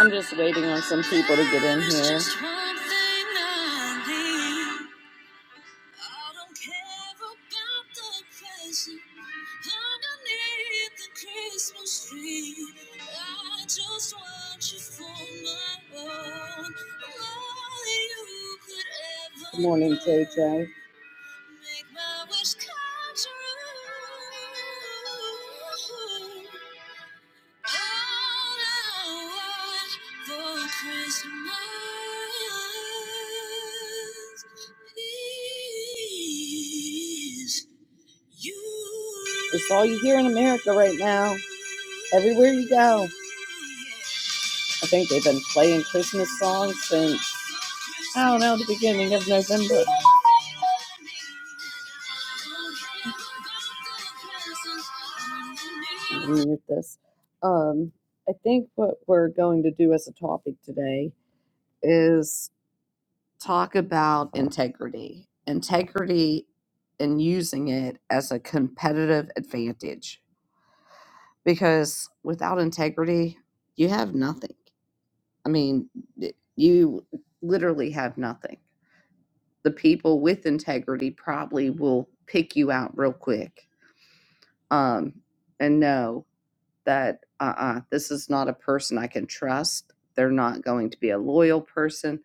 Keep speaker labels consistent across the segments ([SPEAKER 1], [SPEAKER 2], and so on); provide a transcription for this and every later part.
[SPEAKER 1] I'm just waiting on some people to get in here. Good morning, KJ. It's all you hear in America right now. Everywhere you go. I think they've been playing Christmas songs since, I don't know, the beginning of November. Let me Mute this. Um, I think what we're going to do as a topic today is talk about integrity, integrity, and using it as a competitive advantage. Because without integrity, you have nothing. I mean, you literally have nothing. The people with integrity probably will pick you out real quick um, and know that uh uh this is not a person I can trust. They're not going to be a loyal person.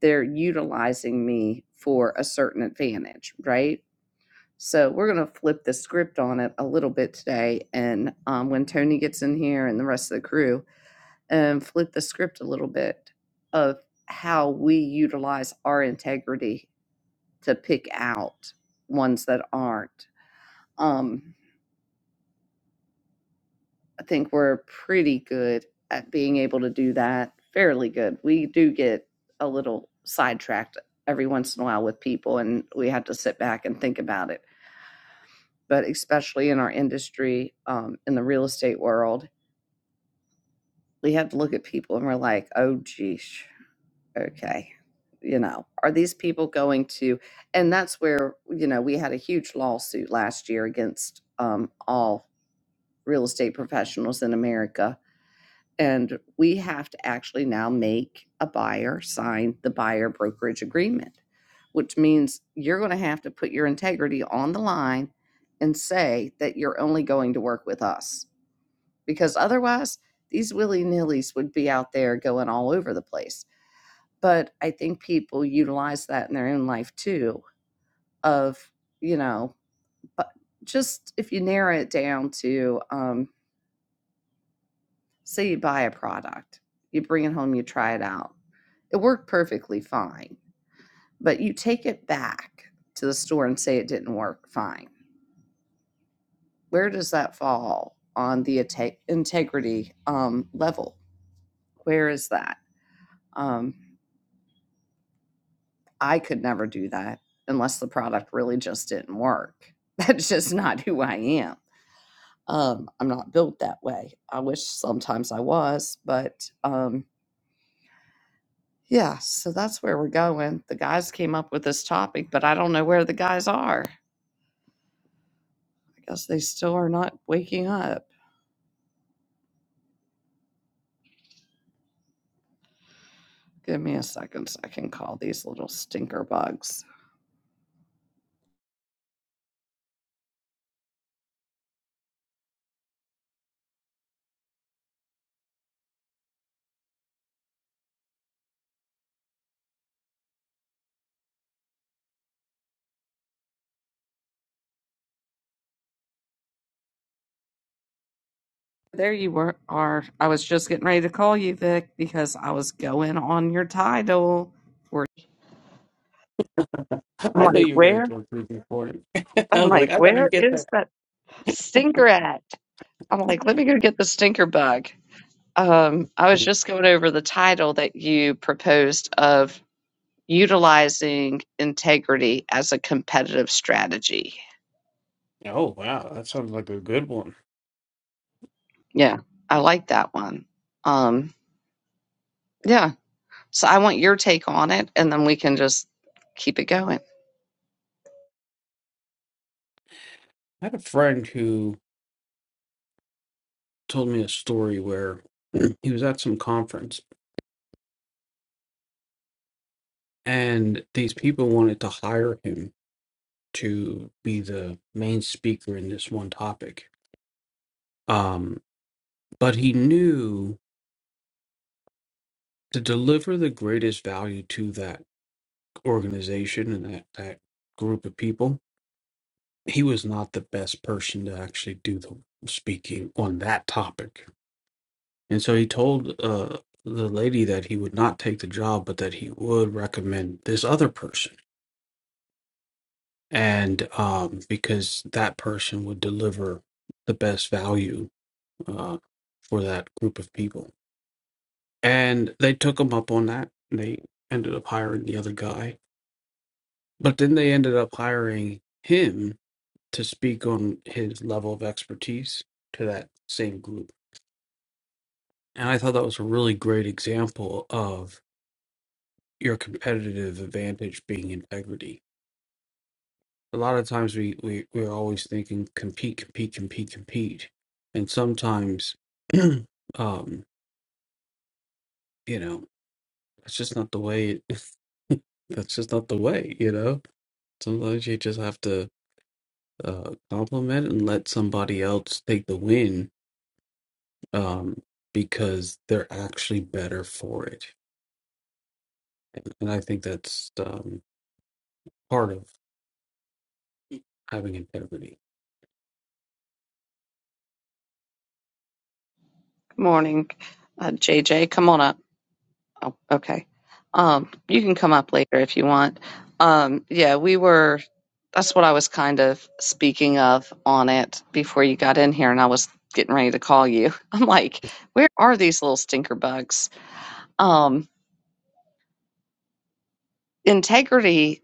[SPEAKER 1] They're utilizing me for a certain advantage, right? So we're going to flip the script on it a little bit today. And um, when Tony gets in here and the rest of the crew, um, flip the script a little bit of how we utilize our integrity to pick out ones that aren't. Um, I think we're pretty good at being able to do that, fairly good. We do get a little sidetracked every once in a while with people, and we have to sit back and think about it. But especially in our industry, um, in the real estate world, we have to look at people and we're like, oh, geez, okay you know are these people going to and that's where you know we had a huge lawsuit last year against um, all real estate professionals in america and we have to actually now make a buyer sign the buyer brokerage agreement which means you're going to have to put your integrity on the line and say that you're only going to work with us because otherwise these willy-nillys would be out there going all over the place but I think people utilize that in their own life too. Of you know, but just if you narrow it down to, um, say you buy a product, you bring it home, you try it out, it worked perfectly fine, but you take it back to the store and say it didn't work fine. Where does that fall on the inte- integrity um, level? Where is that? Um, I could never do that unless the product really just didn't work. That's just not who I am Um, I'm not built that way. I wish sometimes I was, but um, yeah, so that's where we're going. The guys came up with this topic, but I don't know where the guys are. I guess they still are not waking up. Give me a second so I can call these little stinker bugs. There you were, are. I was just getting ready to call you, Vic, because I was going on your title. For I'm
[SPEAKER 2] I knew
[SPEAKER 1] like,
[SPEAKER 2] you were gonna
[SPEAKER 1] where?
[SPEAKER 2] do a three before. I
[SPEAKER 1] I'm
[SPEAKER 2] was like,
[SPEAKER 1] like,
[SPEAKER 2] I better
[SPEAKER 1] where
[SPEAKER 2] get
[SPEAKER 1] is
[SPEAKER 2] that.
[SPEAKER 1] that stinker at? I'm like, let me go get the stinker bug. Um, I was just going over the title that you proposed of utilizing integrity as a competitive strategy.
[SPEAKER 2] Oh wow, that sounds like a good one.
[SPEAKER 1] Yeah, I like that one. Um, yeah, so I want your take on it, and then we can just keep it going.
[SPEAKER 2] I had a friend who told me a story where he was at some conference and these people wanted to hire him to be the main speaker in this one topic. Um, but he knew to deliver the greatest value to that organization and that, that group of people, he was not the best person to actually do the speaking on that topic. And so he told uh, the lady that he would not take the job, but that he would recommend this other person. And um, because that person would deliver the best value uh, for that group of people. And they took him up on that. They ended up hiring the other guy. But then they ended up hiring him to speak on his level of expertise to that same group And I thought that was a really great example of your competitive advantage being integrity. A lot of times we, we, we're always thinking compete, compete, compete, compete. And sometimes, um, you know, that's just not the way it, that's just not the way, you know? Sometimes you just have to uh, compliment and let somebody else take the win um, because they're actually better for it. And, and I think that's um, part of having integrity.
[SPEAKER 1] Good morning, uh, JJ. Come on up. Oh, okay. Um, you can come up later if you want. Um, yeah, we were. That's what I was kind of speaking of on it before you got in here, and I was getting ready to call you. I'm like, where are these little stinker bugs? Um, integrity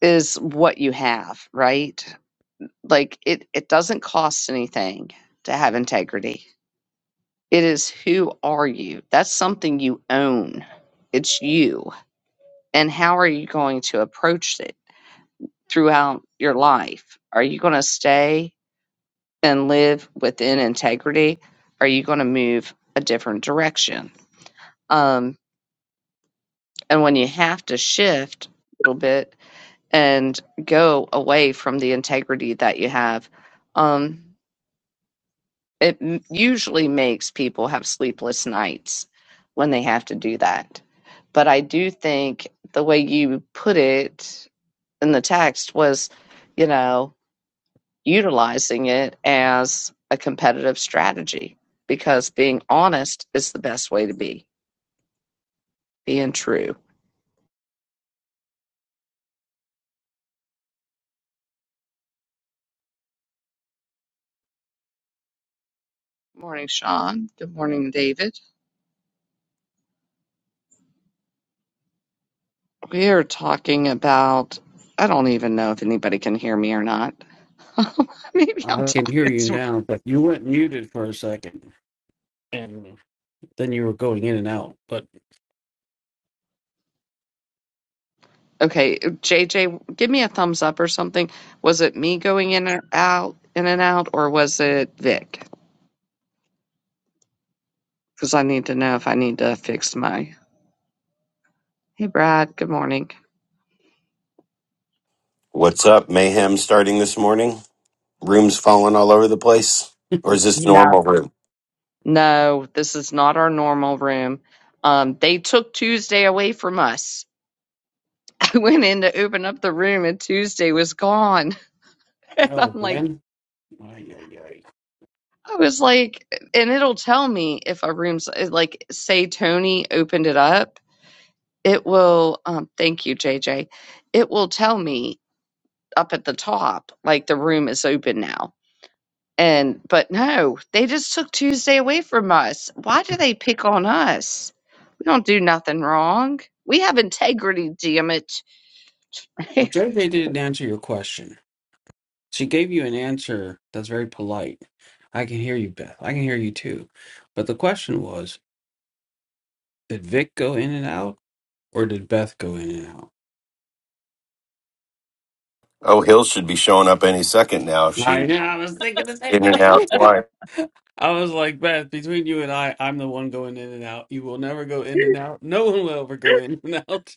[SPEAKER 1] is what you have, right? Like it it doesn't cost anything to have integrity. It is who are you? That's something you own. It's you. And how are you going to approach it throughout your life? Are you going to stay and live within integrity, are you going to move a different direction? Um, and when you have to shift a little bit and go away from the integrity that you have, um, it m- usually makes people have sleepless nights when they have to do that. But I do think the way you put it in the text was, you know, utilizing it as a competitive strategy because being honest is the best way to be, being true. Good Morning, Sean. Good morning, David. We are talking about, I don't even know if anybody can hear me or not. Maybe I'm
[SPEAKER 2] I can hear
[SPEAKER 1] talking
[SPEAKER 2] you
[SPEAKER 1] to.
[SPEAKER 2] now, but you went muted for a second, and then you were going in and out. But
[SPEAKER 1] Okay, JJ, give me a thumbs up or something. Was it me going in or out, in and out, or was it Vic? Because I need to know if I need to fix my. Hey, Brad. Good morning.
[SPEAKER 3] What's up? Mayhem starting this morning? Rooms falling all over the place? Or is this
[SPEAKER 1] Yeah,
[SPEAKER 3] normal room?
[SPEAKER 1] No, this is not our normal room. Um, they took Tuesday away from us. I went in to open up the room and Tuesday was gone. And
[SPEAKER 2] oh,
[SPEAKER 1] I'm like,
[SPEAKER 2] Ben! ay, ay, ay.
[SPEAKER 1] I was like, and it'll tell me if a room's like, say Tony opened it up, it will, um, thank you, JJ. It will tell me up at the top, like the room is open now. And but no, they just took Tuesday away from us. Why do they pick on us? We don't do nothing wrong. We have integrity, damn it.
[SPEAKER 2] Well, JJ didn't answer your question. She gave you an answer that's very polite. I can hear you, Beth. I can hear you too. But the question was, did Vic go in and out, or did Beth go in and out?
[SPEAKER 3] Oh, Hill should be showing up any second now if she
[SPEAKER 2] I know. I was thinking the same
[SPEAKER 3] in and out
[SPEAKER 2] thing.
[SPEAKER 3] twice.
[SPEAKER 2] I was like, Beth, between you and I, I'm the one going in and out. You will never go in and out. No one will ever go in and out.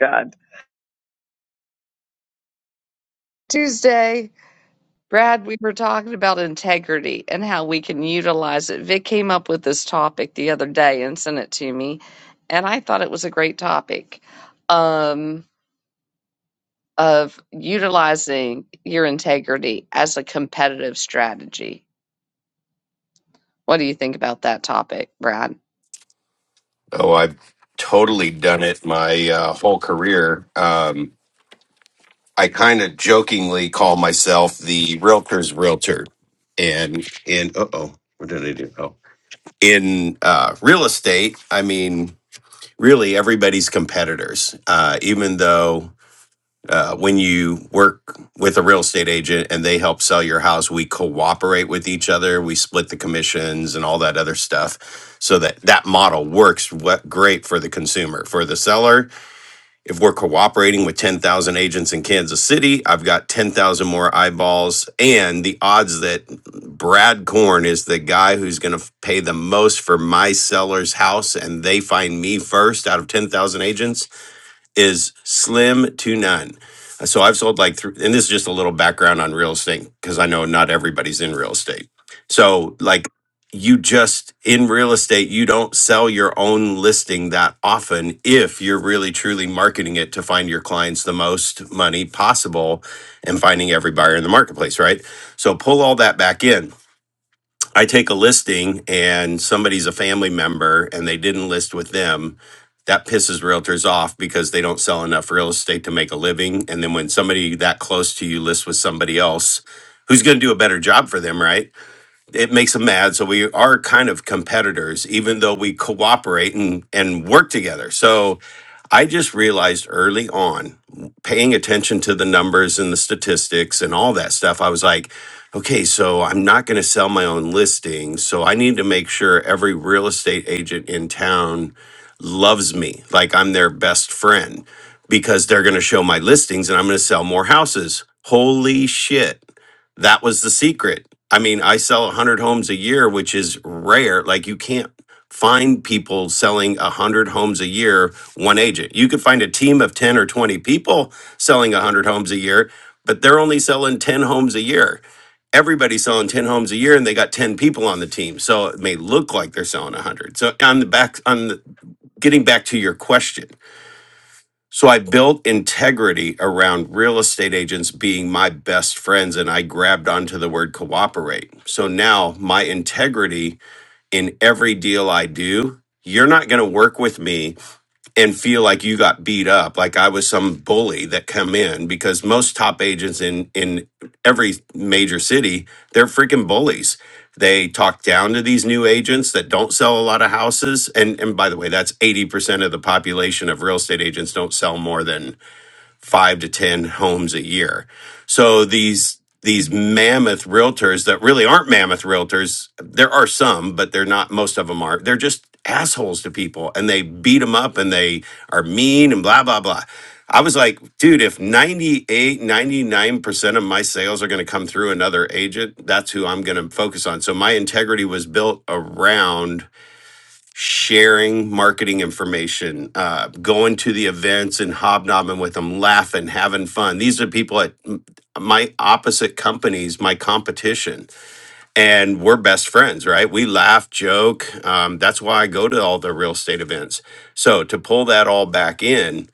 [SPEAKER 1] God Tuesday, Brad, we were talking about integrity and how we can utilize it. Vic came up with this topic the other day and sent it to me, and I thought it was a great topic um, of utilizing your integrity as a competitive strategy. What do you think about that topic, Brad?
[SPEAKER 3] Oh, I've totally done it my uh, whole career. Um, I kind of jokingly call myself the realtor's realtor. And in, uh oh, what did I do? Oh, in uh, real estate, I mean, really everybody's competitors, uh, even though uh, when you work with a real estate agent and they help sell your house, we cooperate with each other. We split the commissions and all that other stuff so that that model works we- great for the consumer. For the seller, if we're cooperating with 10,000 agents in Kansas City, I've got 10,000 more eyeballs. And the odds that Brad Korn is the guy who's going to pay the most for my seller's house and they find me first out of 10,000 agents is slim to none. Uh, So I've sold like, three, and this is just a little background on real estate because I know not everybody's in real estate. So like, you just in real estate, you don't sell your own listing that often if you're really truly marketing it to find your clients the most money possible and finding every buyer in the marketplace, right? So pull all that back in I take a listing and somebody's a family member and they didn't list with them, that pisses realtors off because they don't sell enough real estate to make a living. And then when somebody that close to you lists with somebody else, who's going to do a better job for them, right? it makes them mad. So we are kind of competitors, even though we cooperate and, and work together. So I just realized early on, paying attention to the numbers and the statistics and all that stuff, I was like, okay, so I'm not going to sell my own listings. So I need to make sure every real estate agent in town loves me like I'm their best friend because they're going to show my listings and I'm going to sell more houses. Holy shit that was the secret. I mean, I sell 100 homes a year, which is rare. Like, you can't find people selling 100 homes a year, one agent. You could find a team of 10 or 20 people selling 100 homes a year, but they're only selling 10 homes a year. Everybody's selling 10 homes a year and they got 10 people on the team. So it may look like they're selling 100. So on the back on the, getting back to your question, so I built integrity around real estate agents being my best friends, and I grabbed onto the word cooperate. So now my integrity in every deal I do, you're not going to work with me and feel like you got beat up like i was some bully that come in because most top agents in in every major city they're freaking bullies they talk down to these new agents that don't sell a lot of houses and and by the way that's 80% of the population of real estate agents don't sell more than five to 10 homes a year. So these, these mammoth realtors that really aren't mammoth realtors, there are some, but they're not, most of them are. They're just assholes to people and they beat them up and they are mean and blah, blah, blah. I was like, dude, if ninety eight, ninety nine percent of my sales are going to come through another agent, that's who I'm going to focus on. So my integrity was built around sharing marketing information, uh, going to the events and hobnobbing with them, laughing, having fun. These are people at m- my opposite companies, my competition, and we're best friends, right? We laugh, joke. Um, that's why I go to all the real estate events. So to pull that all back in,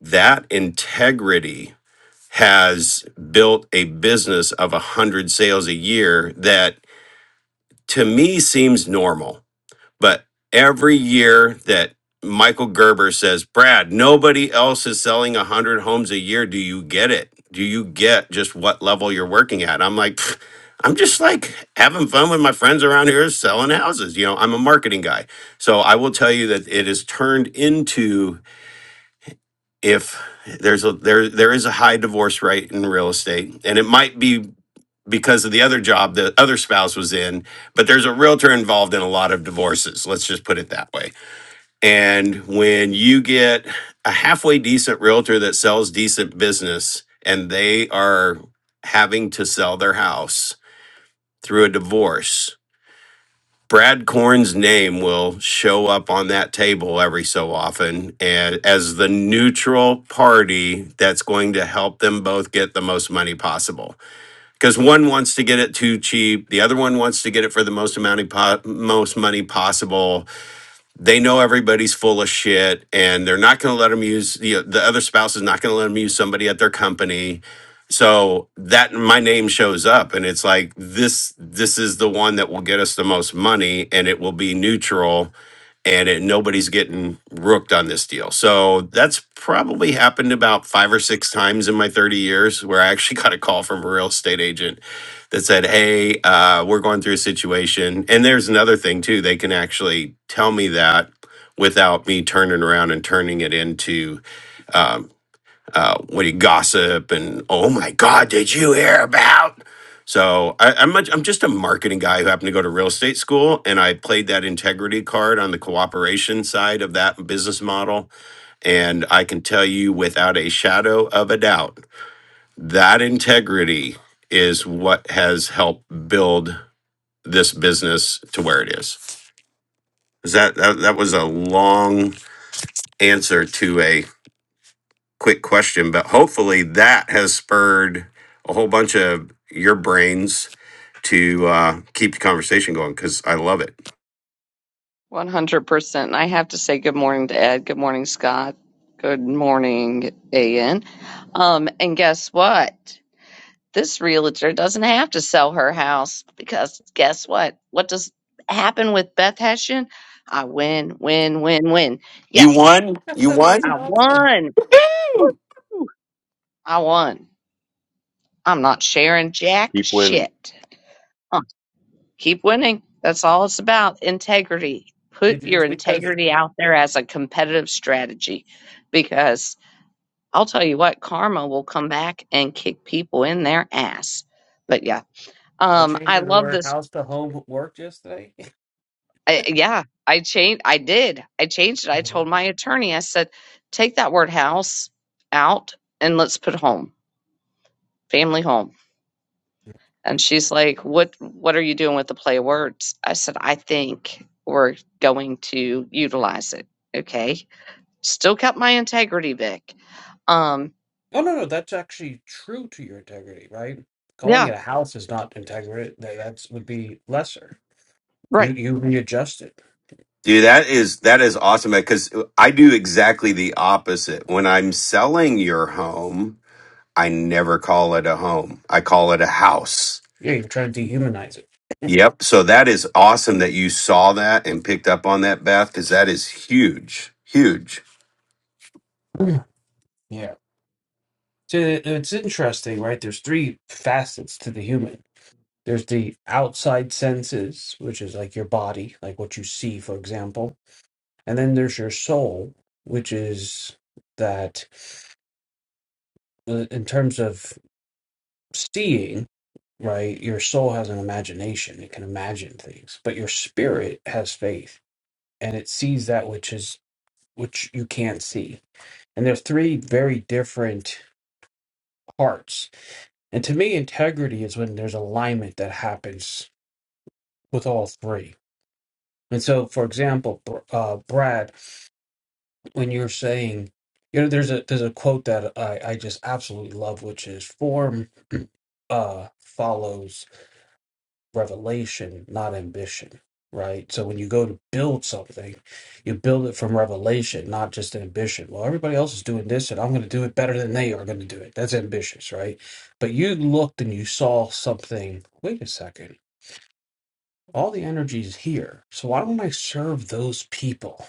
[SPEAKER 3] that integrity has built a business of a hundred sales a year that to me seems normal but every year that Michael Gerber says, Brad, nobody else is selling 100 homes a year. Do you get it? Do you get just what level you're working at? I'm like, "Pfft, I'm just like having fun with my friends around here selling houses. You know, I'm a marketing guy. So I will tell you that it is turned into if there's a there there is a high divorce rate in real estate and it might be because of the other job the other spouse was in but there's a realtor involved in a lot of divorces let's just put it that way and when you get a halfway decent realtor that sells decent business and they are having to sell their house through a divorce, Brad Korn's name will show up on that table every so often and as the neutral party that's going to help them both get the most money possible. Because one wants to get it too cheap, the other one wants to get it for the most amount of po- most money possible they know everybody's full of shit and they're not going to let them use the, the other spouse is not going to let them use somebody at their company so that my name shows up and it's like this this is the one that will get us the most money and it will be neutral and it, nobody's getting rooked on this deal so that's probably happened about five or six times in my 30 years where i actually got a call from a real estate agent that said, "Hey, uh, we're going through a situation." And there's another thing too; they can actually tell me that without me turning around and turning it into um, uh, what do you gossip and oh my god, did you hear about? So I, I'm much, I'm just a marketing guy who happened to go to real estate school, and I played that integrity card on the cooperation side of that business model. And I can tell you without a shadow of a doubt that integrity is what has helped build this business to where it is. Is that, that that was a long answer to a quick question, but hopefully that has spurred a whole bunch of your brains to uh, keep the conversation going because I love it.
[SPEAKER 1] 100%. I have to say good morning to Ed. Good morning, Scott. Good morning, AN. Um, and guess what? This realtor doesn't have to sell her house because guess what? What does happen with Beth Hessian? I win, win, win, win.
[SPEAKER 3] You
[SPEAKER 1] Yes,
[SPEAKER 3] won. You
[SPEAKER 2] That's
[SPEAKER 3] won.
[SPEAKER 1] I
[SPEAKER 2] awesome.
[SPEAKER 1] won. Whew, I won. I'm not sharing jack
[SPEAKER 4] Keep winning.
[SPEAKER 1] shit. keep winning. That's all it's about. Integrity. Put
[SPEAKER 2] Did you,
[SPEAKER 1] your
[SPEAKER 2] it's because
[SPEAKER 1] integrity out there as a competitive strategy because I'll tell you what, karma will come back and kick people in their ass. But yeah,
[SPEAKER 2] they're
[SPEAKER 1] um, I
[SPEAKER 2] changing the
[SPEAKER 1] love
[SPEAKER 2] word
[SPEAKER 1] this.
[SPEAKER 2] house to home worked yesterday?
[SPEAKER 1] I, yeah, I changed. I did. I changed it. I
[SPEAKER 2] Mhm.
[SPEAKER 1] told my attorney, I said, take that word house out and let's put home, family home And she's like, "What what are you doing with the play of words?" I said, "I think we're going to utilize it." Okay. Still kept my integrity, Vic. Um,
[SPEAKER 2] Oh no, no, that's actually true to your integrity, right? Calling
[SPEAKER 1] yeah,
[SPEAKER 2] it a house is not integrity. That that's, would be lesser. You
[SPEAKER 1] right.
[SPEAKER 2] you readjust it.
[SPEAKER 3] Dude, that is that is awesome because I do exactly the opposite. When I'm selling your home, I never call it a home. I call it a house
[SPEAKER 2] Yeah, you're trying to dehumanize it.
[SPEAKER 3] Yep. So that is awesome that you saw that and picked up on that, Beth, because that is huge, huge.
[SPEAKER 2] Mm. yeah. So it- it's interesting, right? There's three facets to the human. There's the outside senses, which is like your body, like what you see, for example, and then there's your soul, which is that uh, in terms of seeing, right, your soul has an imagination. It can imagine things, but your spirit has faith and it sees that which is which you can't see. And there's three very different parts. And to me, integrity is when there's alignment that happens with all three. And so, for example, Br- uh, Brad, when you're saying, you know, there's a there's a quote that I, I just absolutely love, which is form uh, follows revelation, not ambition, right? So when you go to build something, you build it from revelation, not just ambition. Well, everybody else is doing this, and I'm going to do it better than they are going to do it. That's ambitious, right? But you looked and you saw something. Wait a second. All the energy is here. So why don't I serve those people?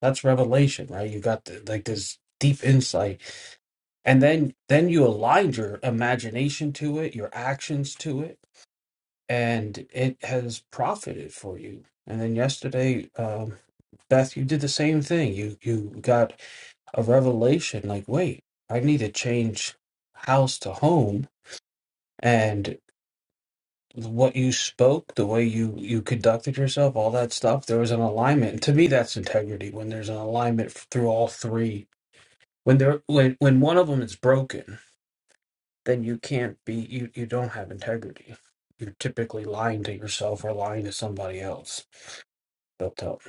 [SPEAKER 2] That's revelation, right? You got the, like this deep insight and then then you aligned your imagination to it your actions to it and it has profited for you. And then yesterday, um, Beth, you did the same thing. You you got a revelation like, wait, I need to change house to home, and what you spoke, the way you you conducted yourself, all that stuff, there was an alignment. And to me, that's integrity when there's an alignment f- through all three. When there when when one of them is broken, then you can't be you you don't have integrity. You're typically lying to yourself or lying to somebody else built out.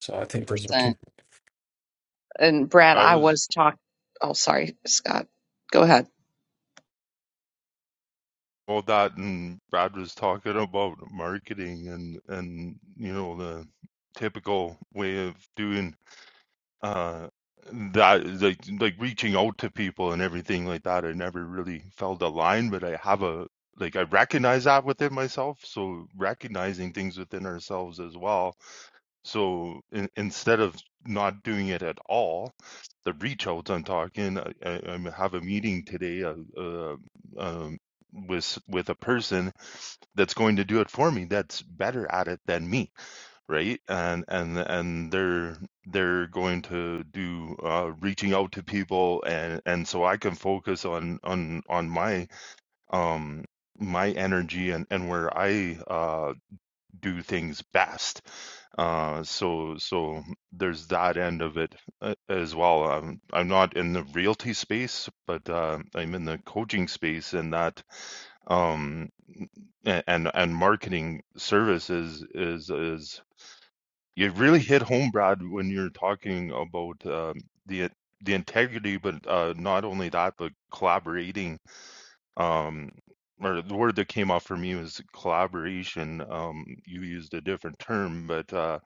[SPEAKER 2] So I think those are two.
[SPEAKER 1] 100%. And Brad,
[SPEAKER 5] I
[SPEAKER 1] I
[SPEAKER 5] was
[SPEAKER 1] was talking Oh, sorry, Scott. Go ahead.
[SPEAKER 5] all that, and Brad was talking about marketing and and you know the typical way of doing uh that like like reaching out to people and everything like that. I never really felt a line, but I have a like I recognize that within myself. So recognizing things within ourselves as well So in, instead of not doing it at all, the reach outs I'm talking, I, I, i have a meeting today uh, uh, um, with with a person that's going to do it for me. That's better at it than me, right? And and and they're they're going to do uh, reaching out to people, and and so I can focus on on on my um my energy and and where I uh do things best. Uh, so so there's that end of it uh, as well. I'm I'm not in the realty space, but uh, I'm in the coaching space, and that um, and and marketing services is is you really hit home, Brad, when you're talking about um the the integrity, but uh, not only that, but collaborating um or the word that came off for me was collaboration um you used a different term but uh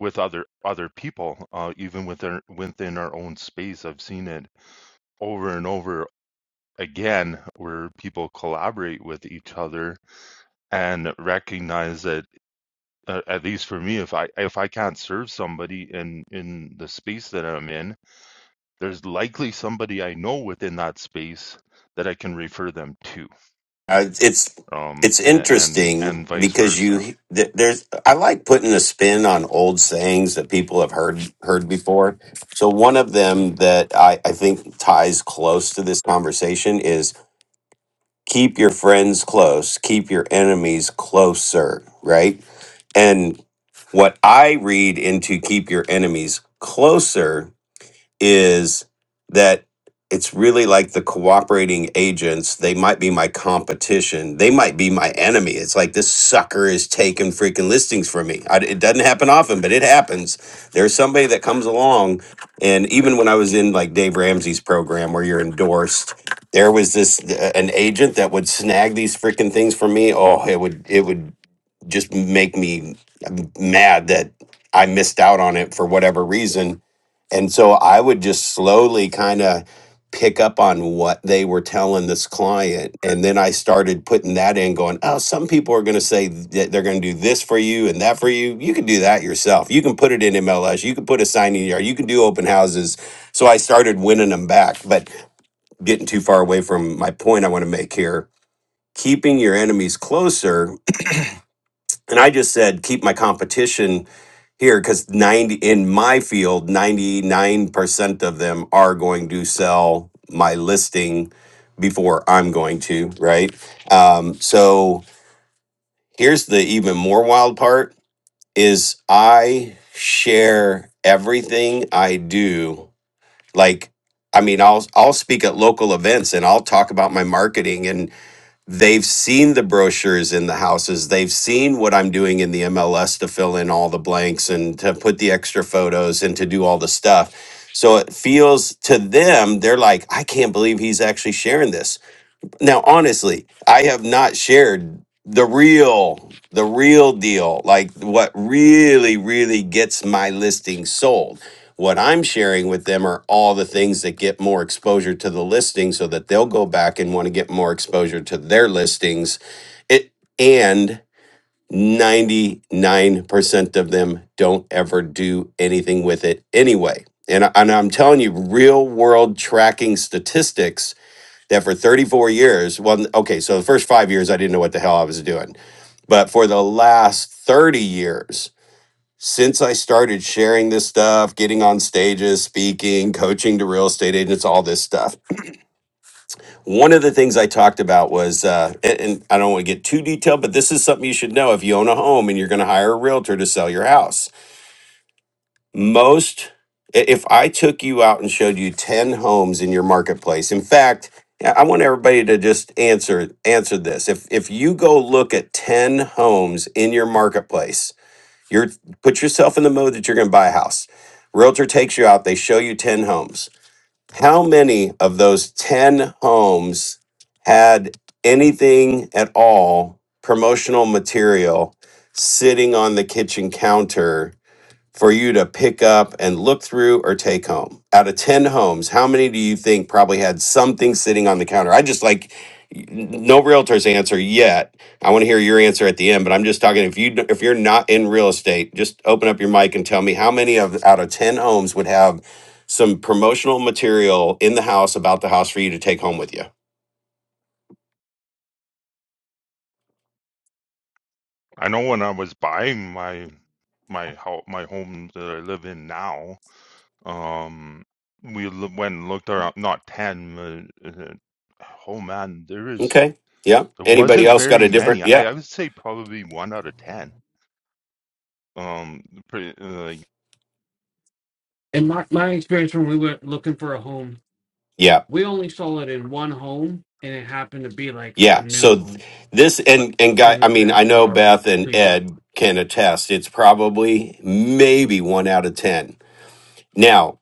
[SPEAKER 5] with other other people uh even within within our own space i've seen it over and over again where people collaborate with each other and recognize that uh, at least for me if i if i can't serve somebody in in the space that i'm in there's likely somebody i know within that space that i can refer them to
[SPEAKER 3] Uh, it's
[SPEAKER 5] um
[SPEAKER 3] it's
[SPEAKER 5] and, and
[SPEAKER 3] interesting
[SPEAKER 5] and vice
[SPEAKER 3] because
[SPEAKER 5] versa
[SPEAKER 3] you th- there's I like putting a spin on old sayings that people have heard heard before. So one of them that I, I think ties close to this conversation is keep your friends close, keep your enemies closer, right? And what I read into keep your enemies closer is that it's really like the cooperating agents. They might be my competition. They might be my enemy. It's like this sucker is taking freaking listings from me. I, it doesn't happen often, but it happens. There's somebody that comes along, and even when I was in like Dave Ramsey's program where you're endorsed, there was this uh, an agent that would snag these freaking things from me. Oh, it would it would just make me mad that I missed out on it for whatever reason and so I would just slowly kind of pick up on what they were telling this client. And then I started putting that in, going, oh, some people are going to say that they're going to do this for you and that for you. You can do that yourself. You can put it in MLS. You can put a sign in yard. You can do open houses. So I started winning them back, but getting too far away from my point I want to make here. Keeping your enemies closer. And I just said, keep my competition here because 90 in my field 99% of them are going to sell my listing before i'm going to right um, so here's the even more wild part is i share everything i do like i mean i'll i'll speak at local events and i'll talk about my marketing and. They've seen the brochures in the houses. They've seen what I'm doing in the MLS to fill in all the blanks and to put the extra photos and to do all the stuff. So it feels to them, they're like, I can't believe he's actually sharing this. Now, honestly, I have not shared the real, the real deal, like what really, really gets my listing sold. What I'm sharing with them are all the things that get more exposure to the listing so that they'll go back and want to get more exposure to their listings. It and 99% of them don't ever do anything with it anyway. And, I- and I'm telling you, real world tracking statistics that for 34 years, well, okay, so the first five years, I didn't know what the hell I was doing. But for the last 30 years, since I started sharing this stuff, getting on stages, speaking, coaching to real estate agents, all this stuff, one of the things I talked about was, uh, and, and I don't want to get too detailed, but this is something you should know if you own a home and you're going to hire a realtor to sell your house most i- if i took you out and showed you 10 homes in your marketplace in fact i I want everybody to just answer answer this if if you go look at 10 homes in your marketplace you're put yourself in the mode that you're going to buy a house realtor takes you out they show you 10 homes how many of those 10 homes had anything at all promotional material sitting on the kitchen counter for you to pick up and look through or take home. Out of 10 homes, how many do you think probably had something sitting on the counter? I just like no realtor's answer yet. I want to hear your answer at the end, but I'm just talking if you if you're not in real estate, just open up your mic and tell me how many of out of 10 homes would have some promotional material in the house about the house for you to take home with you.
[SPEAKER 5] i know when i was buying my my house my home that i live in now um we l- went and looked around not 10 uh, uh, oh man there is
[SPEAKER 3] Okay? Yeah.
[SPEAKER 5] there
[SPEAKER 3] Anybody
[SPEAKER 5] wasn't
[SPEAKER 3] else got
[SPEAKER 5] very
[SPEAKER 3] a
[SPEAKER 5] many
[SPEAKER 3] different?
[SPEAKER 5] i,
[SPEAKER 3] Yeah.
[SPEAKER 5] I would say probably one out of 10 um pretty, uh, like
[SPEAKER 2] And my, my experience when we were looking for a home,
[SPEAKER 3] Yeah.
[SPEAKER 2] we only saw it in one home and it happened to be like a
[SPEAKER 3] Yeah.
[SPEAKER 2] new
[SPEAKER 3] So th-
[SPEAKER 2] home,
[SPEAKER 3] this
[SPEAKER 2] but
[SPEAKER 3] and
[SPEAKER 2] a
[SPEAKER 3] and guy, I
[SPEAKER 2] thing
[SPEAKER 3] mean,
[SPEAKER 2] that
[SPEAKER 3] I
[SPEAKER 2] was
[SPEAKER 3] know
[SPEAKER 2] already
[SPEAKER 3] Beth and
[SPEAKER 2] pre built.
[SPEAKER 3] Ed can attest. It's probably maybe one out of ten. Now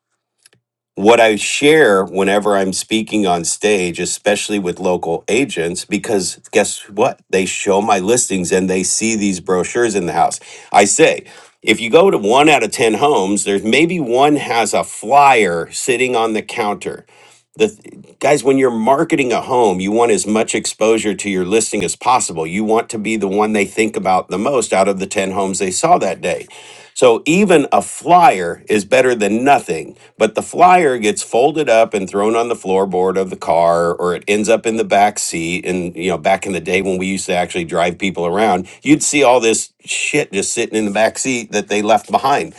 [SPEAKER 3] what I share whenever I'm speaking on stage, especially with local agents, because guess what? They show my listings and they see these brochures in the house. I say, if you go to one out of 10 homes, there's maybe one has a flyer sitting on the counter. The th- guys, when you're marketing a home, you want as much exposure to your listing as possible. You want to be the one they think about the most out of the 10 homes they saw that day. So even a flyer is better than nothing, but the flyer gets folded up and thrown on the floorboard of the car or it ends up in the back seat and you know back in the day when we used to actually drive people around, you'd see all this shit just sitting in the back seat that they left behind.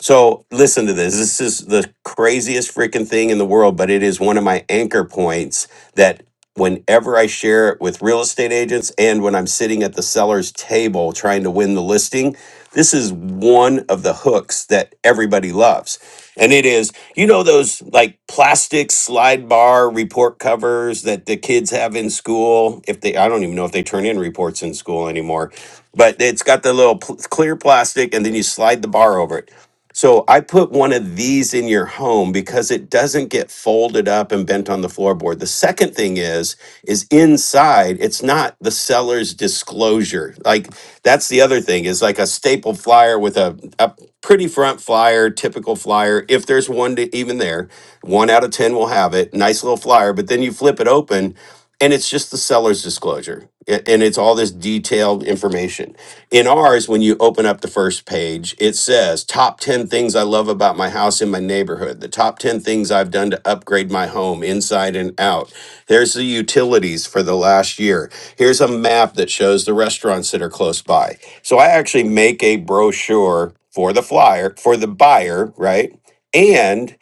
[SPEAKER 3] So listen to this. This is the craziest freaking thing in the world, but it is one of my anchor points that whenever I share it with real estate agents and when I'm sitting at the seller's table trying to win the listing, this is one of the hooks that everybody loves. And it is, you know, those like plastic slide bar report covers that the kids have in school. If they, I don't even know if they turn in reports in school anymore, but it's got the little pl- clear plastic and then you slide the bar over it so I put one of these in your home because it doesn't get folded up and bent on the floorboard. The second thing is is inside it's not the seller's disclosure. Like that's the other thing is like a staple flyer with a, a pretty front flyer, typical flyer. If there's one to, even there, one out of 10 will have it. Nice little flyer, but then you flip it open and it's just the seller's disclosure a- and it's all this detailed information in ours when you open up the first page it says top 10 things i love about my house in my neighborhood the top 10 things i've done to upgrade my home inside and out here's the utilities for the last year here's a map that shows the restaurants that are close by so i actually make a brochure for the flyer for the buyer right And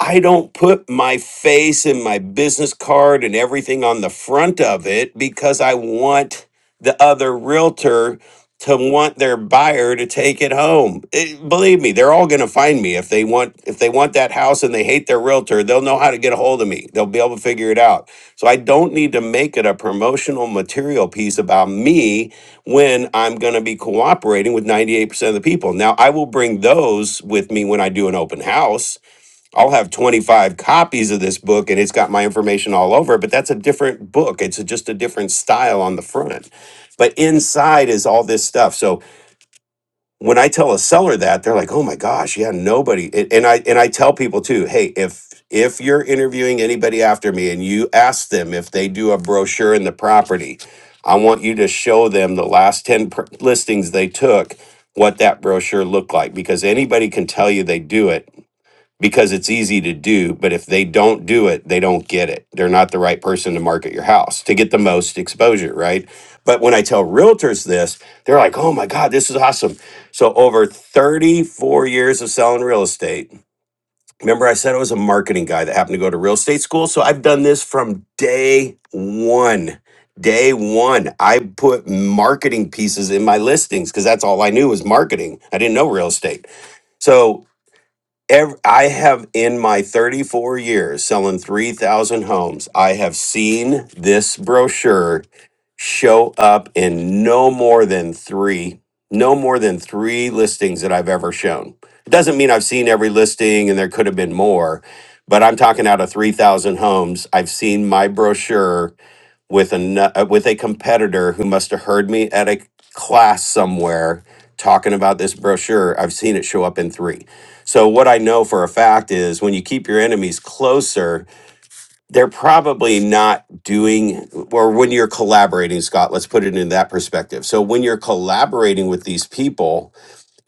[SPEAKER 3] I don't put my face and my business card and everything on the front of it because I want the other realtor to want their buyer to take it home. It- believe me, they're all going to find me if they want if they want that house and they hate their realtor, they'll know how to get a hold of me. They'll be able to figure it out. So I don't need to make it a promotional material piece about me when I'm going to be cooperating with 98% of the people. Now, I will bring those with me when I do an open house I'll have 25 copies of this book and it's got my information all over, it, but that's a different book. It's a- just a different style on the front. But inside is all this stuff. So when I tell a seller that, they're like, "Oh my gosh, yeah, nobody." And and I and I tell people too, "Hey, if if you're interviewing anybody after me and you ask them if they do a brochure in the property, I want you to show them the last 10 pr- listings they took, what that brochure looked like because anybody can tell you they do it because it's easy to do. But if they don't do it, they don't get it. They're not the right person to market your house to get the most exposure, right? But when I tell realtors this, they're like, oh my God, this is awesome. So, over 34 years of selling real estate, remember I said I was a marketing guy that happened to go to real estate school? So, I've done this from day one. Day one, I put marketing pieces in my listings because that's all I knew was marketing. I didn't know real estate. So Ev I have in my 34 years selling 3,000 homes, I have seen this brochure show up in no more than three, no more than three listings that I've ever shown. It doesn't mean I've seen every listing and there could have been more, but I'm talking out of 3,000 homes. I've seen my brochure with a uh, with a competitor who must have heard me at a class somewhere talking about this brochure. I've seen it show up in three. So what I know for a fact is when you keep your enemies closer, they're probably not doing or when you're collaborating, Scott, let's put it in that perspective. So when you're collaborating with these people,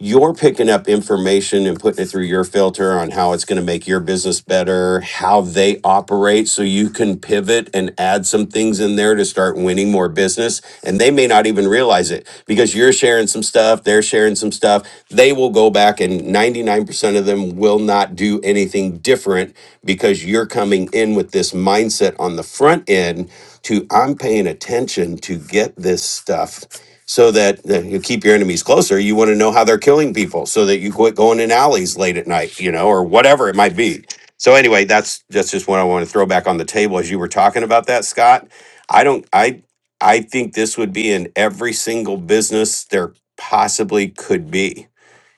[SPEAKER 3] you're picking up information and putting it through your filter on how it's going to make your business better, how they operate, so you can pivot and add some things in there to start winning more business. And they may not even realize it because you're sharing some stuff, they're sharing some stuff. They will go back, and 99% of them will not do anything different because you're coming in with this mindset on the front end to I'm paying attention to get this stuff so that, that you keep your enemies closer. You want to know how they're killing people so that you quit going in alleys late at night, you know, or whatever it might be. So anyway, that's that's just what I want to throw back on the table as you were talking about that, Scott. I don't I I think this would be in every single business there possibly could be,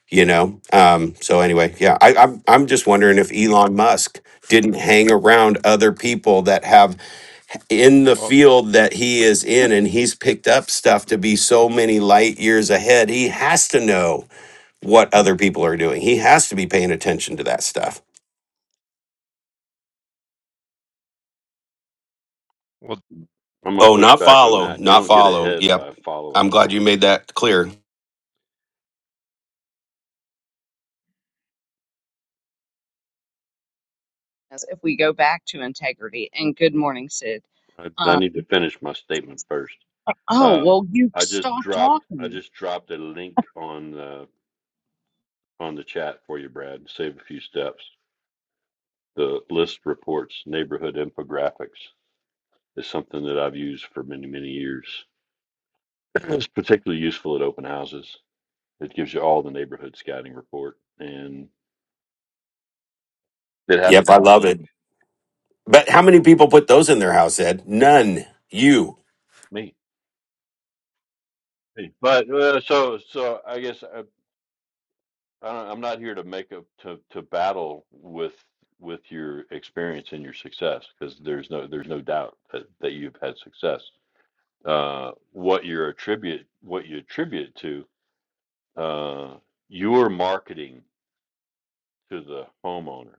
[SPEAKER 3] you know. Um, so anyway, yeah, I, I'm I'm just wondering if Elon Musk didn't hang around other people that have in the
[SPEAKER 5] well
[SPEAKER 3] field that he is in and he's picked up stuff to be so many light years ahead he has to know what other people are doing he has to be paying attention to that stuff
[SPEAKER 5] well
[SPEAKER 4] I'm gonna
[SPEAKER 3] oh
[SPEAKER 4] push
[SPEAKER 3] not
[SPEAKER 4] back on
[SPEAKER 3] follow
[SPEAKER 4] that. You
[SPEAKER 3] not
[SPEAKER 4] don't get
[SPEAKER 3] follow
[SPEAKER 4] ahead
[SPEAKER 3] yep
[SPEAKER 4] by following
[SPEAKER 3] i'm glad you
[SPEAKER 4] behind.
[SPEAKER 3] made that clear
[SPEAKER 1] As If we go back to integrity, and good morning, Sid.
[SPEAKER 4] I, I
[SPEAKER 1] Uh,
[SPEAKER 4] need to finish my statement first.
[SPEAKER 1] oh,
[SPEAKER 4] Uh,
[SPEAKER 1] well, you
[SPEAKER 4] I just
[SPEAKER 1] stop
[SPEAKER 4] dropped. I
[SPEAKER 1] talking.
[SPEAKER 4] just dropped a link on the on the chat for you, Brad. Save a few steps. The list reports neighborhood infographics is something that I've used for many many years. It's particularly useful at open houses. It gives you all the neighborhood scouting report, and it
[SPEAKER 3] yep
[SPEAKER 4] happens
[SPEAKER 3] i
[SPEAKER 4] in a
[SPEAKER 3] love
[SPEAKER 4] blink.
[SPEAKER 3] it but how many people put those in their house ed none you
[SPEAKER 4] Me. Hey, But uh, so so I guess uh, I don't, I'm not here to make up to to battle with with your experience and your success because there's no there's no doubt that, that you've had success. Uh, what you attribute what you attribute to uh, your marketing to the homeowner,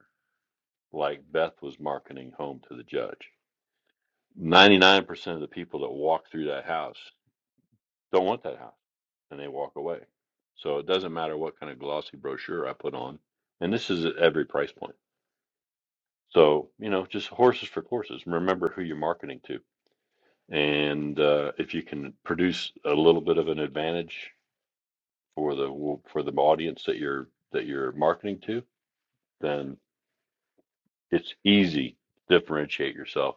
[SPEAKER 4] like Beth was marketing home to the judge. Ninety nine percent of the people that walk through that house don't want that house, and they walk away. So it doesn't matter what kind of glossy brochure I put on, and this is at every price point So, you know, just horses for courses. Remember who you're marketing to. And uh, if you can produce a little bit of an advantage for the for the audience that you're that you're marketing to, then it's easy to differentiate yourself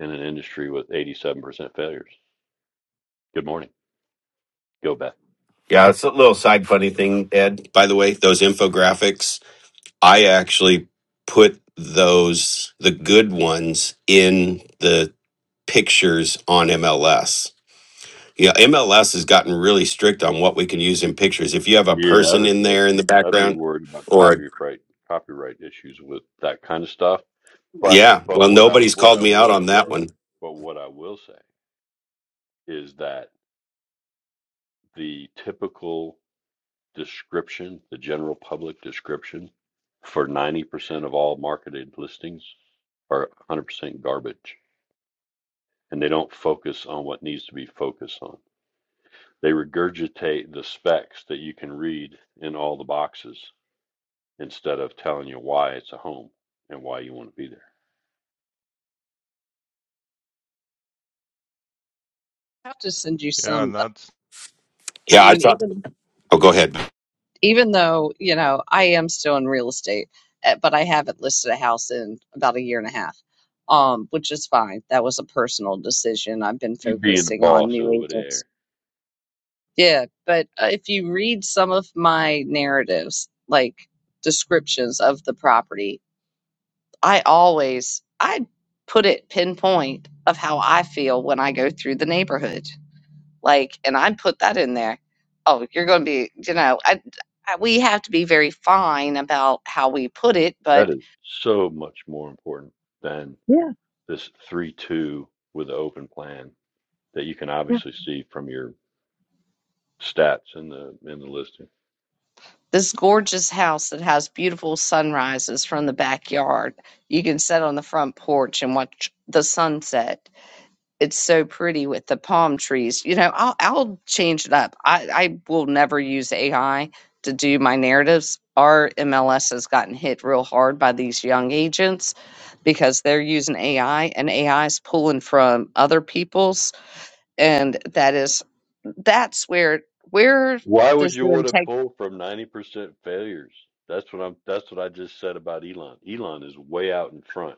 [SPEAKER 4] in an industry with 87% failures. Good morning. Go Beth.
[SPEAKER 3] yeah it's a little side funny thing ed by the way those infographics i actually put those the good ones in the pictures on MLS. Yeah, MLS has gotten really strict on what we can use in pictures. If you have a
[SPEAKER 4] Yeah, I'd,
[SPEAKER 3] person in there in the
[SPEAKER 4] I'd I'd be
[SPEAKER 3] background,
[SPEAKER 4] worried about
[SPEAKER 3] or a,
[SPEAKER 4] copyright copyright issues with that kind of stuff. But
[SPEAKER 3] yeah,
[SPEAKER 4] but
[SPEAKER 3] well,
[SPEAKER 4] what I
[SPEAKER 3] nobody's
[SPEAKER 4] what
[SPEAKER 3] called
[SPEAKER 4] I
[SPEAKER 3] me out
[SPEAKER 4] will
[SPEAKER 3] on
[SPEAKER 4] say,
[SPEAKER 3] that one.
[SPEAKER 4] but what I will say is that the typical description, the general public description for 90% of all marketed listings are 100% garbage and they don't focus on what needs to be focused on. They regurgitate the specs that you can read in all the boxes instead of telling you why it's a home and why you want to be there.
[SPEAKER 1] I have to send you
[SPEAKER 5] yeah
[SPEAKER 1] some.
[SPEAKER 5] and that's
[SPEAKER 1] I
[SPEAKER 3] Yeah, I
[SPEAKER 1] mean,
[SPEAKER 3] thought.
[SPEAKER 1] even
[SPEAKER 3] Oh, go ahead,
[SPEAKER 1] even though, you know, I am still in real estate, eh, but I haven't listed a house in about a year and a half, um, which is fine. That was a personal decision. I've been
[SPEAKER 4] You being the
[SPEAKER 1] focusing on
[SPEAKER 4] boss
[SPEAKER 1] new
[SPEAKER 4] over
[SPEAKER 1] agents.
[SPEAKER 4] there.
[SPEAKER 1] Yeah, but uh, if you read some of my narratives, like descriptions of the property, I always I put it pinpoint of how I feel when I go through the neighborhood like and i put that in there oh you're going to be you know I, I we have to be very fine about how we put it
[SPEAKER 4] That
[SPEAKER 1] but
[SPEAKER 4] is so much more important than this 3 2 with the open plan that you can obviously see from your stats in the in the listing.
[SPEAKER 1] this gorgeous house that has beautiful sunrises from the backyard you can sit on the front porch and watch the sunset it's so pretty with the palm trees. You know, I'll I'll change it up. I I will never use AI to do my narratives. Our MLS has gotten hit real hard by these young agents because they're using AI and AI is pulling from other people's and that is that's where where
[SPEAKER 4] Why would
[SPEAKER 1] does
[SPEAKER 4] you
[SPEAKER 1] the
[SPEAKER 4] want to
[SPEAKER 1] integrity
[SPEAKER 4] pull from 90% failures? That's what I'm that's what I just said about Elon. Elon is way out in front.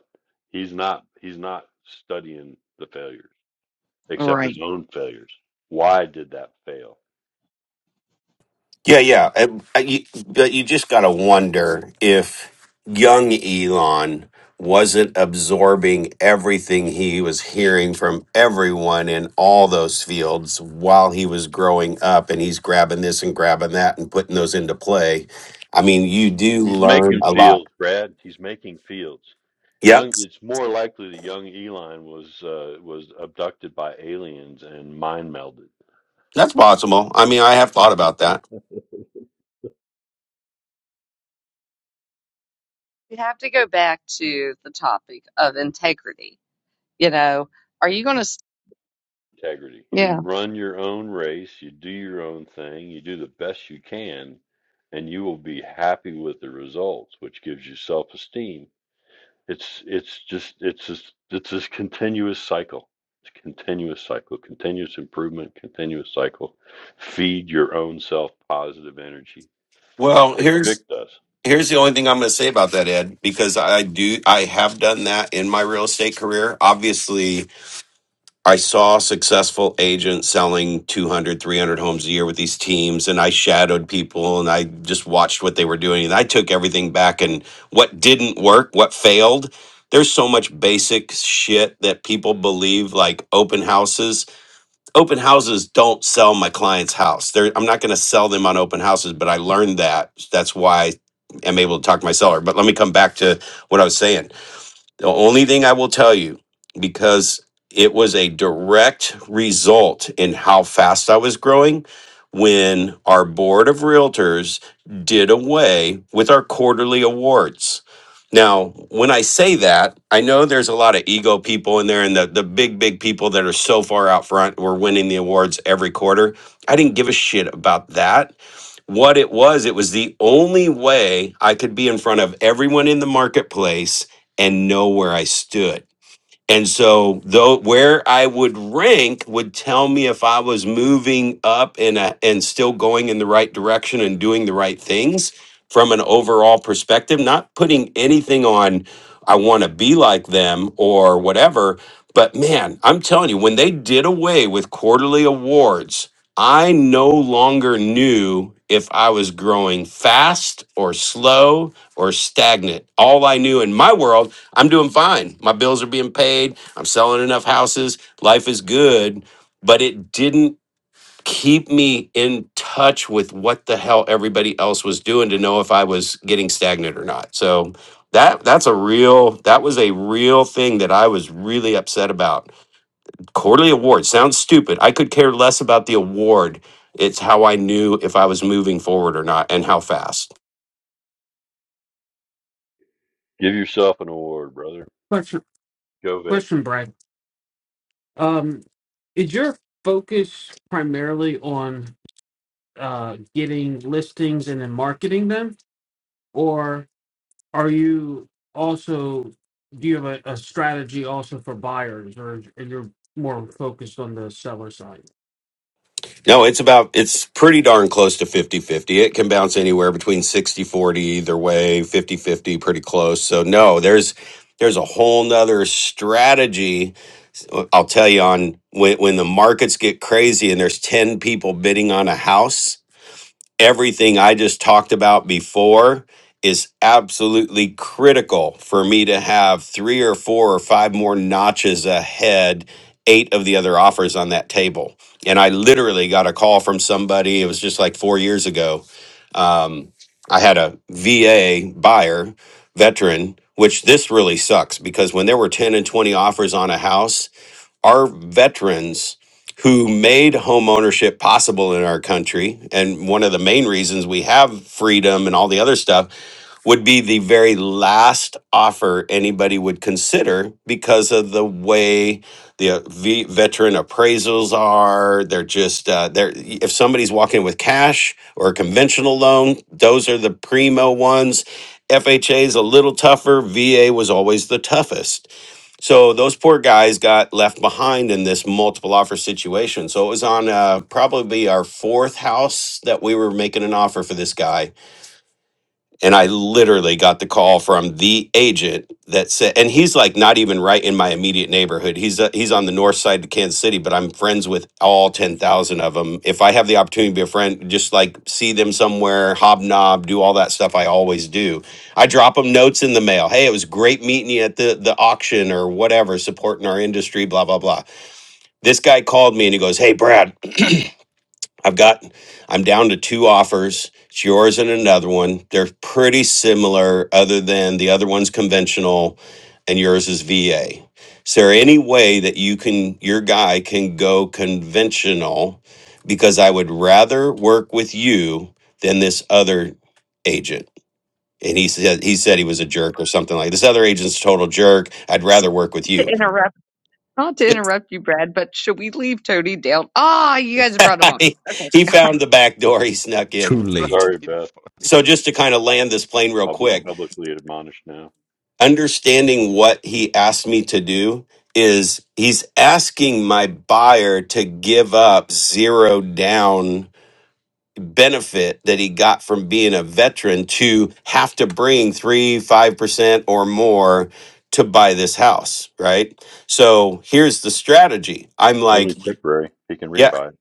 [SPEAKER 4] He's not he's not studying the failures except
[SPEAKER 1] right
[SPEAKER 4] his own failures. Why did that fail?
[SPEAKER 3] Yeah, yeah. And, uh, you- But you just got to wonder if young Elon wasn't absorbing everything he was hearing from everyone in all those fields while he was growing up and he's grabbing this and grabbing that and putting those into play. I mean, you do
[SPEAKER 4] He's
[SPEAKER 3] learn
[SPEAKER 4] making
[SPEAKER 3] a lot.
[SPEAKER 4] fields, Brad. He's making fields.
[SPEAKER 3] Yep,
[SPEAKER 4] Young it's more likely that young Elon was uh, was abducted by aliens and mind melded.
[SPEAKER 3] that's possible. I mean, I have thought about that.
[SPEAKER 1] we have to go back to the topic of integrity you know are you going to
[SPEAKER 4] integrity. You
[SPEAKER 1] yeah
[SPEAKER 4] run your own race, you do your own thing, you do the best you can, and you will be happy with the results, which gives you self-esteem. It's it's just it's just it's this continuous cycle. It's a continuous cycle, continuous improvement, continuous cycle. Feed your own self positive energy,
[SPEAKER 3] Well,
[SPEAKER 4] like
[SPEAKER 3] here's
[SPEAKER 4] Vic does.
[SPEAKER 3] here's the only thing I'm going to say about that, Ed, because I do I have done that in my real estate career. Obviously, I saw successful agents selling 200, 300 homes a year with these teams, and I shadowed people and I just watched what they were doing. And I took everything back and what didn't work, what failed. There's so much basic shit that people believe, like open houses. Open houses don't sell my client's house. They're, I'm not going to sell them on open houses, but I learned that. That's why I'm able to talk to my seller. But let me come back to what I was saying the only thing I will tell you, because it was a direct result in how fast I was growing, when our board of realtors did away with our quarterly awards. Now, when I say that, I know there's a lot of ego people in there and the, the big, big people that are so far out front were winning the awards every quarter. I didn't give a shit about that what it was it was the only way i could be in front of everyone in the marketplace and know where i stood and so, though where I would rank would tell me if I was moving up and uh, and still going in the right direction and doing the right things from an overall perspective. Not putting anything on I want to be like them or whatever. But man, I'm telling you, when they did away with quarterly awards, I no longer knew if I was growing fast or slow or stagnant. All I knew in my world I'm doing fine. My bills are being paid. I'm selling enough houses. Life is good, but it didn't keep me in touch with what the hell everybody else was doing to know if I was getting stagnant or not. So that that's a real that was a real thing that I was really upset about. Quarterly award sounds stupid. I could care less about the award. It's how I knew if I was moving forward or not and how fast.
[SPEAKER 4] Give yourself an award, brother.
[SPEAKER 2] Question,
[SPEAKER 4] Go, Vic.
[SPEAKER 2] question, Brad. Um, is your focus primarily on uh, getting listings and then marketing them? Or are you also, do you have a, a strategy also for buyers or, or you're more focused on the seller side?
[SPEAKER 3] No, it's about it's pretty darn close to fifty fifty. It can bounce anywhere between sixty forty either way, fifty fifty, pretty close. So no, there's there's a whole nother strategy. I'll tell you on when when the markets get crazy and there's 10 people bidding on a house everything I just talked about before is absolutely critical for me to have three or four or five more notches ahead eight of the other offers on that table and i literally got a call from somebody it was just like four years ago um, i had a va buyer veteran which this really sucks because when there were 10 and 20 offers on a house our veterans who made home ownership possible in our country and one of the main reasons we have freedom and all the other stuff would be the very last offer anybody would consider because of the way the uh, v- veteran appraisals are they're just uh, they're if somebody's walking with cash or a conventional loan those are the primo ones fha is a little tougher va was always the toughest so those poor guys got left behind in this multiple offer situation. So it was on uh, probably our fourth house that we were making an offer for this guy and I literally got the call from the agent that said, and he's like not even right in my immediate neighborhood. He's uh, he's on the north side of Kansas City, but I'm friends with all ten thousand of them. If I have the opportunity to be a friend, just like see them somewhere, hobnob, do all that stuff, I always do. I drop them notes in the mail. Hey, it was great meeting you at the the auction or whatever, supporting our industry, blah blah blah. This guy called me and he goes, Hey, Brad. I've got, I'm down to two offers. It's yours and another one. They're pretty similar, other than the other one's conventional and yours is VA. Is there any way that you can, your guy can go conventional? Because I would rather work with you than this other agent. And he said, he said he was a jerk or something like this other agent's a total jerk. I'd
[SPEAKER 1] so,
[SPEAKER 3] rather work with
[SPEAKER 1] to
[SPEAKER 3] you.
[SPEAKER 1] interrupt. Not to interrupt you, Brad, but should we leave Tony down? Ah, you guys brought him up. Okay.
[SPEAKER 3] he found the back door he snuck in.
[SPEAKER 6] too
[SPEAKER 5] that
[SPEAKER 6] late.
[SPEAKER 4] Sorry,
[SPEAKER 5] would be
[SPEAKER 4] Beth.
[SPEAKER 5] fun
[SPEAKER 3] So just to kind of land this plane real
[SPEAKER 4] I'll be
[SPEAKER 3] quick
[SPEAKER 4] publicly admonished now.
[SPEAKER 3] understanding what he asked me to do is he's asking my buyer to give up zero down benefit that he got from being a veteran to have to bring three, five percent or more to buy this house, right? So here's the strategy. I'm like,
[SPEAKER 4] Only temporary. He can
[SPEAKER 3] yeah,
[SPEAKER 4] refi. it.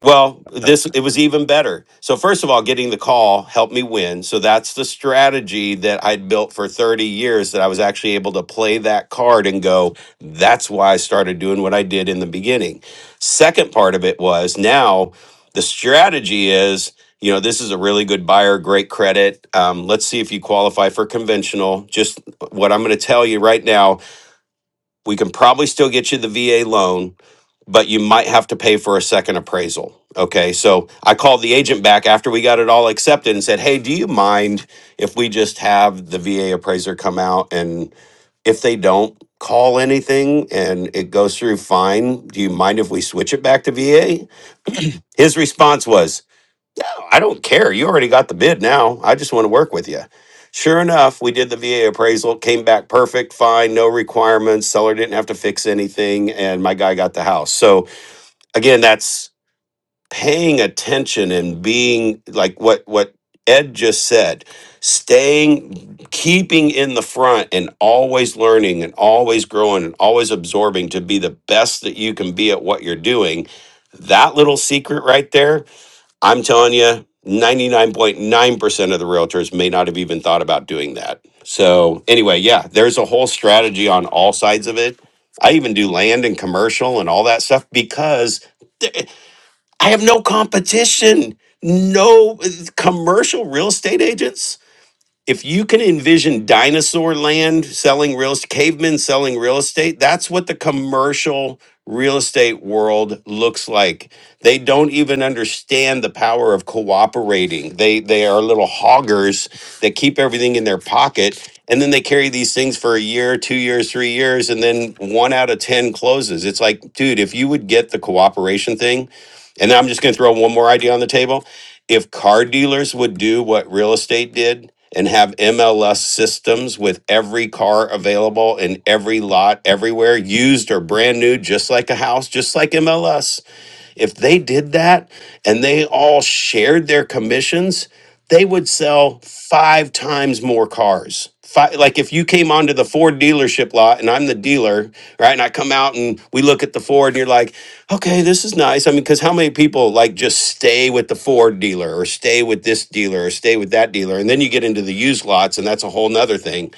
[SPEAKER 3] well, this it was even better. So first of all, getting the call helped me win. So that's the strategy that I'd built for 30 years that I was actually able to play that card and go, that's why I started doing what I did in the beginning. Second part of it was now the strategy is, you know, this is a really good buyer, great credit. Um, let's see if you qualify for conventional. Just what I'm going to tell you right now, we can probably still get you the VA loan but you might have to pay for a second appraisal. Okay. So I called the agent back after we got it all accepted and said, Hey, do you mind if we just have the VA appraiser come out? And if they don't call anything and it goes through fine, do you mind if we switch it back to VA? His response was, I don't care. You already got the bid now. I just want to work with you. Sure enough, we did the VA appraisal, came back perfect, fine, no requirements. Seller didn't have to fix anything, and my guy got the house. So again, that's paying attention and being like what what Ed just said, staying keeping in the front and always learning and always growing and always absorbing to be the best that you can be at what you're doing. That little secret right there, I'm telling you, 99.9% of the realtors may not have even thought about doing that. So, anyway, yeah, there's a whole strategy on all sides of it. I even do land and commercial and all that stuff because eh, I have no competition, no uh, commercial real estate agents if you can envision dinosaur land selling real estate, cavemen selling real estate, that's what the commercial real estate world looks like. They don't even understand the power of cooperating. They they are little hoggers that keep everything in their pocket and then they carry these things for a year, 2 years, 3 years and then one out of 10 closes. It's like, dude, if you would get the cooperation thing, and I'm just going to throw one more idea on the table if car dealers would do what real estate did and have MLS systems with every car available in every lot everywhere, used or brand new, just like a house, just like MLS, if they did that and they all shared their commissions, they would sell five times more cars. Five, like if you came onto the Ford dealership lot and I'm the dealer, right? And I come out and we look at the Ford and you're like, okay, this is nice. I mean, because how many people like just stay with the Ford dealer or stay with this dealer or stay with that dealer? And then you get into the used lots and that's a whole nother thing.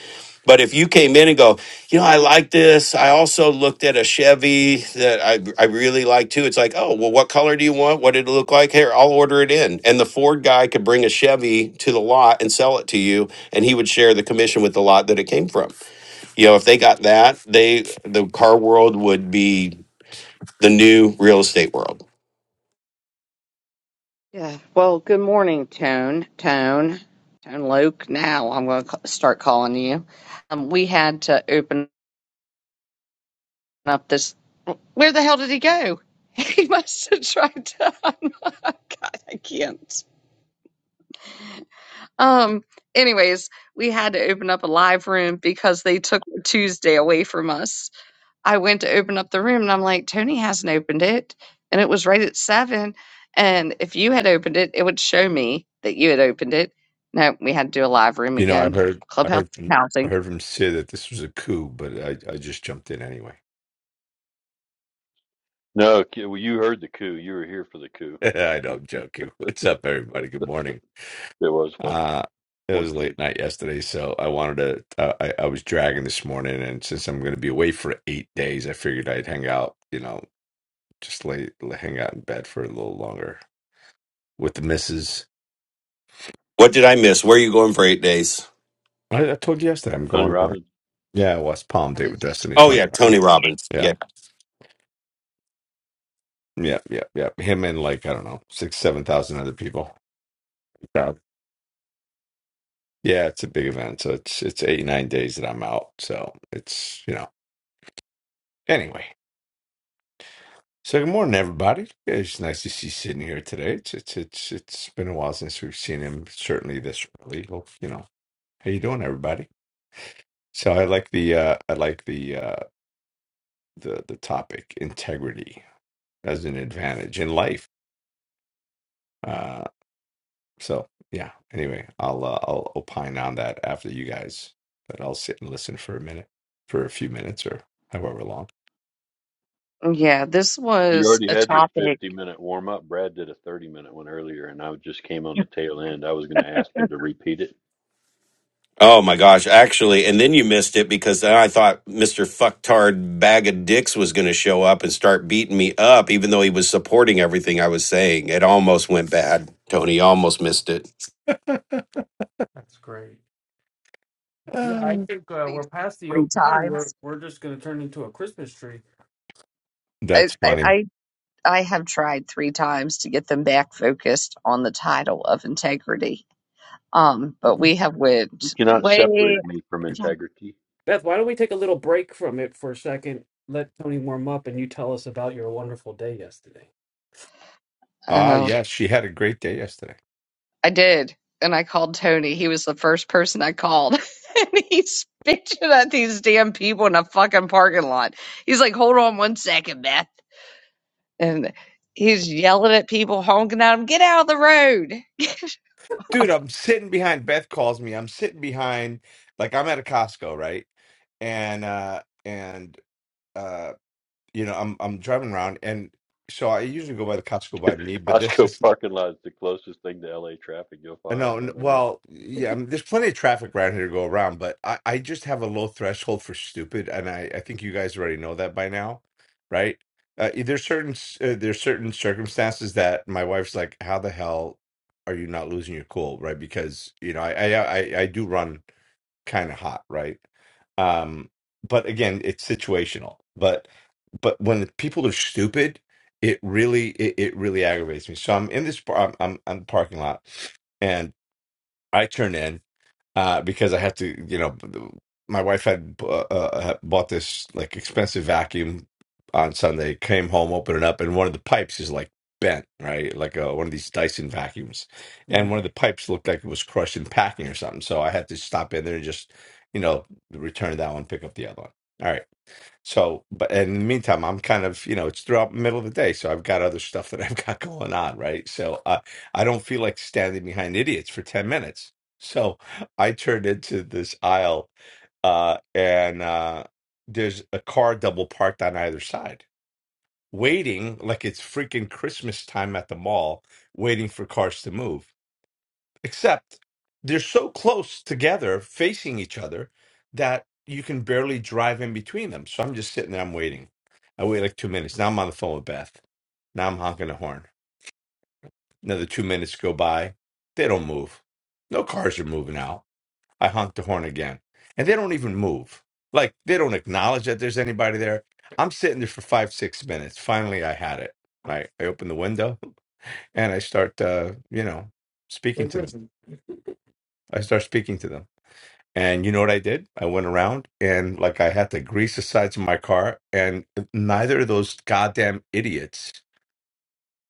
[SPEAKER 3] But if you came in and go, you know, I like this. I also looked at a Chevy that I, I really like too. It's like, oh, well, what color do you want? What did it look like? Here, I'll order it in. And the Ford guy could bring a Chevy to the lot and sell it to you, and he would share the commission with the lot that it came from. You know, if they got that, they the car world would be the new real estate world.
[SPEAKER 1] Yeah. Well, good morning, Tone. Tone. Tone Luke. Now I'm going to ca- start calling you. Um, we had to open up this. Where the hell did he go? He must have tried to. God, I can't. Um. Anyways, we had to open up a live room because they took Tuesday away from us. I went to open up the room and I'm like, Tony hasn't opened it. And it was right at seven. And if you had opened it, it would show me that you had opened it. No, we had to do a live room
[SPEAKER 6] You know, I
[SPEAKER 1] again.
[SPEAKER 6] heard, I
[SPEAKER 1] Clubhouse
[SPEAKER 6] heard, from, I
[SPEAKER 1] housing.
[SPEAKER 6] heard from Sid that this was a coup, but I, I just jumped in anyway.
[SPEAKER 4] No, K- well, you heard the coup. You were here for the coup. It
[SPEAKER 6] I know I'm joking. What's up, everybody? Good morning.
[SPEAKER 4] was funny.
[SPEAKER 6] Uh, it
[SPEAKER 4] Morning,
[SPEAKER 6] was
[SPEAKER 4] Sid.
[SPEAKER 6] late night yesterday, so I wanted to. Uh, I, I was dragging this morning, and since I'm going to be away for eight days, I figured I'd hang out. You know, just lay, lay hang out in bed for a little longer with the missus.
[SPEAKER 3] What did I miss? Where are you going for eight days?
[SPEAKER 6] I, I told you yesterday I'm
[SPEAKER 4] Tony
[SPEAKER 6] going. To,
[SPEAKER 4] Robbins,
[SPEAKER 6] yeah, West Palm
[SPEAKER 1] I
[SPEAKER 6] date
[SPEAKER 1] mean,
[SPEAKER 6] with Destiny
[SPEAKER 3] Oh yeah,
[SPEAKER 6] Tony
[SPEAKER 3] Tony
[SPEAKER 6] Robbins.
[SPEAKER 3] Robbins. Yeah.
[SPEAKER 6] Yeah, yeah, yeah, yeah. Him and like I don't know six, seven thousand other people. So yeah, it's a big event. So it's it's eight nine days that I'm out. So it's you know anyway. So good morning, everybody. It's nice to see Sydney here today. It's it's it's it's been a while since we've seen him. Certainly this early. Hope you know how you doing, everybody. So I like the uh I like the uh the the topic integrity as an advantage in life. Uh, so yeah. Anyway, I'll uh, I'll opine on that after you guys, but I'll sit and listen for a minute, for a few minutes or however long.
[SPEAKER 1] yeah, this
[SPEAKER 4] you
[SPEAKER 1] was
[SPEAKER 4] already
[SPEAKER 1] a
[SPEAKER 4] had your
[SPEAKER 1] topic
[SPEAKER 4] 50 minute warm up. Brad did a 30 minute one earlier, and I just came on the tail end. I was going to ask him to repeat it.
[SPEAKER 3] Oh my gosh, actually, and then you missed it because then I thought Mr. Fucktard Bag of Dicks was going to show up and start beating me up, even though he was supporting everything I was saying. It almost went bad. Tony You almost missed it.
[SPEAKER 2] That's great. Yeah, I
[SPEAKER 6] Oh.
[SPEAKER 2] think uh,
[SPEAKER 1] maybe
[SPEAKER 2] we're past the
[SPEAKER 1] three
[SPEAKER 2] oak pine. We're
[SPEAKER 1] times.
[SPEAKER 2] we're just going to turn into a Christmas tree.
[SPEAKER 1] I,
[SPEAKER 6] That's
[SPEAKER 1] I,
[SPEAKER 6] funny.
[SPEAKER 1] I I have tried three times to get them back focused on the title of integrity. Um, but we have
[SPEAKER 4] You
[SPEAKER 1] went
[SPEAKER 4] cannot
[SPEAKER 1] way.
[SPEAKER 4] separate me from
[SPEAKER 1] Yeah.
[SPEAKER 4] integrity.
[SPEAKER 2] Beth, why don't we take a little break from it for a second? Let Tony warm up, and you tell us about your wonderful day yesterday.
[SPEAKER 6] Ah,
[SPEAKER 1] Oh,
[SPEAKER 6] yes, she had a great day yesterday.
[SPEAKER 1] I did. And I called Tony. He was the first person I called. and he's bitching at these damn people in a fucking parking lot. He's like, hold on one second, Beth. And he's yelling at people, honking at them, get out of the road.
[SPEAKER 6] Dude, I'm sitting behind Beth calls me. I'm sitting behind like I'm at a Costco, right? And uh and uh you know, I'm I'm driving around and so I usually go by the Costco by me, but this
[SPEAKER 4] Costco
[SPEAKER 6] is
[SPEAKER 4] parking lot is the closest thing to LA traffic you'll
[SPEAKER 6] Uh, No,
[SPEAKER 4] find
[SPEAKER 6] n-
[SPEAKER 4] on earth.
[SPEAKER 6] well, yeah, I mean, there's plenty of traffic around here to go around, but I, I just have a low threshold for stupid, and I, I think you guys already know that by now, right? Uh, there's certain s- uh, there's certain circumstances that my wife's like, "How the hell are you not losing your cool?" Right? Because you know, I I I, I do run kind of hot, right? Um, but again, it's situational. But but when people are stupid, it really it, it really aggravates me. So I'm in this par- I'm I'm, I'm parking lot. I turn in uh, because I had to, you know, my wife had uh, uh, had bought this like expensive vacuum on Sunday, came home, opened it up, and one of the pipes is like bent, right? Like uh, one of these Dyson vacuums. And
[SPEAKER 2] Mm.
[SPEAKER 6] one of the pipes looked like it was crushed in packing or something. So I had to stop in there and just, you know, return that one, pick up the other one. All right. So, but and in the meantime, I'm kind of, you know, it's throughout the middle of the day, so I've got other stuff that I've got going on, right? So, uh, I don't feel like standing behind idiots for 10 minutes. So, I turned into this aisle, uh, and uh, there's a car double parked on either side, waiting like it's freaking Christmas time at the mall, waiting for cars to move except they're so close together facing each other that you can barely drive in between them so i'm just sitting there i'm waiting i wait like two minutes now i'm on the phone with beth now i'm honking the horn another two minutes go by they don't move no cars are moving out i honk the horn again and they don't even move like they don't acknowledge that there's anybody there i'm sitting there for five six minutes finally i had it I, I open the window and i start uh, you know speaking
[SPEAKER 2] Hey,
[SPEAKER 6] to them
[SPEAKER 2] Kristen.
[SPEAKER 6] i start speaking to them And you know what I did? I went around and like I had to grease the sides of my car, and neither of those goddamn idiots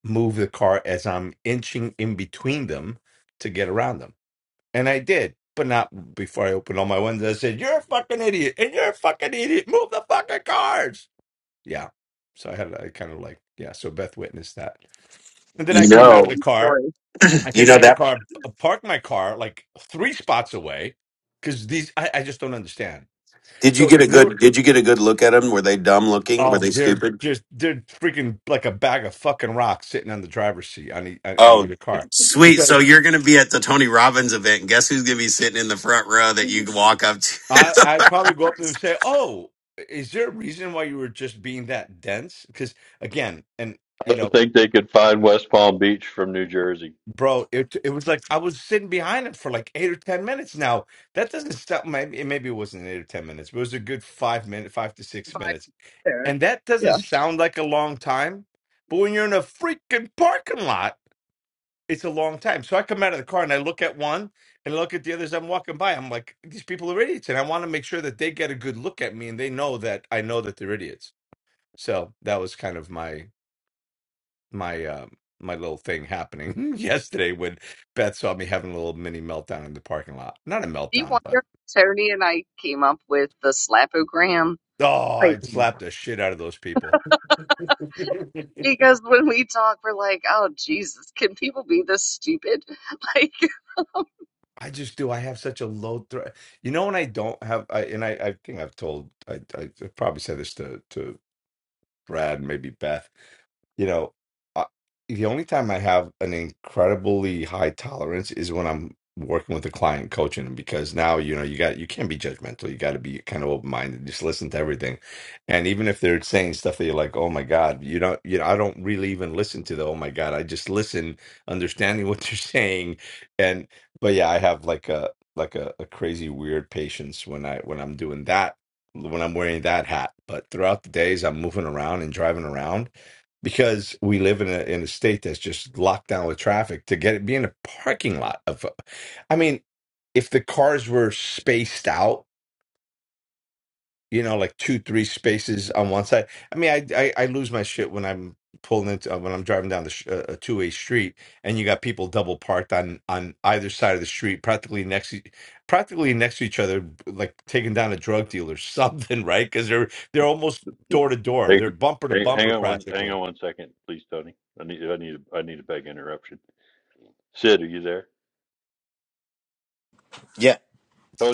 [SPEAKER 6] moved the car as I'm inching in between them to get around them. And I did, but not before I opened all my windows. I said, You're a fucking idiot, and you're a fucking idiot. Move the fucking cars. Yeah. So I had, I kind of like, yeah. So Beth witnessed that. And then I
[SPEAKER 3] You,
[SPEAKER 1] This is
[SPEAKER 6] came out of
[SPEAKER 1] a
[SPEAKER 6] the
[SPEAKER 1] true
[SPEAKER 6] car.
[SPEAKER 1] story.
[SPEAKER 6] I
[SPEAKER 3] you
[SPEAKER 6] came
[SPEAKER 3] know
[SPEAKER 6] out of the
[SPEAKER 3] that?
[SPEAKER 6] car, p- parked my car like three spots away because these, I, I just don't understand
[SPEAKER 3] Did you
[SPEAKER 6] so
[SPEAKER 3] get
[SPEAKER 6] if
[SPEAKER 3] a
[SPEAKER 6] they're
[SPEAKER 3] good? Did you get a good look at them? Were they dumb looking? Were
[SPEAKER 6] oh
[SPEAKER 3] they
[SPEAKER 6] they're
[SPEAKER 3] stupid?
[SPEAKER 6] just they're freaking like a bag of fucking rocks sitting on the driver's seat on the on, on
[SPEAKER 3] Oh,
[SPEAKER 6] either car
[SPEAKER 3] sweet.
[SPEAKER 6] because
[SPEAKER 3] So you're going to be at the Tony Robbins event, and guess who's going to be sitting in the front row that you
[SPEAKER 2] Mhm.
[SPEAKER 3] walk up
[SPEAKER 6] I
[SPEAKER 3] to?
[SPEAKER 6] I'd probably go up to them and say oh is there a reason why you were just being that dense because again and
[SPEAKER 4] I
[SPEAKER 6] you
[SPEAKER 4] don't
[SPEAKER 6] know
[SPEAKER 4] think they could find West Palm Beach from New Jersey.
[SPEAKER 6] bro it it was like I was sitting behind him for like eight or ten minutes now that doesn't stop maybe maybe it wasn't eight or ten minutes but it was a good five minute five to six minutes and that doesn't sound like a long time but when you're in a freaking parking lot it's a long time. So I come out of the car and I look at one and I look at the others I'm walking by. I'm like, these people are idiots. And I want to make sure that they get a good look at me and they know that I know that they're idiots. So that was kind of my my um my little thing happening yesterday when Beth saw me having a little mini meltdown in the parking lot. Not a
[SPEAKER 1] Do you
[SPEAKER 6] meltdown,
[SPEAKER 1] wonder
[SPEAKER 6] but
[SPEAKER 1] if Tony and I came up with the slapogram?
[SPEAKER 6] oh,
[SPEAKER 1] Like,
[SPEAKER 6] I slapped the shit out of those people.
[SPEAKER 1] because when we talk, we're like, oh, Jesus, can people be this stupid? Like,
[SPEAKER 6] I just do. I have such a low threat. You know when I don't have, I, and I, I think I've told, I, I I've probably said this to to Brad, maybe Beth. You know, I, the only time I have an incredibly high tolerance is when I'm working with a client coaching them because now you know you got you can't be judgmental. You got to be kind of open minded. Just listen to everything, and even if they're saying stuff that you're like, oh my god, you don't, you know, I don't really even listen to the oh my god. I just listen, understanding what they're saying, and but yeah, I have like a like a, a crazy weird patience when I when I'm doing that when I'm wearing that hat. But throughout the days, I'm moving around and driving around because we live in a in a state that's just locked down with traffic. To get it be in a parking lot of, I mean, if the cars were spaced out you know, like two, three spaces on one side. I mean, I I, I lose my shit when I'm pulling into uh, when I'm driving down the sh- uh, a two way street, and you got people double parked on on either side of the street, practically next to- practically next to each other, like taking down a drug dealer, or something, right? Because they're they're almost door to door,
[SPEAKER 4] They,
[SPEAKER 6] they're bumper to
[SPEAKER 4] hang, hang
[SPEAKER 6] bumper,
[SPEAKER 4] on one, hang on
[SPEAKER 6] practically.
[SPEAKER 4] one second, please, Tony. I need, I need, I need a big interruption. Sid, are you there?
[SPEAKER 7] Yeah,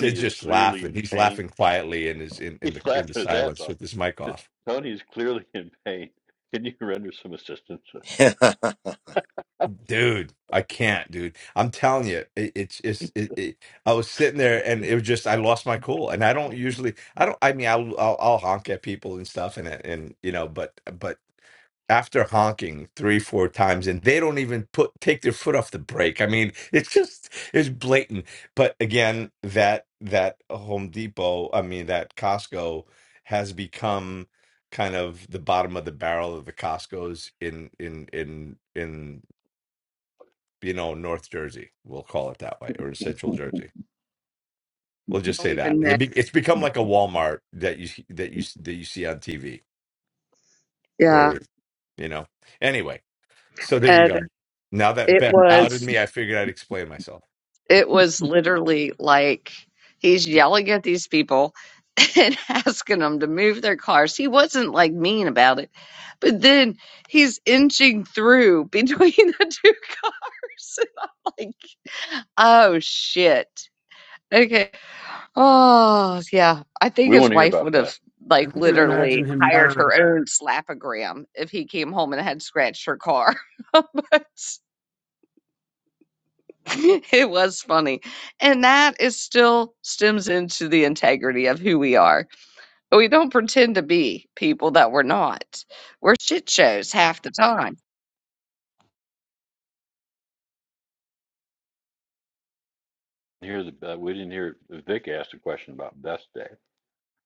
[SPEAKER 6] They're
[SPEAKER 4] is
[SPEAKER 6] just
[SPEAKER 4] clearly
[SPEAKER 6] laughing.
[SPEAKER 4] in
[SPEAKER 6] He's
[SPEAKER 4] pain.
[SPEAKER 6] laughing quietly in his in, in
[SPEAKER 4] He's
[SPEAKER 6] the in the
[SPEAKER 4] laughing his ass
[SPEAKER 6] silence
[SPEAKER 4] off.
[SPEAKER 6] with his mic off.
[SPEAKER 4] Tony is clearly in pain. Can you render some assistance?
[SPEAKER 7] that
[SPEAKER 6] Dude, I can't, dude. I'm telling you, it, it's it's it, it. I was sitting there, and it was just I lost my cool, and I don't usually, I don't. I mean, I'll I'll, I'll honk at people and stuff, and and you know, but but after honking three, four times, and they don't even put take their foot off the brake. I mean, it's just it's blatant. But again, that that Home Depot, I mean that Costco has become kind of the bottom of the barrel of the Costco's in in in in you know, North Jersey. We'll call it that way, or Central Jersey. We'll just
[SPEAKER 1] I don't
[SPEAKER 6] say that
[SPEAKER 1] even know.
[SPEAKER 6] it be, it's become like a Walmart that you that you that you see on TV,
[SPEAKER 1] Yeah.
[SPEAKER 6] or you know. Anyway, so there you
[SPEAKER 1] And
[SPEAKER 6] go. Now that
[SPEAKER 1] it
[SPEAKER 6] Beth outed
[SPEAKER 1] was,
[SPEAKER 6] me, I figured I'd explain myself.
[SPEAKER 1] it was literally like he's yelling at these people and asking them to move their cars. He wasn't like mean about it, but then he's inching through between the two cars. And I'm like, oh, shit. Okay. Oh, yeah. I think
[SPEAKER 4] We want
[SPEAKER 1] his
[SPEAKER 4] to hear
[SPEAKER 1] wife
[SPEAKER 4] about
[SPEAKER 1] would have,
[SPEAKER 4] Beth.
[SPEAKER 2] I
[SPEAKER 1] like,
[SPEAKER 2] can
[SPEAKER 4] Best
[SPEAKER 2] imagine
[SPEAKER 1] literally
[SPEAKER 2] him
[SPEAKER 1] hired
[SPEAKER 2] marrying
[SPEAKER 1] her own slapogram if he came home and had scratched her car. But it was funny. And that is still stems into the integrity of who we are. We don't pretend to be people that we're not. We're shit shows half the time.
[SPEAKER 4] Day. Hear the, uh, we didn't hear Vic asked a question about best Day.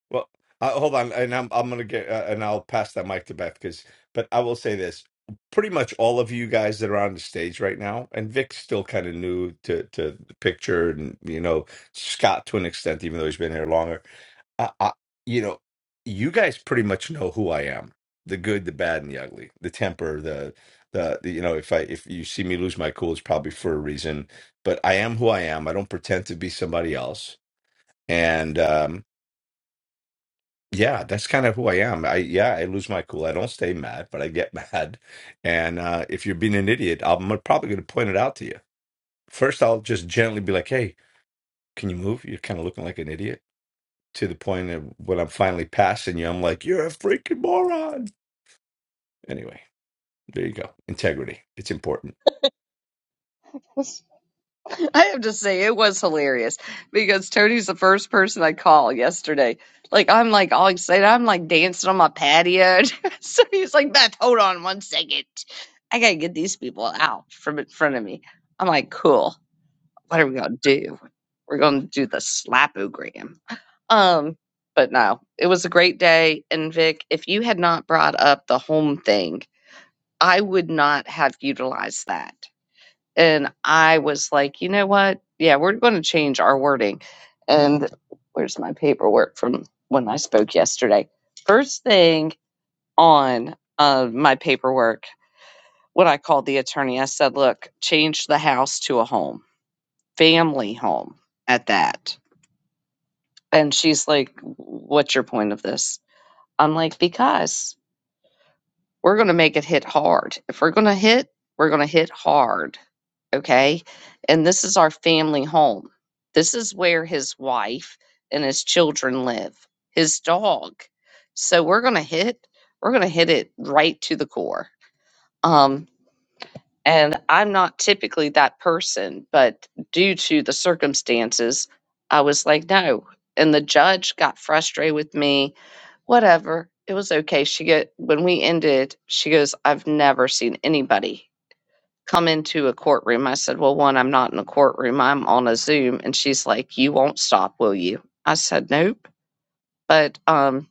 [SPEAKER 6] Well, uh, hold on, and I'm I'm gonna get uh, and I'll pass that mic to Beth because, but I will say this: pretty much all of you guys that are on the stage right now, and Vic's still kind of new to to the picture, and you know Scott to an extent, even though he's been here longer. I, I, you know, you guys pretty much know who I am: the good, the bad, and the ugly, the temper, the the, the you know, if I if you see me lose my cool, it's probably for a reason. But I am who I am. I don't pretend to be somebody else, and. um yeah, that's kind of who I am. I yeah, I lose my cool. I don't stay mad, but I get mad. And uh, if you're being an idiot, I'm probably going to point it out to you. First, I'll just gently be like, "Hey, can you move? You're kind of looking like an idiot." To the point of when I'm finally passing you, I'm like, "You're a freaking moron." Anyway, there you go. Integrity. It's important.
[SPEAKER 1] I have to say, it was hilarious because Tony's the first person I call yesterday. Like, I'm like all excited. I'm like dancing on my patio. so he's like, Beth, hold on one second. I got to get these people out from in front of me. I'm like, cool. What are we going to do? We're going to do the slapogram. Um, but no, it was a great day. And Vic, if you had not brought up the home thing, I would not have utilized that. And I was like, you know what? Yeah, we're going to change our wording. And where's my paperwork from when I spoke yesterday? First thing on uh, my paperwork, when I called the attorney, I said, look, change the house to a home, family home at that. And she's like, what's your point of this? I'm like, because. we're going to make it hit hard. If we're going to hit, we're going to hit hard. Okay. And this is our family home. This is where his wife and his children live, his dog. So we're going to hit, we're going to hit it right to the core. Um, and I'm not typically that person, but due to the circumstances, I was like, no. And the judge got frustrated with me. Whatever. It was okay. She get when we ended, she goes, I've never seen anybody come into a courtroom. I said, Well, one, I'm not in a courtroom. I'm on a Zoom. And she's like, You won't stop, will you? I said, Nope. But um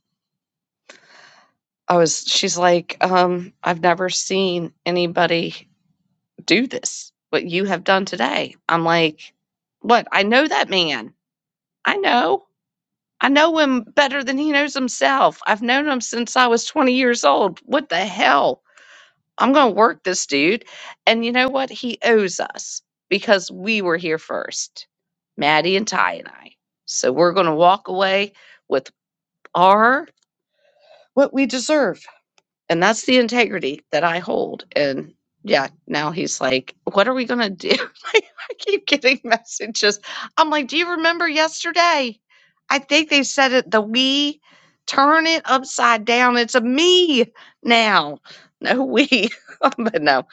[SPEAKER 1] I was she's like, um, I've never seen anybody do this, what you have done today. I'm like, what? I know that man. I know. I know him better than he knows himself. I've known him since I was 20 years old. What the hell? I'm going to work this dude. And you know what? He owes us because we were here first, Maddie and Ty and I. So we're going to walk away with our what we deserve and that's the integrity that I hold. And yeah, now he's like, "What are we gonna do?" Like, I keep getting messages. I'm like, "Do you remember yesterday?" I think they said it. The we turn it upside down. It's a me now, no we. but no,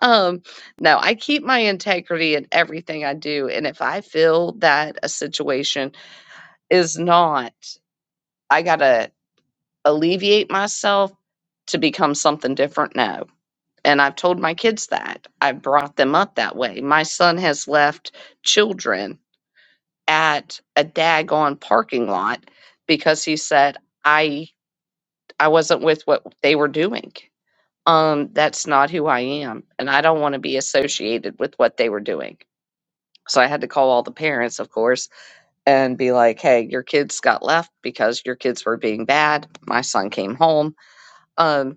[SPEAKER 1] um, no. I keep my integrity in everything I do, and if I feel that a situation is not, I gotta alleviate myself to become something different now and I've told my kids that. I brought them up that way. My son has left children at a daggone parking lot because he said, I I wasn't with what they were doing. Um, that's not who I am. And I don't want to be associated with what they were doing. So I had to call all the parents, of course, and be like, hey, your kids got left because your kids were being bad. My son came home. Um,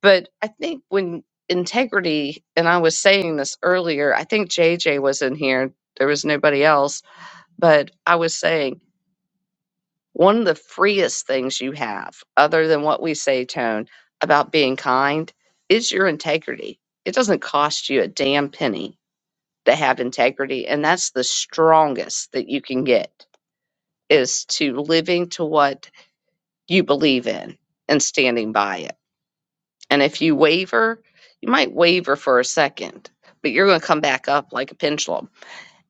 [SPEAKER 1] But I think when integrity, and I was saying this earlier, I think JJ was in here, there was nobody else, but I was saying one of the freest things you have, other than what we say, Tone, about being kind, is your integrity. It doesn't cost you a damn penny to have integrity. And that's the strongest that you can get is to living to what you believe in and standing by it. And if you waver, you might waver for a second, but you're going to come back up like a pendulum.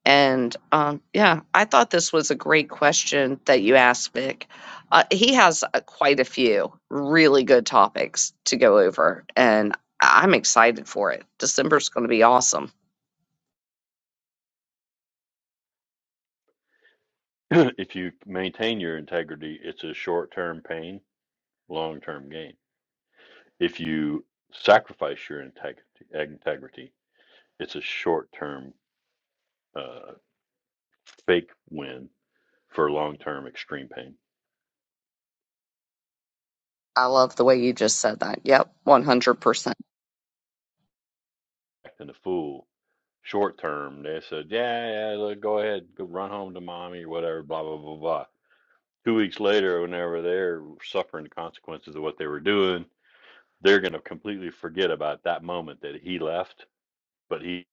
[SPEAKER 1] And um, yeah, I thought this was a great question that you asked, Vic. Uh, he has uh, quite a few really good topics to go over, and I- I'm excited for it. December's going to be awesome.
[SPEAKER 4] if you maintain your integrity, it's a short-term pain, long-term gain. If you sacrifice your integrity, integrity it's a short-term uh, fake win for long-term extreme pain.
[SPEAKER 1] I love the way you just said that. Yep, 100%.
[SPEAKER 4] Acting a fool short term. They said, yeah, yeah, look, go ahead, go run home to mommy, whatever, blah, blah, blah, blah. Two weeks later, whenever they're suffering the consequences of what they were doing, they're going to completely forget about that moment that he left, but he,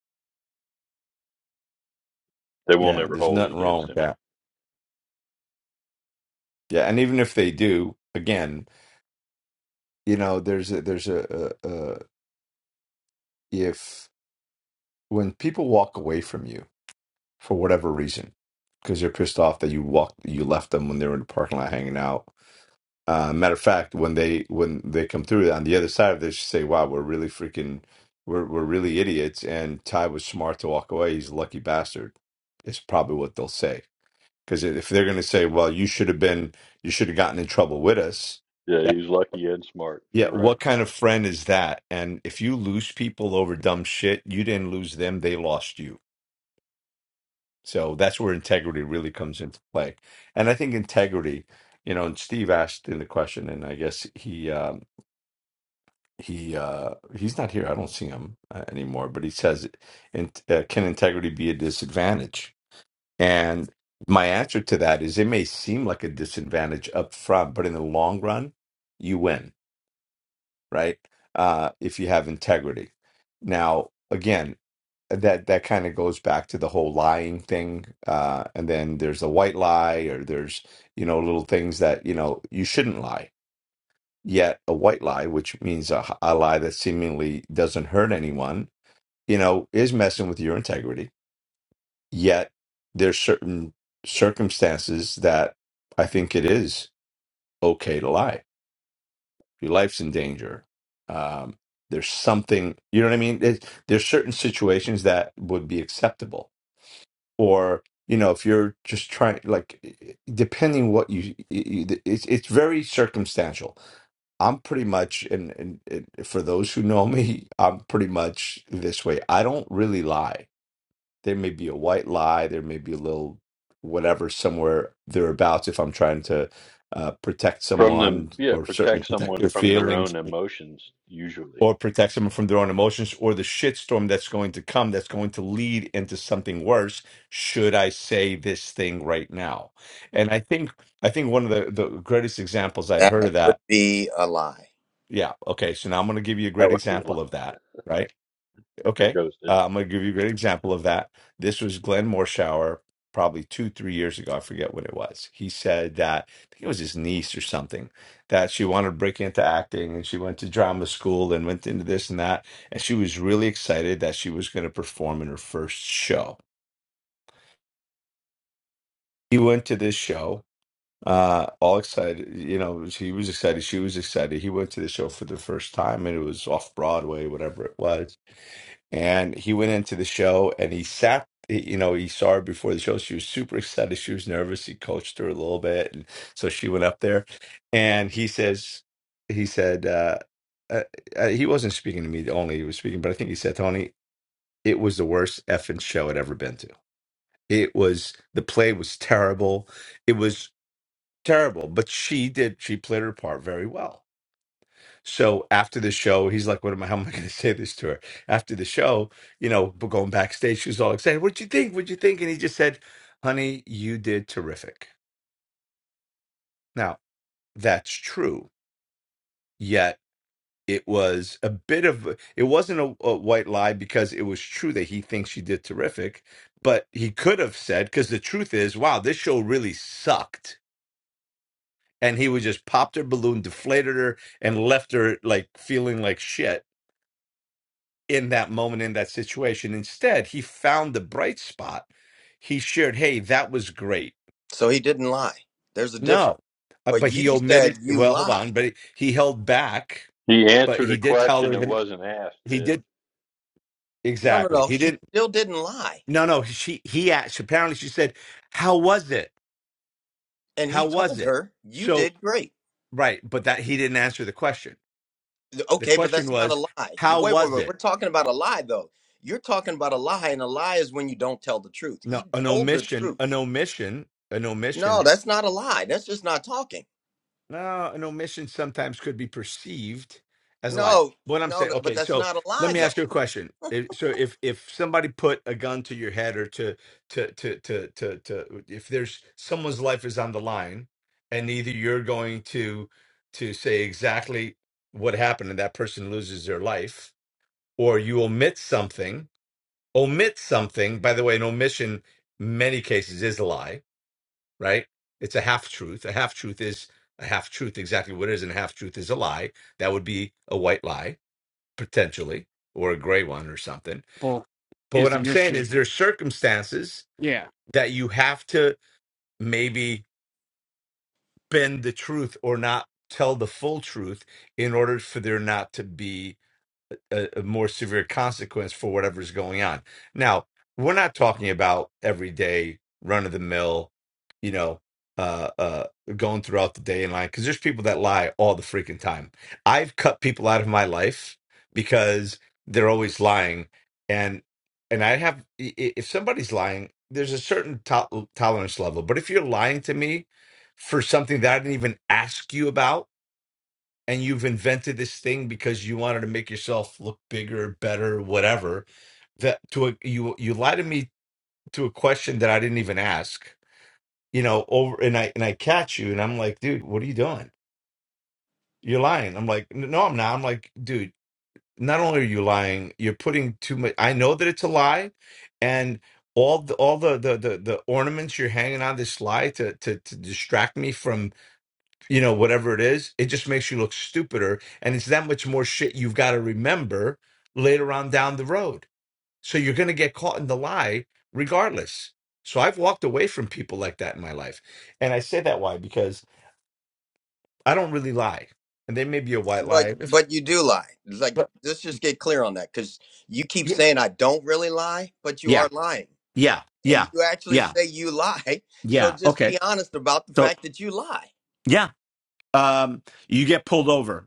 [SPEAKER 4] they won't
[SPEAKER 6] Yeah,
[SPEAKER 4] ever
[SPEAKER 6] there's
[SPEAKER 4] hold it
[SPEAKER 6] nothing wrong
[SPEAKER 4] against
[SPEAKER 6] with
[SPEAKER 4] him.
[SPEAKER 6] that. Yeah, and even if they do, again, you know, there's a, there's a, a, a if when people walk away from you for whatever reason because you are pissed off that you walked you left them when they were in the parking lot hanging out. Uh, matter of fact, when they when they come through on the other side, they should say, "Wow, we're really freaking, we're we're really idiots." And Ty was smart to walk away. He's a lucky bastard. Is probably what they'll say because if they're going to say, "Well, you should have been, you should have gotten in trouble with us,"
[SPEAKER 4] Yeah,
[SPEAKER 6] that,
[SPEAKER 4] he's lucky and smart.
[SPEAKER 6] yeah,
[SPEAKER 4] You're right.
[SPEAKER 6] what kind of friend is that? And if you lose people over dumb shit, you didn't lose them; they lost you So that's where integrity really comes into play. And I think integrity, you know, and Steve asked in the question, and I guess he um, he uh, he's not here. I don't see him uh, anymore. But he says, in, uh, "Can integrity be a disadvantage?" And my answer to that is, it may seem like a disadvantage up front, but in the long run, you win, right? Uh, if you have integrity. Now, again, uh, that that kind of goes back to the whole lying thing uh and then there's a white lie or there's you know little things that you know you shouldn't lie yet a white lie which means a a lie that seemingly doesn't hurt anyone you know is messing with your integrity yet there's certain circumstances that i think it is okay to lie your life's in danger um there's something you know what i mean There's there's certain situations that would be acceptable or you know if you're just trying like depending what you you- it's it's very circumstantial i'm pretty much and, and, and for those who know me i'm pretty much this way i don't really lie there may be a white lie there may be a little whatever somewhere thereabouts if i'm trying to uh, protect
[SPEAKER 4] From them,
[SPEAKER 6] someone
[SPEAKER 4] yeah,
[SPEAKER 6] or certainly
[SPEAKER 4] protect
[SPEAKER 6] protect
[SPEAKER 4] someone
[SPEAKER 6] their
[SPEAKER 4] from their
[SPEAKER 6] feelings
[SPEAKER 4] own emotions, usually.
[SPEAKER 6] or protects them from their own emotions or the shitstorm that's going to come that's going to lead into something worse should i say this thing right now and i think i think one of the, the greatest examples i'd heard of
[SPEAKER 7] would
[SPEAKER 6] that
[SPEAKER 7] be a lie.
[SPEAKER 6] yeah okay so now i'm going to give you a
[SPEAKER 4] That
[SPEAKER 6] great
[SPEAKER 4] would be a lot
[SPEAKER 6] example of that right
[SPEAKER 4] if it
[SPEAKER 6] Okay.
[SPEAKER 4] goes. Did.
[SPEAKER 6] Uh, I'm going to give you a great example of that. This was Glenn Morshower probably two, three years ago. I forget what it was. He said that, I think it was his niece or something, that she wanted to break into acting and she went to drama school and went into this and that. And she was really excited that she was going to perform in her first show. He went to this show, uh, all excited. You know, he was excited. She was excited. He went to the show for the first time and it was off Broadway, whatever it was And he went into the show and he sat, you know, he saw her before the show. She was super excited. She was nervous. He coached her a little bit. And so she went up there and he says, he said, uh, uh, uh, he wasn't speaking to me only, he was speaking, but I think he said, Tony, it was the worst effing show I'd ever been to. It was, the play was terrible. It was terrible, but she did, she played her part very well so after the show, he's like, "What am I? How am I going to say this to her?" After the show, you know, but going backstage, she was all excited. What'd you think? What'd you think? And he just said, "Honey, you did terrific." Now that's true. Yet it was a bit of it wasn't a, a white lie because it was true that he thinks she did terrific, but he could have said because the truth is, wow, this show really sucked. And he would just popped her balloon, deflated her, and left her like feeling like shit in that moment in that situation. Instead, he found the bright spot. He shared, "Hey, that was great."
[SPEAKER 7] So he didn't lie. There's a difference.
[SPEAKER 6] No, Uh,
[SPEAKER 7] But
[SPEAKER 6] but
[SPEAKER 7] you
[SPEAKER 6] he
[SPEAKER 7] said
[SPEAKER 6] omitted.
[SPEAKER 7] you
[SPEAKER 6] Well, hold
[SPEAKER 7] lied.
[SPEAKER 6] on, but he held back.
[SPEAKER 4] He
[SPEAKER 6] But
[SPEAKER 4] answered a
[SPEAKER 6] he did tell
[SPEAKER 4] question
[SPEAKER 6] her
[SPEAKER 4] that
[SPEAKER 6] that
[SPEAKER 4] wasn't asked,
[SPEAKER 6] he
[SPEAKER 4] did.
[SPEAKER 6] did
[SPEAKER 7] No, no,
[SPEAKER 6] exactly.
[SPEAKER 7] no.
[SPEAKER 6] He
[SPEAKER 7] He
[SPEAKER 6] didn't.
[SPEAKER 7] still didn't lie.
[SPEAKER 6] No, no. She he asked. Apparently, she said, "How was it?
[SPEAKER 7] And he
[SPEAKER 6] How was
[SPEAKER 7] told
[SPEAKER 6] it?"
[SPEAKER 7] her, you
[SPEAKER 6] So
[SPEAKER 7] did great.
[SPEAKER 6] right, but that he didn't answer the question. The
[SPEAKER 7] Okay, but
[SPEAKER 6] question
[SPEAKER 7] that's not a
[SPEAKER 6] was,
[SPEAKER 7] lie.
[SPEAKER 6] "How
[SPEAKER 7] Wait, wait,
[SPEAKER 6] was
[SPEAKER 7] wait. We're
[SPEAKER 6] it?"
[SPEAKER 7] talking about a lie, though. You're talking about a lie, and a lie is when you don't tell the truth.
[SPEAKER 6] No,
[SPEAKER 7] He
[SPEAKER 6] an
[SPEAKER 7] told the
[SPEAKER 6] omission. An
[SPEAKER 7] truth.
[SPEAKER 6] omission. An omission
[SPEAKER 7] No, that's not a lie. That's just not talking.
[SPEAKER 6] Now, an omission sometimes could be perceived as a lie.
[SPEAKER 7] No,
[SPEAKER 6] What I'm
[SPEAKER 7] no,
[SPEAKER 6] saying,
[SPEAKER 7] no, but
[SPEAKER 6] okay,
[SPEAKER 7] that's
[SPEAKER 6] so
[SPEAKER 7] not a
[SPEAKER 6] let
[SPEAKER 7] lie,
[SPEAKER 6] me
[SPEAKER 7] though.
[SPEAKER 6] ask you a question. If, so if if somebody put a gun to your head or to to to to to to if there's someone's life is on the line and either you're going to to say exactly what happened and that person loses their life or you omit something, omit something, by the way, an omission in many cases is a lie right? It's a half truth. A half truth is a half truth, exactly what it is, and a half truth is a lie. That would be a white lie, potentially, or a gray one or something.
[SPEAKER 2] people
[SPEAKER 6] But
[SPEAKER 2] is
[SPEAKER 6] what I'm
[SPEAKER 2] the
[SPEAKER 6] saying
[SPEAKER 2] issue.
[SPEAKER 6] is there's circumstances
[SPEAKER 2] Yeah.
[SPEAKER 6] that you have to maybe bend the truth or not tell the full truth in order for there not to be a, a more severe consequence for whatever's going on. Now, we're not talking about everyday run of the mill, you know, uh, uh, going throughout the day and lying because there's people that lie all the freaking time. I've cut people out of my life because they're always lying, and and I have i- i- if somebody's lying, there's a certain to- tolerance level. But if you're lying to me for something that I didn't even ask you about and you've invented this thing because you wanted to make yourself look bigger, better, whatever. That to a, you you lie to me to a question that I didn't even ask. You know, over and I and I catch you and I'm like, dude, what are you doing? You're lying. I'm like, no, I'm not. I'm like, dude, not only are you lying, you're putting too much. I know that it's a lie, and all the all the the the, the ornaments you're hanging on this lie to to to distract me from you know, whatever it is, it just makes you look stupider. And it's that much more shit you've got to remember later on down the road. So you're going to get caught in the lie regardless. So I've walked away from people like that in my life. And I say that why? Because I don't really lie. And there may be a white
[SPEAKER 7] But
[SPEAKER 6] lie. If,
[SPEAKER 7] but you do lie. Like
[SPEAKER 6] but
[SPEAKER 7] let's just get clear on that because you keep
[SPEAKER 6] yeah,
[SPEAKER 7] saying I don't really lie, but you are
[SPEAKER 6] Yeah,
[SPEAKER 7] lying,
[SPEAKER 6] yeah, yeah,
[SPEAKER 7] and you actually
[SPEAKER 6] yeah,
[SPEAKER 7] say you lie. So
[SPEAKER 6] yeah.
[SPEAKER 7] just
[SPEAKER 6] Okay,
[SPEAKER 7] be honest about the
[SPEAKER 6] so
[SPEAKER 7] fact that you lie.
[SPEAKER 6] yeah, um, you get pulled over.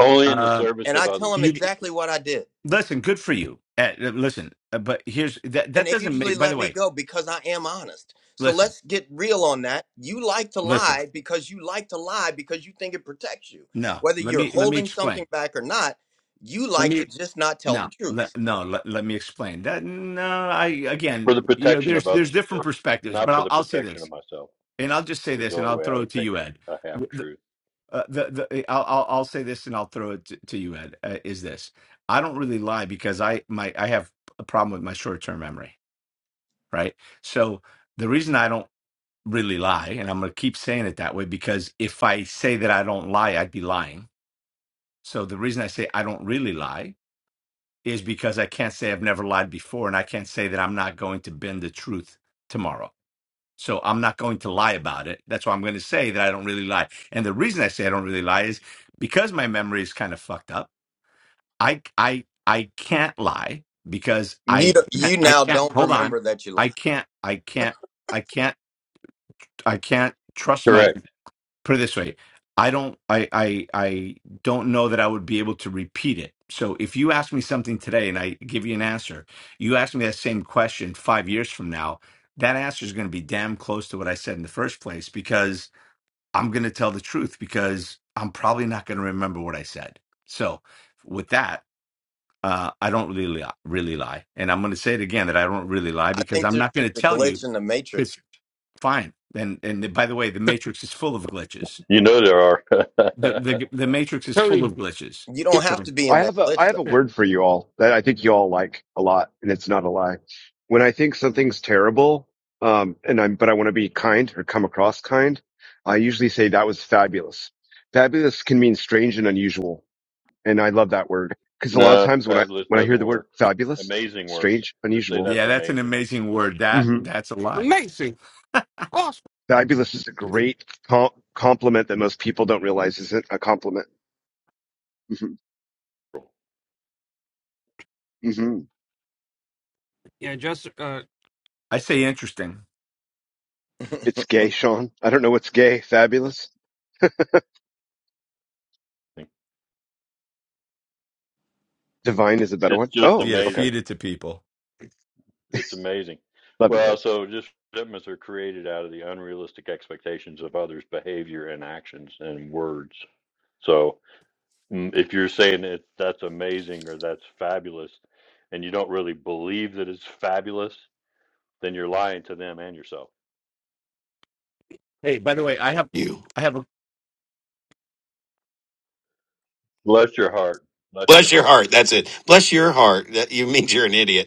[SPEAKER 4] Only in the
[SPEAKER 6] Uh,
[SPEAKER 4] service
[SPEAKER 7] And I
[SPEAKER 4] of
[SPEAKER 7] tell
[SPEAKER 4] others.
[SPEAKER 7] them
[SPEAKER 6] you
[SPEAKER 7] exactly what I did,
[SPEAKER 6] listen. Good for you. Uh, listen, uh, but here's that.
[SPEAKER 7] and
[SPEAKER 6] That
[SPEAKER 7] they
[SPEAKER 6] doesn't
[SPEAKER 7] usually
[SPEAKER 6] make. By the
[SPEAKER 7] let me
[SPEAKER 6] way,
[SPEAKER 7] go because I am honest. So
[SPEAKER 6] listen.
[SPEAKER 7] let's get real on that. You like to
[SPEAKER 6] Listen,
[SPEAKER 7] lie because you like to lie because you think it protects you.
[SPEAKER 6] no.
[SPEAKER 7] Whether
[SPEAKER 6] Let
[SPEAKER 7] you're
[SPEAKER 6] me let me
[SPEAKER 7] holding
[SPEAKER 6] explain.
[SPEAKER 7] something back or not, you
[SPEAKER 6] Let
[SPEAKER 7] like to
[SPEAKER 6] me
[SPEAKER 7] just not tell the
[SPEAKER 6] no, let,
[SPEAKER 7] truth.
[SPEAKER 6] no. Let, let me explain that. No, I
[SPEAKER 4] For
[SPEAKER 6] again,
[SPEAKER 4] the
[SPEAKER 6] you know,
[SPEAKER 4] protection of
[SPEAKER 6] there's there's
[SPEAKER 4] others,
[SPEAKER 6] different
[SPEAKER 4] Sid,
[SPEAKER 6] perspectives,
[SPEAKER 4] not
[SPEAKER 6] but
[SPEAKER 4] for
[SPEAKER 6] I'll
[SPEAKER 4] the
[SPEAKER 6] I'll say
[SPEAKER 4] protection of
[SPEAKER 6] this,
[SPEAKER 4] myself,
[SPEAKER 6] and I'll just say
[SPEAKER 4] is the
[SPEAKER 6] this, and
[SPEAKER 4] only
[SPEAKER 6] I'll
[SPEAKER 4] way I
[SPEAKER 6] throw it
[SPEAKER 4] would
[SPEAKER 6] to
[SPEAKER 4] take
[SPEAKER 6] you, Ed.
[SPEAKER 4] a, a half
[SPEAKER 6] W- The,
[SPEAKER 4] truth.
[SPEAKER 6] uh, the, the eh, I'll, I'll I'll say this, and I'll throw it to, to you, Ed. Uh, is this? I don't really lie because I my I have a problem with my short term memory, right? So the reason I don't really lie, and I'm going to keep saying it that way, because if I say that I don't lie, I'd be lying. So the reason I say I don't really lie is because I can't say I've never lied before, and I can't say that I'm not going to bend the truth tomorrow. So I'm not going to lie about it. That's why I'm going to say that I don't really lie. And the reason I say I don't really lie is because my memory is kind of fucked up. I I I can't lie because
[SPEAKER 7] You,
[SPEAKER 6] I
[SPEAKER 7] you
[SPEAKER 6] I
[SPEAKER 7] now
[SPEAKER 6] can't
[SPEAKER 7] don't
[SPEAKER 6] hold on.
[SPEAKER 7] remember that you lied.
[SPEAKER 6] I can't I can't I can't I can't trust my
[SPEAKER 4] Correct.
[SPEAKER 6] put it this way i don't I, I i don't know that i would be able to repeat it so if you ask me something today and i give you an answer you ask me that same question five years from now that answer is going to be damn close to what i said in the first place because i'm going to tell the truth because i'm probably not going to remember what i said so with that uh, i don't really li- really lie and i'm going to say it again that i don't really lie
[SPEAKER 7] I
[SPEAKER 6] because
[SPEAKER 7] think
[SPEAKER 6] i'm
[SPEAKER 7] there's
[SPEAKER 6] not going
[SPEAKER 7] just
[SPEAKER 6] to
[SPEAKER 7] a
[SPEAKER 6] tell you
[SPEAKER 7] glitch in the matrix.
[SPEAKER 6] it's fine and and by the way the matrix is full of glitches
[SPEAKER 4] You know there
[SPEAKER 6] the
[SPEAKER 4] are.
[SPEAKER 6] the the matrix is full
[SPEAKER 2] Tony,
[SPEAKER 6] of glitches
[SPEAKER 7] You
[SPEAKER 2] yeah,
[SPEAKER 7] don't have
[SPEAKER 6] so
[SPEAKER 7] to be
[SPEAKER 8] I
[SPEAKER 7] in that
[SPEAKER 8] have a I
[SPEAKER 7] glitch
[SPEAKER 8] have a
[SPEAKER 2] yeah.
[SPEAKER 8] word for you all that I think you all like a lot, and it's not a lie. When I think something's terrible, um, and I'm but I want to be kind or come across kind, I usually say that was fabulous. Fabulous can mean strange and unusual, and I love that word because a lot of
[SPEAKER 4] no,
[SPEAKER 8] times when I
[SPEAKER 4] fabulous
[SPEAKER 8] when I hear
[SPEAKER 4] doesn't
[SPEAKER 8] the word
[SPEAKER 4] work.
[SPEAKER 8] fabulous,
[SPEAKER 4] Amazing works.
[SPEAKER 8] strange,
[SPEAKER 4] Just say
[SPEAKER 8] unusual,
[SPEAKER 4] that's
[SPEAKER 6] yeah that's an
[SPEAKER 4] amazing.
[SPEAKER 6] amazing word that
[SPEAKER 8] hmm
[SPEAKER 6] that's a lie
[SPEAKER 2] amazing, awesome.
[SPEAKER 8] fabulous is a great com- compliment that most people don't realize isn't a compliment. hmm hmm
[SPEAKER 2] Yeah, just uh,
[SPEAKER 6] i say interesting
[SPEAKER 7] though.
[SPEAKER 8] It's gay, Sean. I don't know what's gay. Fabulous. Divine is a better
[SPEAKER 4] It's
[SPEAKER 8] one.
[SPEAKER 4] just
[SPEAKER 8] Oh,
[SPEAKER 6] idea to
[SPEAKER 8] okay.
[SPEAKER 6] feed
[SPEAKER 4] amazing.
[SPEAKER 6] it to people.
[SPEAKER 4] It's amazing.
[SPEAKER 8] Love
[SPEAKER 4] Well,
[SPEAKER 8] Hills.
[SPEAKER 4] so just resentments are created out of the unrealistic expectations of others' behavior and actions and words. So mm, if you're saying it, that's amazing or that's fabulous, and you don't really believe that it's fabulous, then you're lying to them and yourself.
[SPEAKER 6] hey by the way i have
[SPEAKER 3] you.
[SPEAKER 6] i have a
[SPEAKER 4] Bless your heart. Bless your
[SPEAKER 3] Bless your
[SPEAKER 4] heart.
[SPEAKER 3] heart. That's it. Bless your heart. That you means you're an idiot.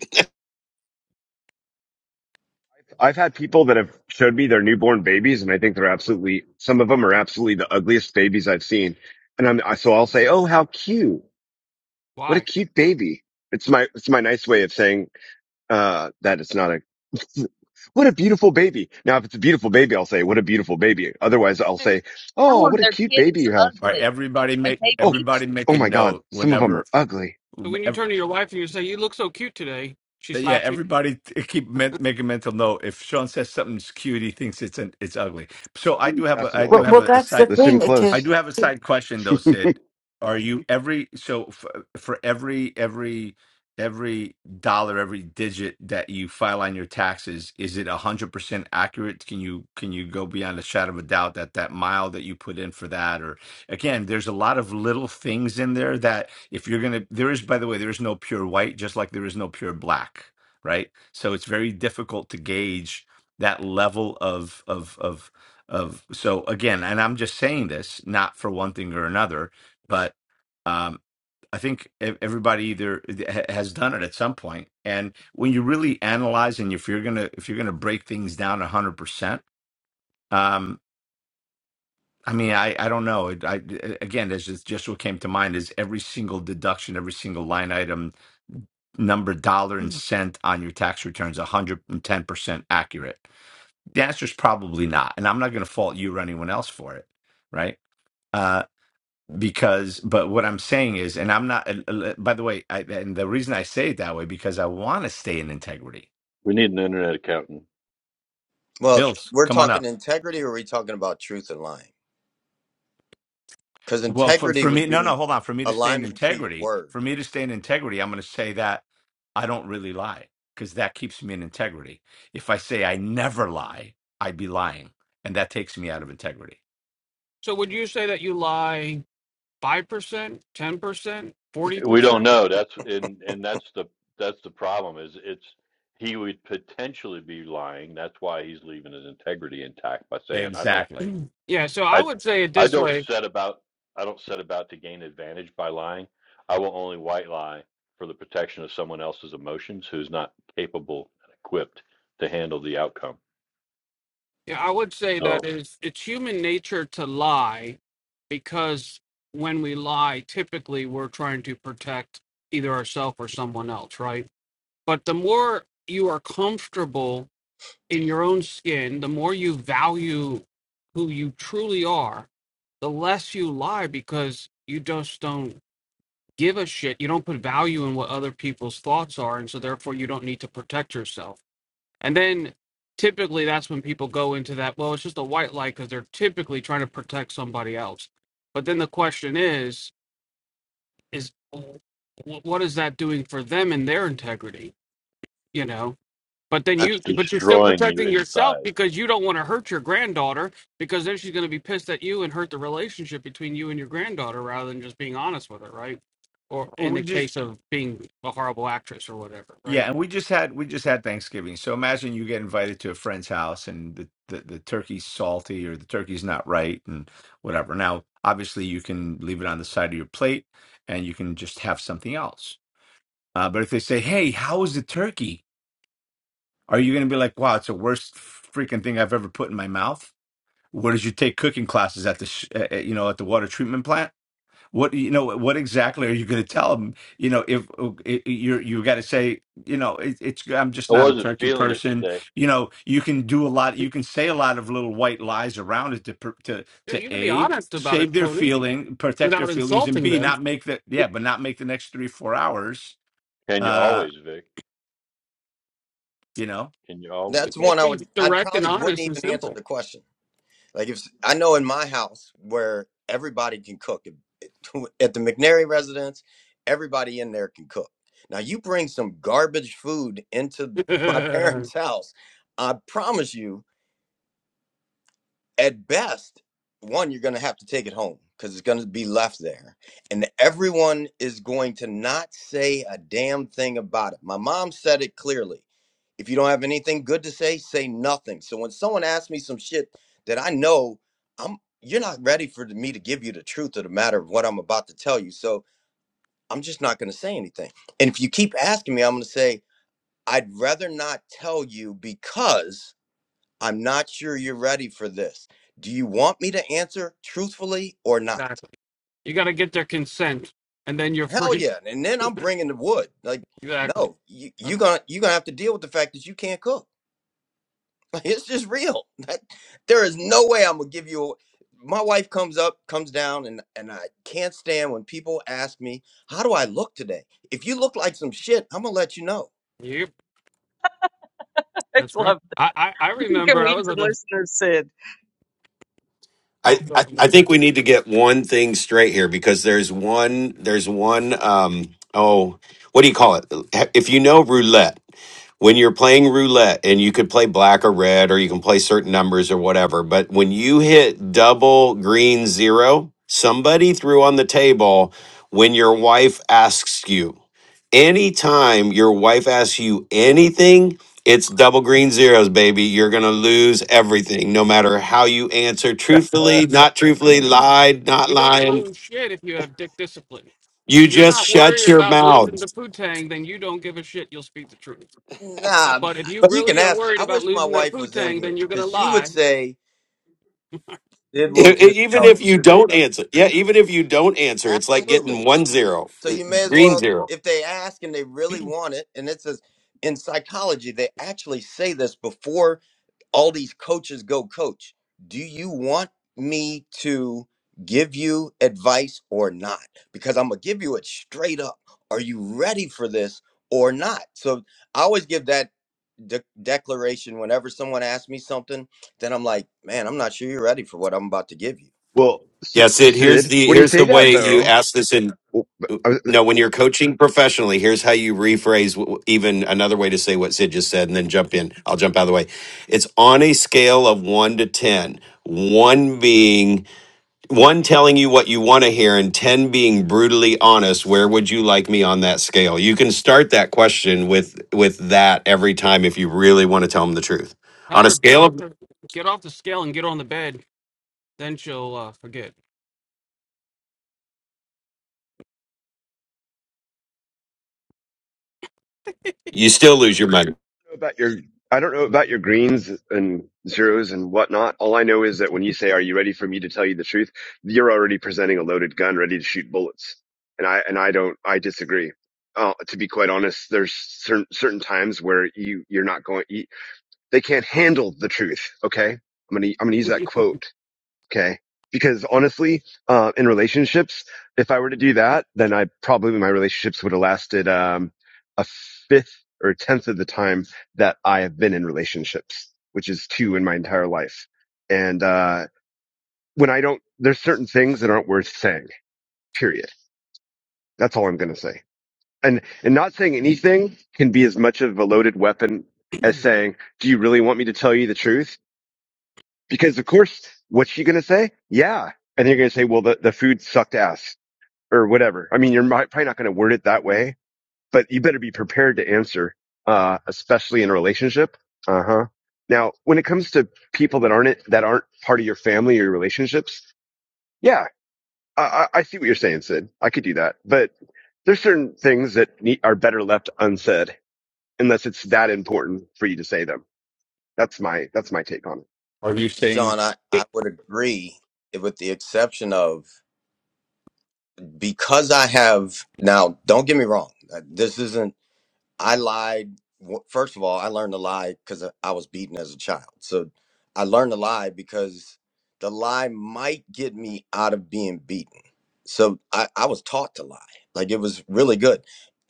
[SPEAKER 8] I've had people that have showed me their newborn babies, and I think they're absolutely. Some of them are absolutely the ugliest babies I've seen, and I'm I- so I'll say, "Oh, how cute! What a
[SPEAKER 2] why?
[SPEAKER 8] cute baby!" It's my it's my nice way of saying uh, that it's not a. What a beautiful baby. Now, if it's a beautiful baby, I'll say, "What a beautiful baby." Otherwise, I'll say, "Oh, what a cute baby you have."
[SPEAKER 6] all right everybody make
[SPEAKER 8] Oh,
[SPEAKER 6] everybody make
[SPEAKER 8] oh
[SPEAKER 6] a
[SPEAKER 8] my God!
[SPEAKER 6] note
[SPEAKER 8] Some of them
[SPEAKER 6] whenever
[SPEAKER 8] are ugly.
[SPEAKER 2] So when you
[SPEAKER 6] ev-
[SPEAKER 2] turn to your wife and you say, "You look so cute today," she
[SPEAKER 6] yeah
[SPEAKER 2] slaps you.
[SPEAKER 6] everybody t- keep men, make a mental note if sean says something's cute he thinks it's an it's ugly so i do have a i do
[SPEAKER 9] Well,
[SPEAKER 8] Definitely.
[SPEAKER 6] have
[SPEAKER 9] well,
[SPEAKER 6] a, a
[SPEAKER 9] that's
[SPEAKER 6] side.
[SPEAKER 9] the
[SPEAKER 8] Listen
[SPEAKER 9] thing. It-
[SPEAKER 6] I
[SPEAKER 9] To,
[SPEAKER 8] close.
[SPEAKER 6] do have a
[SPEAKER 9] to
[SPEAKER 6] side question though, Sid. Are you every so for, for every every every dollar, every digit that you file on your taxes, is it a hundred percent accurate? Can you can you go beyond a shadow of a doubt that that mile that you put in for that, or again, there's a lot of little things in there that if you're gonna, there is by the way, there is no pure white, just like there is no pure black, right? So it's very difficult to gauge that level of of of of so again and i'm just saying this not for one thing or another but um i think e- everybody either eh, ha- has done it at some point point. and when you really analyze and if you're gonna if you're gonna break things down 100% um i mean i i don't know It- i again that's just just what came to mind is every single deduction every single line item number dollar and cent on your tax returns 110% accurate the answer's probably not and i'm not going to fault you or anyone else for it right uh because but what i'm saying is and i'm not and, uh, by the way I, and the reason i say it that way because i want to stay in integrity
[SPEAKER 4] We need an internet accountant.
[SPEAKER 7] well,
[SPEAKER 6] hills
[SPEAKER 7] we're
[SPEAKER 6] come on
[SPEAKER 7] talking
[SPEAKER 6] up
[SPEAKER 7] integrity or are we talking about truth and lying? Because
[SPEAKER 6] well for,
[SPEAKER 7] integrity
[SPEAKER 6] for
[SPEAKER 7] would
[SPEAKER 6] me no
[SPEAKER 7] be
[SPEAKER 6] no hold on for me to stay in
[SPEAKER 7] alignment to your
[SPEAKER 6] integrity
[SPEAKER 7] word.
[SPEAKER 6] for me to stay in integrity i'm going to say that i don't really lie because that keeps me in integrity if i say i never lie i'd be lying and that takes me out of integrity
[SPEAKER 2] So would you say that you lie five percent, ten percent, forty
[SPEAKER 4] We
[SPEAKER 7] Hmm,
[SPEAKER 4] don't
[SPEAKER 2] percent?
[SPEAKER 4] know. That's and and that's the that's the problem. Is it's he would potentially be lying. That's why he's leaving his integrity intact by saying, "I don't,
[SPEAKER 6] exactly
[SPEAKER 2] Yeah. So I
[SPEAKER 4] I,
[SPEAKER 2] would say it
[SPEAKER 4] I
[SPEAKER 2] this
[SPEAKER 4] don't
[SPEAKER 2] way:
[SPEAKER 4] set about, I don't set about to gain advantage by lying. I will only white lie for the protection of someone else's emotions who's not capable and equipped to handle the outcome."
[SPEAKER 2] Yeah, I would say that
[SPEAKER 4] So
[SPEAKER 2] is it's human nature to lie because when we lie, typically we're trying to protect either ourselves or someone else, right? But the more you are comfortable in your own skin, the more you value who you truly are, the less you lie because you just don't give a shit. You don't put value in what other people's thoughts are, and so therefore you don't need to protect yourself and then typically that's when people go into that, well, it's just a white light because they're typically trying to protect somebody else. But then the question is, is wh- what is that doing for them and their integrity? You know, but then
[SPEAKER 7] I,
[SPEAKER 2] you,
[SPEAKER 4] it's
[SPEAKER 2] but you're still
[SPEAKER 4] destroying you
[SPEAKER 2] protecting yourself
[SPEAKER 4] inside.
[SPEAKER 2] because you don't want to hurt your granddaughter because then she's going to be pissed at you and hurt the relationship between you and your granddaughter rather than just being honest with her, right? Or in the
[SPEAKER 6] We just.
[SPEAKER 2] case of being a horrible actress or whatever,
[SPEAKER 6] Yeah,
[SPEAKER 2] right?
[SPEAKER 6] and we just had we just had Thanksgiving. So imagine you get invited to a friend's house and the, the, the turkey's salty or the turkey's not right and whatever. Now, obviously you can leave it on the side of your plate and you can just have something else. Uh, but if they say, "Hey, how was the turkey?" Are you going to be like, "Wow, it's the worst freaking thing I've ever put in my mouth"? Where did you take cooking classes at the sh- uh, uh, you know at the water treatment plant? what you know what exactly are you going to tell them you know if if you're you got to say you know it, it's i'm just
[SPEAKER 4] I
[SPEAKER 6] not a
[SPEAKER 4] wasn't
[SPEAKER 6] turkey
[SPEAKER 4] feeling it
[SPEAKER 6] person
[SPEAKER 4] today.
[SPEAKER 6] you know you can do a lot you can say a lot of little white lies around it to pr- to
[SPEAKER 2] You
[SPEAKER 6] to
[SPEAKER 2] you can be
[SPEAKER 6] a
[SPEAKER 2] honest about it,
[SPEAKER 6] save their
[SPEAKER 2] Tony,
[SPEAKER 6] feeling protect their
[SPEAKER 2] without
[SPEAKER 6] feelings and
[SPEAKER 2] insulting
[SPEAKER 6] b
[SPEAKER 2] them
[SPEAKER 6] not make the yeah but not make the next three four hours
[SPEAKER 4] Can you
[SPEAKER 6] uh
[SPEAKER 4] always, Vic?
[SPEAKER 6] you know
[SPEAKER 4] Can you always?
[SPEAKER 7] that's one
[SPEAKER 2] Just
[SPEAKER 7] I
[SPEAKER 2] be
[SPEAKER 7] would I
[SPEAKER 2] direct and
[SPEAKER 7] probably wouldn't
[SPEAKER 2] honest and
[SPEAKER 7] even answer
[SPEAKER 2] simple.
[SPEAKER 7] the question. Like if s- I know in my house where everybody can cook it- it- at the McNary residence, everybody in there can cook. Now you bring some garbage food into my
[SPEAKER 2] exactly.
[SPEAKER 7] parents' house, I promise you at best, one, you're going to have to take it home because it's going to be left there. And everyone is going to not say a damn thing about it. My mom said it clearly. If you don't have anything good to say, say nothing. So when someone asks me some shit that I know, I'm you're not ready for me to give you the truth of the matter of what I'm about to tell you. So I'm just not going to say anything. And if you keep asking me, I'm going to say, I'd rather not tell you because I'm not sure you're ready for this. Do you want me to answer truthfully or not?
[SPEAKER 2] You got to get their consent, and then you're
[SPEAKER 7] Hell
[SPEAKER 2] free.
[SPEAKER 7] yeah. And then I'm bringing the wood. Like,
[SPEAKER 2] Exactly.
[SPEAKER 7] no, you, you're gonna you're gonna have to deal with the fact that you can't cook. Like, it's just real. That, there is no way I'm gonna give you. A, my wife comes up, comes down, and and I can't stand when people ask me, "How do I look today?" If you look like some shit, I'm gonna let you know.
[SPEAKER 2] Yep. That's right. I I, I remember I was at this
[SPEAKER 3] I,
[SPEAKER 2] go go
[SPEAKER 3] I I
[SPEAKER 2] back.
[SPEAKER 3] think we need to get one thing straight here because there's one there's one um oh what do you call it if you know roulette when you're playing roulette and you could play black or red or you can play certain numbers or whatever but when you hit double green zero somebody threw on the table when your wife asks you anytime your wife asks you anything it's double green zeros, baby. You're going to lose everything, no matter how you answer
[SPEAKER 4] Uh,
[SPEAKER 3] truthfully, not truthfully, lied, not
[SPEAKER 2] you don't
[SPEAKER 3] lying.
[SPEAKER 2] lose shit if you have dick discipline.
[SPEAKER 3] You
[SPEAKER 2] If you're
[SPEAKER 3] just
[SPEAKER 2] not worried
[SPEAKER 3] shut your
[SPEAKER 2] about losing
[SPEAKER 3] mouth.
[SPEAKER 2] the poo-tang, then you don't give a shit. You'll speak the truth.
[SPEAKER 7] Nah,
[SPEAKER 2] But if you
[SPEAKER 3] But
[SPEAKER 7] you can
[SPEAKER 2] really are
[SPEAKER 7] ask.
[SPEAKER 2] worried
[SPEAKER 7] I
[SPEAKER 2] about
[SPEAKER 7] wish my
[SPEAKER 2] losing that
[SPEAKER 7] wife was in
[SPEAKER 2] poo-tang, then
[SPEAKER 7] here
[SPEAKER 2] you're gonna
[SPEAKER 7] because she would
[SPEAKER 2] lie.
[SPEAKER 7] say, "Did
[SPEAKER 3] e-
[SPEAKER 7] will just
[SPEAKER 3] e- even
[SPEAKER 7] tell
[SPEAKER 3] if
[SPEAKER 7] you
[SPEAKER 3] you
[SPEAKER 7] straight
[SPEAKER 3] don't
[SPEAKER 7] up."
[SPEAKER 3] answer, yeah, even if you don't answer, it's like
[SPEAKER 7] Absolutely.
[SPEAKER 3] getting one zero,
[SPEAKER 7] So
[SPEAKER 3] uh,
[SPEAKER 7] you may as
[SPEAKER 3] green
[SPEAKER 7] well,
[SPEAKER 3] zero.
[SPEAKER 7] if they ask and they really want it, and it says in psychology, they actually say this before all these coaches go, Coach, do you want me to give you advice or not? Because I'm going to give you it straight up. Are you ready for this or not? So I always give that de- declaration whenever someone asks me something, then I'm like, man, I'm not sure you're ready for what I'm about to give you
[SPEAKER 8] Well,
[SPEAKER 3] Yeah,
[SPEAKER 8] S-
[SPEAKER 3] Sid, here's
[SPEAKER 8] Sid,
[SPEAKER 3] the
[SPEAKER 8] when you
[SPEAKER 3] here's
[SPEAKER 8] say
[SPEAKER 3] the
[SPEAKER 8] that
[SPEAKER 3] way you
[SPEAKER 8] though,
[SPEAKER 3] ask this in
[SPEAKER 8] well, I don't
[SPEAKER 3] no, when you're coaching professionally, here's how you rephrase w- w- even another way to say what Sid just said and then jump in. I'll jump out of the way. It's on a scale of 1 to 10. 1 being one telling you what you want to hear and 10 being brutally honest where would you like me on that scale you can start that question with with that every time if you really want to tell them the truth
[SPEAKER 2] Tell
[SPEAKER 3] on a
[SPEAKER 2] her get
[SPEAKER 3] scale
[SPEAKER 2] off
[SPEAKER 3] of
[SPEAKER 2] the get off the scale and get on the bed. Then she'll uh, forget.
[SPEAKER 3] you still lose your money
[SPEAKER 8] know about your, I don't know about your greens and zeros and whatnot. All I know is that when you say, "Are you ready for me to tell you the truth?" you're already presenting a loaded gun, ready to shoot bullets. And I and I don't, I disagree. Uh, to be quite honest, there's certain certain times where you you're not going. You, they can't handle the truth. Okay, I'm gonna I'm gonna use that quote Okay. Because honestly, uh, in relationships, if I were to do that, then I probably my relationships would have lasted um, a fifth or a tenth of the time that I have been in relationships, which is two in my entire life. And uh, when I don't, there's certain things that aren't worth saying. Period. That's all I'm going to say. And and not saying anything can be as much of a loaded weapon as saying, "Do you really want me to tell you the truth?" Because of course, what's she going to say? Yeah. And they're going to say, well, the, the food sucked ass or whatever. I mean, you're probably not going to word it that way, but you better be prepared to answer, uh, especially in a relationship. Uh huh. Now, when it comes to people that aren't, that aren't part of your family or your relationships, yeah, I, I I see what you're saying, Sid. I could do that, but there's certain things that need, are better left unsaid unless it's that important for you to say them. That's my, that's my take on it.
[SPEAKER 6] are you saying
[SPEAKER 7] Sean, I, I would agree with the exception of because I have now, don't get me wrong. uh, This isn't, I lied. w- First of all, I learned to lie because I was beaten as a child. So I learned to lie because the lie might get me out of being beaten. So I, I was taught to lie. Like it was really good.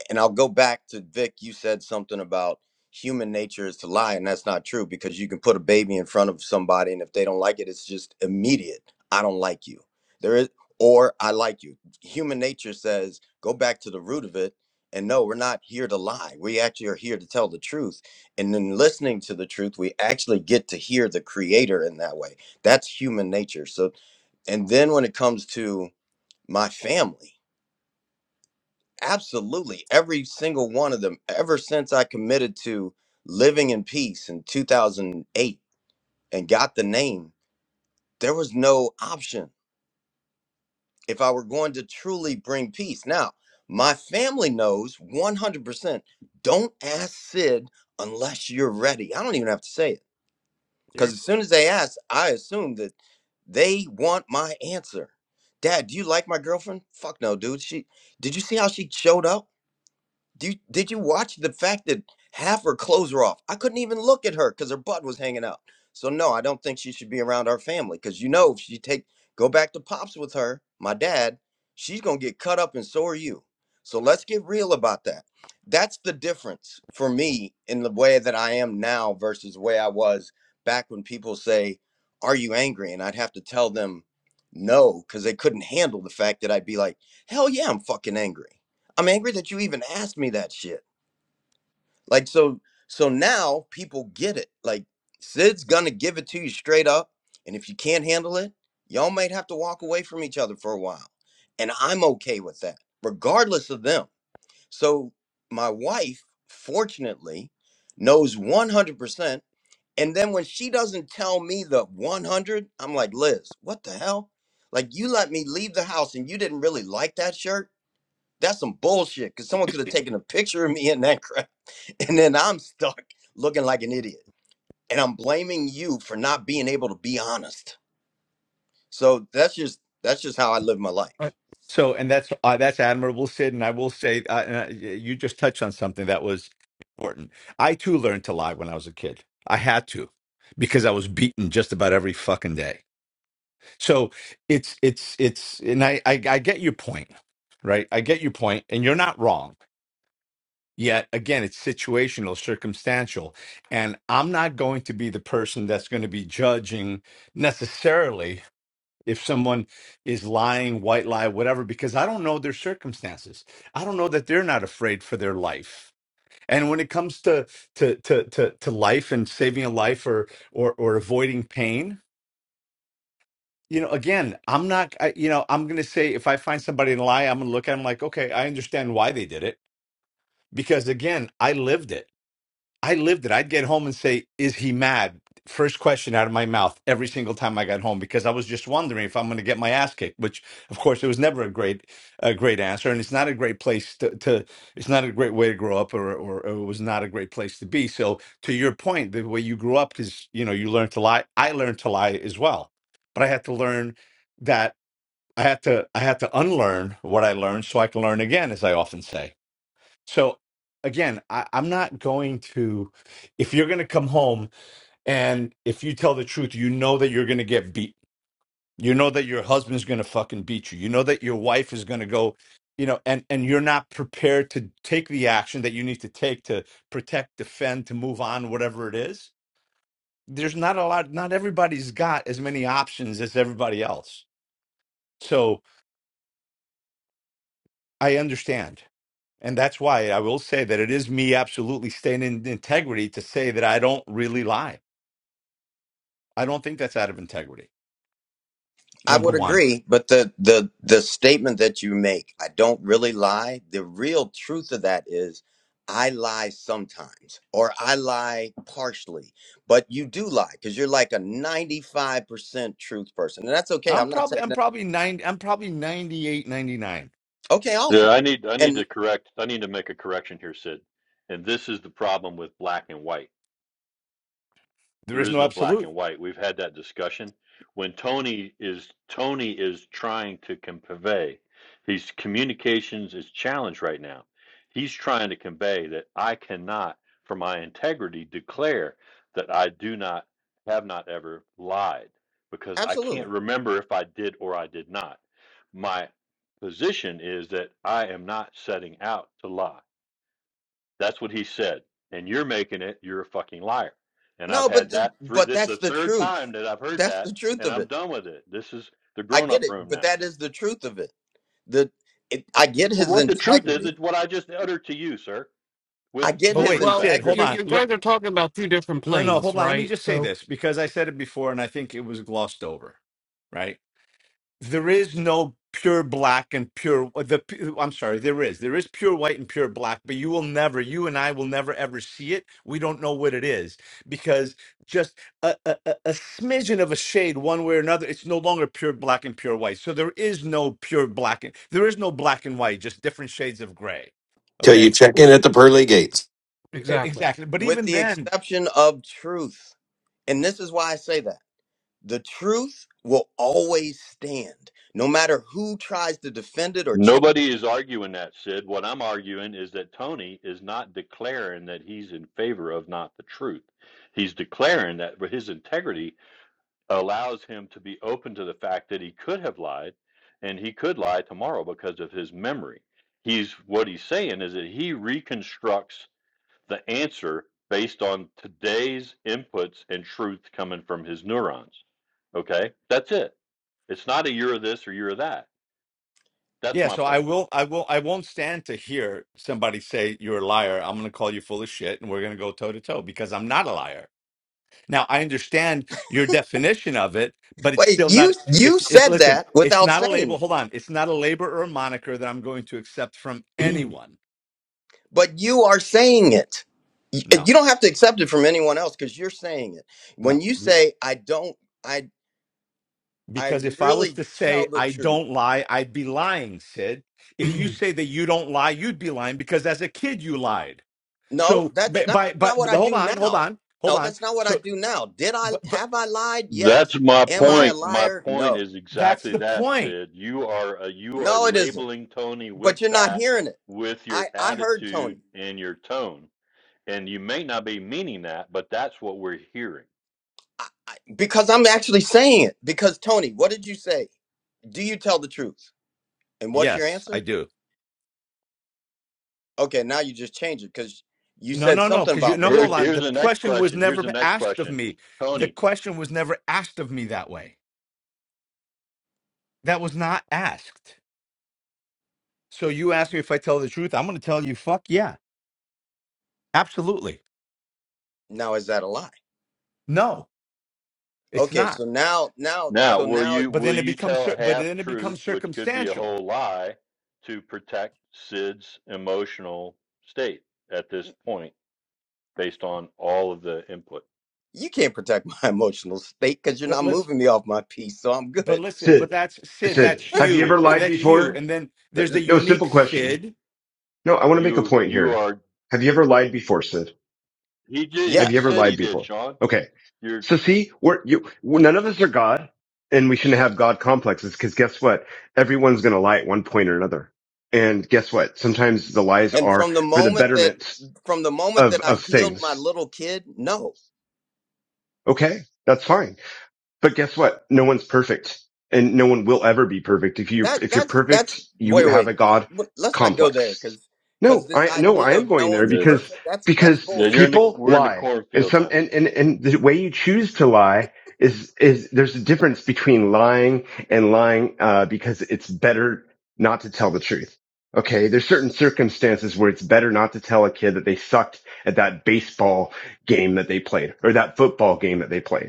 [SPEAKER 7] And I'll go back to Vic. You said something about human nature is to lie, and that's not true because you can put a baby in front of somebody, and if they don't like it, it's just immediate. I don't like you. There is, or I like you. Human nature says go back to the root of it. And no, we're not here to lie. We actually are here to tell the truth. And in listening to the truth, we actually get to hear the creator in that way. That's human nature. So, and then when it comes to my family, Absolutely. Every single one of them, ever since I committed to living in peace in 2008 and got the name, there was no option if I were going to truly bring peace. Now, my family knows 100% don't ask Sid unless you're ready. I don't even have to say it
[SPEAKER 2] yep.
[SPEAKER 7] because as soon as they ask, I assume that they want my answer. Dad, do you like my girlfriend? Fuck no, dude. She did you see how she showed up? Do you, did you watch the fact that half her clothes were off? I couldn't even look at her because her butt was hanging out. So no, I don't think she should be around our family because you know if she take go back to pops with her, my dad, she's gonna get cut up and so are you. So let's get real about that. That's the difference for me in the way that I am now versus the way I was back when people say, "Are you angry?" and I'd have to tell them no because they couldn't handle the fact that I'd be like, "Hell yeah, I'm fucking angry." I'm angry that you even asked me that shit. Like so so now people get it. Like Sid's gonna give it to you straight up, and if you can't handle it, y'all might have to walk away from each other for a while. And I'm okay with that, regardless of them. So my wife, fortunately, knows 100%. And then when she doesn't tell me the 100, I'm like, Liz, what the hell? Like you let me leave the house and you didn't really like that shirt that's some bullshit. Cause someone could have taken a picture of me in that crap, and then I'm stuck looking like an idiot. And I'm blaming you for not being able to be honest. So that's just that's just how I live my life.
[SPEAKER 6] So, and that's uh, that's admirable, Sid. And I will say, uh, and I, you just touched on something that was important. I too learned to lie when I was a kid. I had to because I was beaten just about every fucking day. So it's it's it's, and I I, I get your point, right? I get your point, and you're not wrong. Yet again, it's situational, circumstantial, and I'm not going to be the person that's going to be judging necessarily if someone is lying, white lie, whatever, because I don't know their circumstances. I don't know that they're not afraid for their life. And when it comes to to to to, to life and saving a life or or or avoiding pain, you know, again, I'm not. I, you know, I'm going to say if I find somebody in a lie, I'm going to look at them like, okay, I understand why they did it because again, I lived it I lived it. I'd get home and say, Is he mad? First question out of my mouth every single time I got home because I was just wondering if I'm going to get my ass kicked, which, of course, it was never a great, a great answer. And it's not a great place to, to it's not a great way to grow up or, or, or it was not a great place to be. So, to your point, the way you grew up is, you know, you learned to lie. I learned to lie as well, but I had to learn that I had to, I had to unlearn what I learned so I can learn again, as I often say so again, I, I'm not going to, if you're going to come home and if you tell the truth, you know that you're going to get beat. You know that your husband's going to fucking beat you. You know that your wife is going to go, you know, and, and you're not prepared to take the action that you need to take to protect, defend, to move on, whatever it is. There's not a lot, not everybody's got as many options as everybody else. So I understand. And that's why I will say that it is me absolutely staying in integrity to say that I don't really lie. I don't think that's out of integrity.
[SPEAKER 7] I
[SPEAKER 6] Number
[SPEAKER 7] would
[SPEAKER 6] one,
[SPEAKER 7] agree, but the the the statement that you make, I don't really lie. The real truth of that is I lie sometimes or I lie partially, but you do lie because you're like a 95% truth person. And that's okay.
[SPEAKER 6] I'm
[SPEAKER 7] I'm not
[SPEAKER 6] probably
[SPEAKER 7] saying
[SPEAKER 6] I'm
[SPEAKER 7] that.
[SPEAKER 6] probably nine I'm probably ninety eight ninety
[SPEAKER 7] Okay,
[SPEAKER 4] yeah,
[SPEAKER 7] awesome.
[SPEAKER 4] I need I need to
[SPEAKER 7] And
[SPEAKER 4] correct. I need to make a correction here, Sid. And this is the problem with black and white.
[SPEAKER 6] There
[SPEAKER 4] There
[SPEAKER 6] is
[SPEAKER 4] is
[SPEAKER 6] no
[SPEAKER 4] no black
[SPEAKER 6] absolute.
[SPEAKER 4] and white. We've had that discussion. When Tony is Tony is trying to con- convey, his communications is challenged right now. He's trying to convey that I cannot, for my integrity, declare that I do not have not ever lied because I
[SPEAKER 7] absolutely.
[SPEAKER 4] can't remember if I did or I did not. My position is that I am not setting out to lie. That's what he said. And you're making it, you're a fucking liar. And I've
[SPEAKER 7] No, but
[SPEAKER 4] had
[SPEAKER 7] th-
[SPEAKER 4] that three,
[SPEAKER 7] but
[SPEAKER 4] this is
[SPEAKER 7] that's
[SPEAKER 4] the
[SPEAKER 7] the
[SPEAKER 4] third
[SPEAKER 7] truth.
[SPEAKER 4] time that I've heard
[SPEAKER 7] That's
[SPEAKER 4] that,
[SPEAKER 7] the truth
[SPEAKER 4] and
[SPEAKER 7] of
[SPEAKER 4] I'm
[SPEAKER 7] it.
[SPEAKER 4] done with it. This is the
[SPEAKER 7] I
[SPEAKER 4] grown
[SPEAKER 7] get
[SPEAKER 4] up
[SPEAKER 7] it,
[SPEAKER 4] room
[SPEAKER 7] but
[SPEAKER 4] now.
[SPEAKER 7] that is the truth of it. The it, I get his
[SPEAKER 4] What the truth is,
[SPEAKER 7] integrity.
[SPEAKER 4] is what I just uttered to you, sir,
[SPEAKER 7] I
[SPEAKER 4] with
[SPEAKER 7] get
[SPEAKER 6] But
[SPEAKER 4] full
[SPEAKER 7] his
[SPEAKER 6] wait,
[SPEAKER 2] Well,
[SPEAKER 4] respect.
[SPEAKER 6] Sid, hold
[SPEAKER 2] you
[SPEAKER 7] integrity
[SPEAKER 6] on.
[SPEAKER 2] you
[SPEAKER 6] Look,
[SPEAKER 2] guys are talking about two different
[SPEAKER 6] no, no,
[SPEAKER 2] planes,
[SPEAKER 6] hold on. Let me
[SPEAKER 2] right?
[SPEAKER 6] just say
[SPEAKER 2] So
[SPEAKER 6] this because I said it before and I think it was glossed over, right? there is no pure black and pure uh, the i'm sorry there is there is pure white and pure black but you will never you and i will never ever see it we don't know what it is because just a, a, a a smidgen of a shade one way or another it's no longer pure black and pure white so there is no pure black and there is no black and white just different shades of gray
[SPEAKER 3] till you
[SPEAKER 6] okay
[SPEAKER 3] check in at the pearly gates
[SPEAKER 6] E-
[SPEAKER 2] exactly.
[SPEAKER 6] exactly but
[SPEAKER 7] with
[SPEAKER 6] even
[SPEAKER 7] the
[SPEAKER 6] then
[SPEAKER 7] exception of truth. And this is why I say that. The truth will always stand no matter who tries to defend it or change.
[SPEAKER 4] Nobody is arguing that, Sid. What I'm arguing is that Tony is not declaring that he's in favor of not the truth. He's declaring that his integrity allows him to be open to the fact that he could have lied and he could lie tomorrow because of his memory. He's what he's saying is that he reconstructs the answer based on today's inputs and truth coming from his neurons. Okay? That's it. It's not a you're this or you're that. That's
[SPEAKER 6] yeah
[SPEAKER 4] my
[SPEAKER 6] so i
[SPEAKER 4] point.
[SPEAKER 6] will i will i won't stand to hear somebody say you're a liar i'm going to call you full of shit and we're going to go toe to toe because i'm not a liar Now, I understand your definition of it, but it's
[SPEAKER 7] Wait,
[SPEAKER 6] still
[SPEAKER 7] you
[SPEAKER 6] not,
[SPEAKER 7] you
[SPEAKER 6] it's, it,
[SPEAKER 7] said
[SPEAKER 6] listen,
[SPEAKER 7] that
[SPEAKER 6] it's
[SPEAKER 7] without
[SPEAKER 6] not a
[SPEAKER 7] saying
[SPEAKER 6] label.
[SPEAKER 7] it,
[SPEAKER 6] Hold on. It's not a label or a moniker that I'm going to accept from anyone.
[SPEAKER 7] but you are saying it. You
[SPEAKER 6] No,
[SPEAKER 7] you don't have to accept it from anyone else because you're saying it. When
[SPEAKER 6] no.
[SPEAKER 7] you
[SPEAKER 6] You-
[SPEAKER 7] say I don't. I. I
[SPEAKER 6] Because if I was
[SPEAKER 7] really
[SPEAKER 6] to
[SPEAKER 7] tell
[SPEAKER 6] say
[SPEAKER 7] the
[SPEAKER 6] I
[SPEAKER 7] truth.
[SPEAKER 6] don't lie, I'd be lying, Sid. If you say that you don't lie, you'd be lying because as a kid you lied.
[SPEAKER 7] No,
[SPEAKER 6] So,
[SPEAKER 7] that's
[SPEAKER 6] but,
[SPEAKER 7] not,
[SPEAKER 6] but, but
[SPEAKER 7] not what
[SPEAKER 6] but
[SPEAKER 7] I
[SPEAKER 6] hold
[SPEAKER 7] do
[SPEAKER 6] on, hold
[SPEAKER 7] now.
[SPEAKER 6] on, hold
[SPEAKER 7] No,
[SPEAKER 6] on.
[SPEAKER 7] that's not what I
[SPEAKER 6] So,
[SPEAKER 7] do now. Did I
[SPEAKER 6] but, but,
[SPEAKER 7] have I lied? Yes.
[SPEAKER 4] That's my
[SPEAKER 7] Am I
[SPEAKER 6] okay,
[SPEAKER 7] a
[SPEAKER 4] point. My
[SPEAKER 7] liar?
[SPEAKER 4] point
[SPEAKER 7] No.
[SPEAKER 4] is
[SPEAKER 6] that's
[SPEAKER 4] exactly
[SPEAKER 6] the
[SPEAKER 4] that,
[SPEAKER 6] point.
[SPEAKER 4] Sid. You are uh, you are
[SPEAKER 7] No, it isn't.
[SPEAKER 4] labeling Tony with
[SPEAKER 7] But you're not
[SPEAKER 4] that
[SPEAKER 7] hearing it.
[SPEAKER 4] with your
[SPEAKER 7] I I heard Tony.
[SPEAKER 4] attitude and your tone And you may not be meaning that, but that's what we're hearing.
[SPEAKER 7] I, I, because I'm actually saying it. Because Tony, what did you say? Do you tell the truth? And what's
[SPEAKER 6] Yes,
[SPEAKER 7] your
[SPEAKER 6] I
[SPEAKER 7] answer?
[SPEAKER 6] do.
[SPEAKER 7] Okay, now you just change it because you
[SPEAKER 6] No,
[SPEAKER 7] said
[SPEAKER 6] no, no.
[SPEAKER 7] something
[SPEAKER 6] Because you
[SPEAKER 7] about
[SPEAKER 6] no,
[SPEAKER 4] Here's
[SPEAKER 6] hold
[SPEAKER 7] really.
[SPEAKER 6] on.
[SPEAKER 4] here's
[SPEAKER 6] The
[SPEAKER 4] the next
[SPEAKER 6] question was
[SPEAKER 4] question. Here's
[SPEAKER 6] never
[SPEAKER 4] the next
[SPEAKER 6] asked of
[SPEAKER 4] question.
[SPEAKER 6] me. The
[SPEAKER 4] Tony,
[SPEAKER 6] question was never asked of me that way. That was not asked. So you ask me if I tell the truth. I'm going to tell you, fuck yeah, absolutely.
[SPEAKER 7] Now is that a lie?
[SPEAKER 6] No, it's
[SPEAKER 7] Okay,
[SPEAKER 6] not.
[SPEAKER 7] so now now
[SPEAKER 4] now
[SPEAKER 7] so
[SPEAKER 4] will
[SPEAKER 7] now
[SPEAKER 4] you
[SPEAKER 6] But
[SPEAKER 4] will
[SPEAKER 6] then it
[SPEAKER 4] you
[SPEAKER 6] becomes,
[SPEAKER 4] tell
[SPEAKER 6] cir-
[SPEAKER 4] a
[SPEAKER 6] but
[SPEAKER 4] half
[SPEAKER 6] then it
[SPEAKER 4] truth,
[SPEAKER 6] becomes
[SPEAKER 4] which could be a
[SPEAKER 6] circumstantial.
[SPEAKER 4] whole lie, to protect Sid's emotional state at this point, based on all of the input?
[SPEAKER 7] you can't protect my emotional state because you're
[SPEAKER 6] But
[SPEAKER 7] not
[SPEAKER 6] let's,
[SPEAKER 7] moving me off my piece so i'm
[SPEAKER 6] but
[SPEAKER 7] good
[SPEAKER 6] listen. But
[SPEAKER 8] Sid,
[SPEAKER 6] that's Sid.
[SPEAKER 8] Sid,
[SPEAKER 6] That's
[SPEAKER 8] have you
[SPEAKER 6] you.
[SPEAKER 8] ever
[SPEAKER 6] eh,
[SPEAKER 8] lied
[SPEAKER 6] That's you.
[SPEAKER 8] before?
[SPEAKER 6] And then there's a
[SPEAKER 8] No,
[SPEAKER 6] unique
[SPEAKER 8] simple question.
[SPEAKER 6] Sid.
[SPEAKER 8] No, I want to make a
[SPEAKER 4] You
[SPEAKER 8] point
[SPEAKER 4] you
[SPEAKER 8] here.
[SPEAKER 4] are
[SPEAKER 8] Have you ever lied before, Sid?
[SPEAKER 4] he did
[SPEAKER 8] Have
[SPEAKER 4] he
[SPEAKER 8] you ever
[SPEAKER 7] yes
[SPEAKER 4] said
[SPEAKER 8] lied
[SPEAKER 4] he did,
[SPEAKER 8] before?
[SPEAKER 4] Sean.
[SPEAKER 8] Okay.
[SPEAKER 4] You're
[SPEAKER 8] So see, we're, you, we're- none of us are God and we shouldn't have God complexes because guess what? Everyone's going to lie at one point or another. And guess what? Sometimes the lies
[SPEAKER 7] and
[SPEAKER 8] are
[SPEAKER 7] from the
[SPEAKER 8] for the
[SPEAKER 7] moment that
[SPEAKER 8] betterment
[SPEAKER 7] from the moment
[SPEAKER 8] of,
[SPEAKER 7] that i
[SPEAKER 8] of
[SPEAKER 7] healed my
[SPEAKER 8] things.
[SPEAKER 7] little kid no
[SPEAKER 8] Okay. That's fine But guess what? No one's perfect and no one will ever be perfect. If you,
[SPEAKER 7] that
[SPEAKER 8] if you're
[SPEAKER 7] that's that's
[SPEAKER 8] perfect, you
[SPEAKER 7] wait
[SPEAKER 8] have
[SPEAKER 7] wait
[SPEAKER 8] a God
[SPEAKER 7] wait. let's not go there
[SPEAKER 8] complex.
[SPEAKER 7] because because
[SPEAKER 8] No,
[SPEAKER 7] this
[SPEAKER 8] I, no, I
[SPEAKER 7] idea
[SPEAKER 8] am
[SPEAKER 7] of no
[SPEAKER 8] going there
[SPEAKER 7] one's
[SPEAKER 4] the,
[SPEAKER 8] because,
[SPEAKER 7] perfect that's that's
[SPEAKER 8] because
[SPEAKER 4] the you're
[SPEAKER 7] bullshit
[SPEAKER 4] in the
[SPEAKER 8] people
[SPEAKER 4] we're in the
[SPEAKER 8] lie and
[SPEAKER 4] cornfield
[SPEAKER 8] some,
[SPEAKER 4] now.
[SPEAKER 8] and, and, and the way you choose to lie is, is there's a difference between lying and lying, uh, because it's better not to tell the truth. Okay. There's certain circumstances where it's better not to tell a kid that they sucked at that baseball game that they played or that football game that they played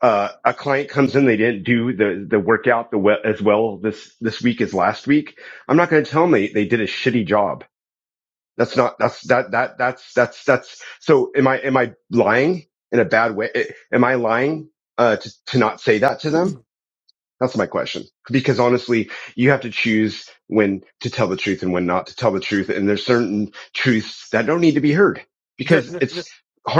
[SPEAKER 8] uh, a client comes in, they didn't do the, the workout the we- as well this, this week as last week. I'm not going to tell them they, they did a shitty job. That's not, that's, that, that, that's, that's, that's, so am I, am I lying in a bad way? Eh, Am I lying, uh, to, to not say that to them? That's my question. Because honestly, you have to choose when to tell the truth and when not to tell the truth. And there's certain truths that don't need to be heard
[SPEAKER 2] They're,
[SPEAKER 8] because
[SPEAKER 2] they're, they're-
[SPEAKER 8] it's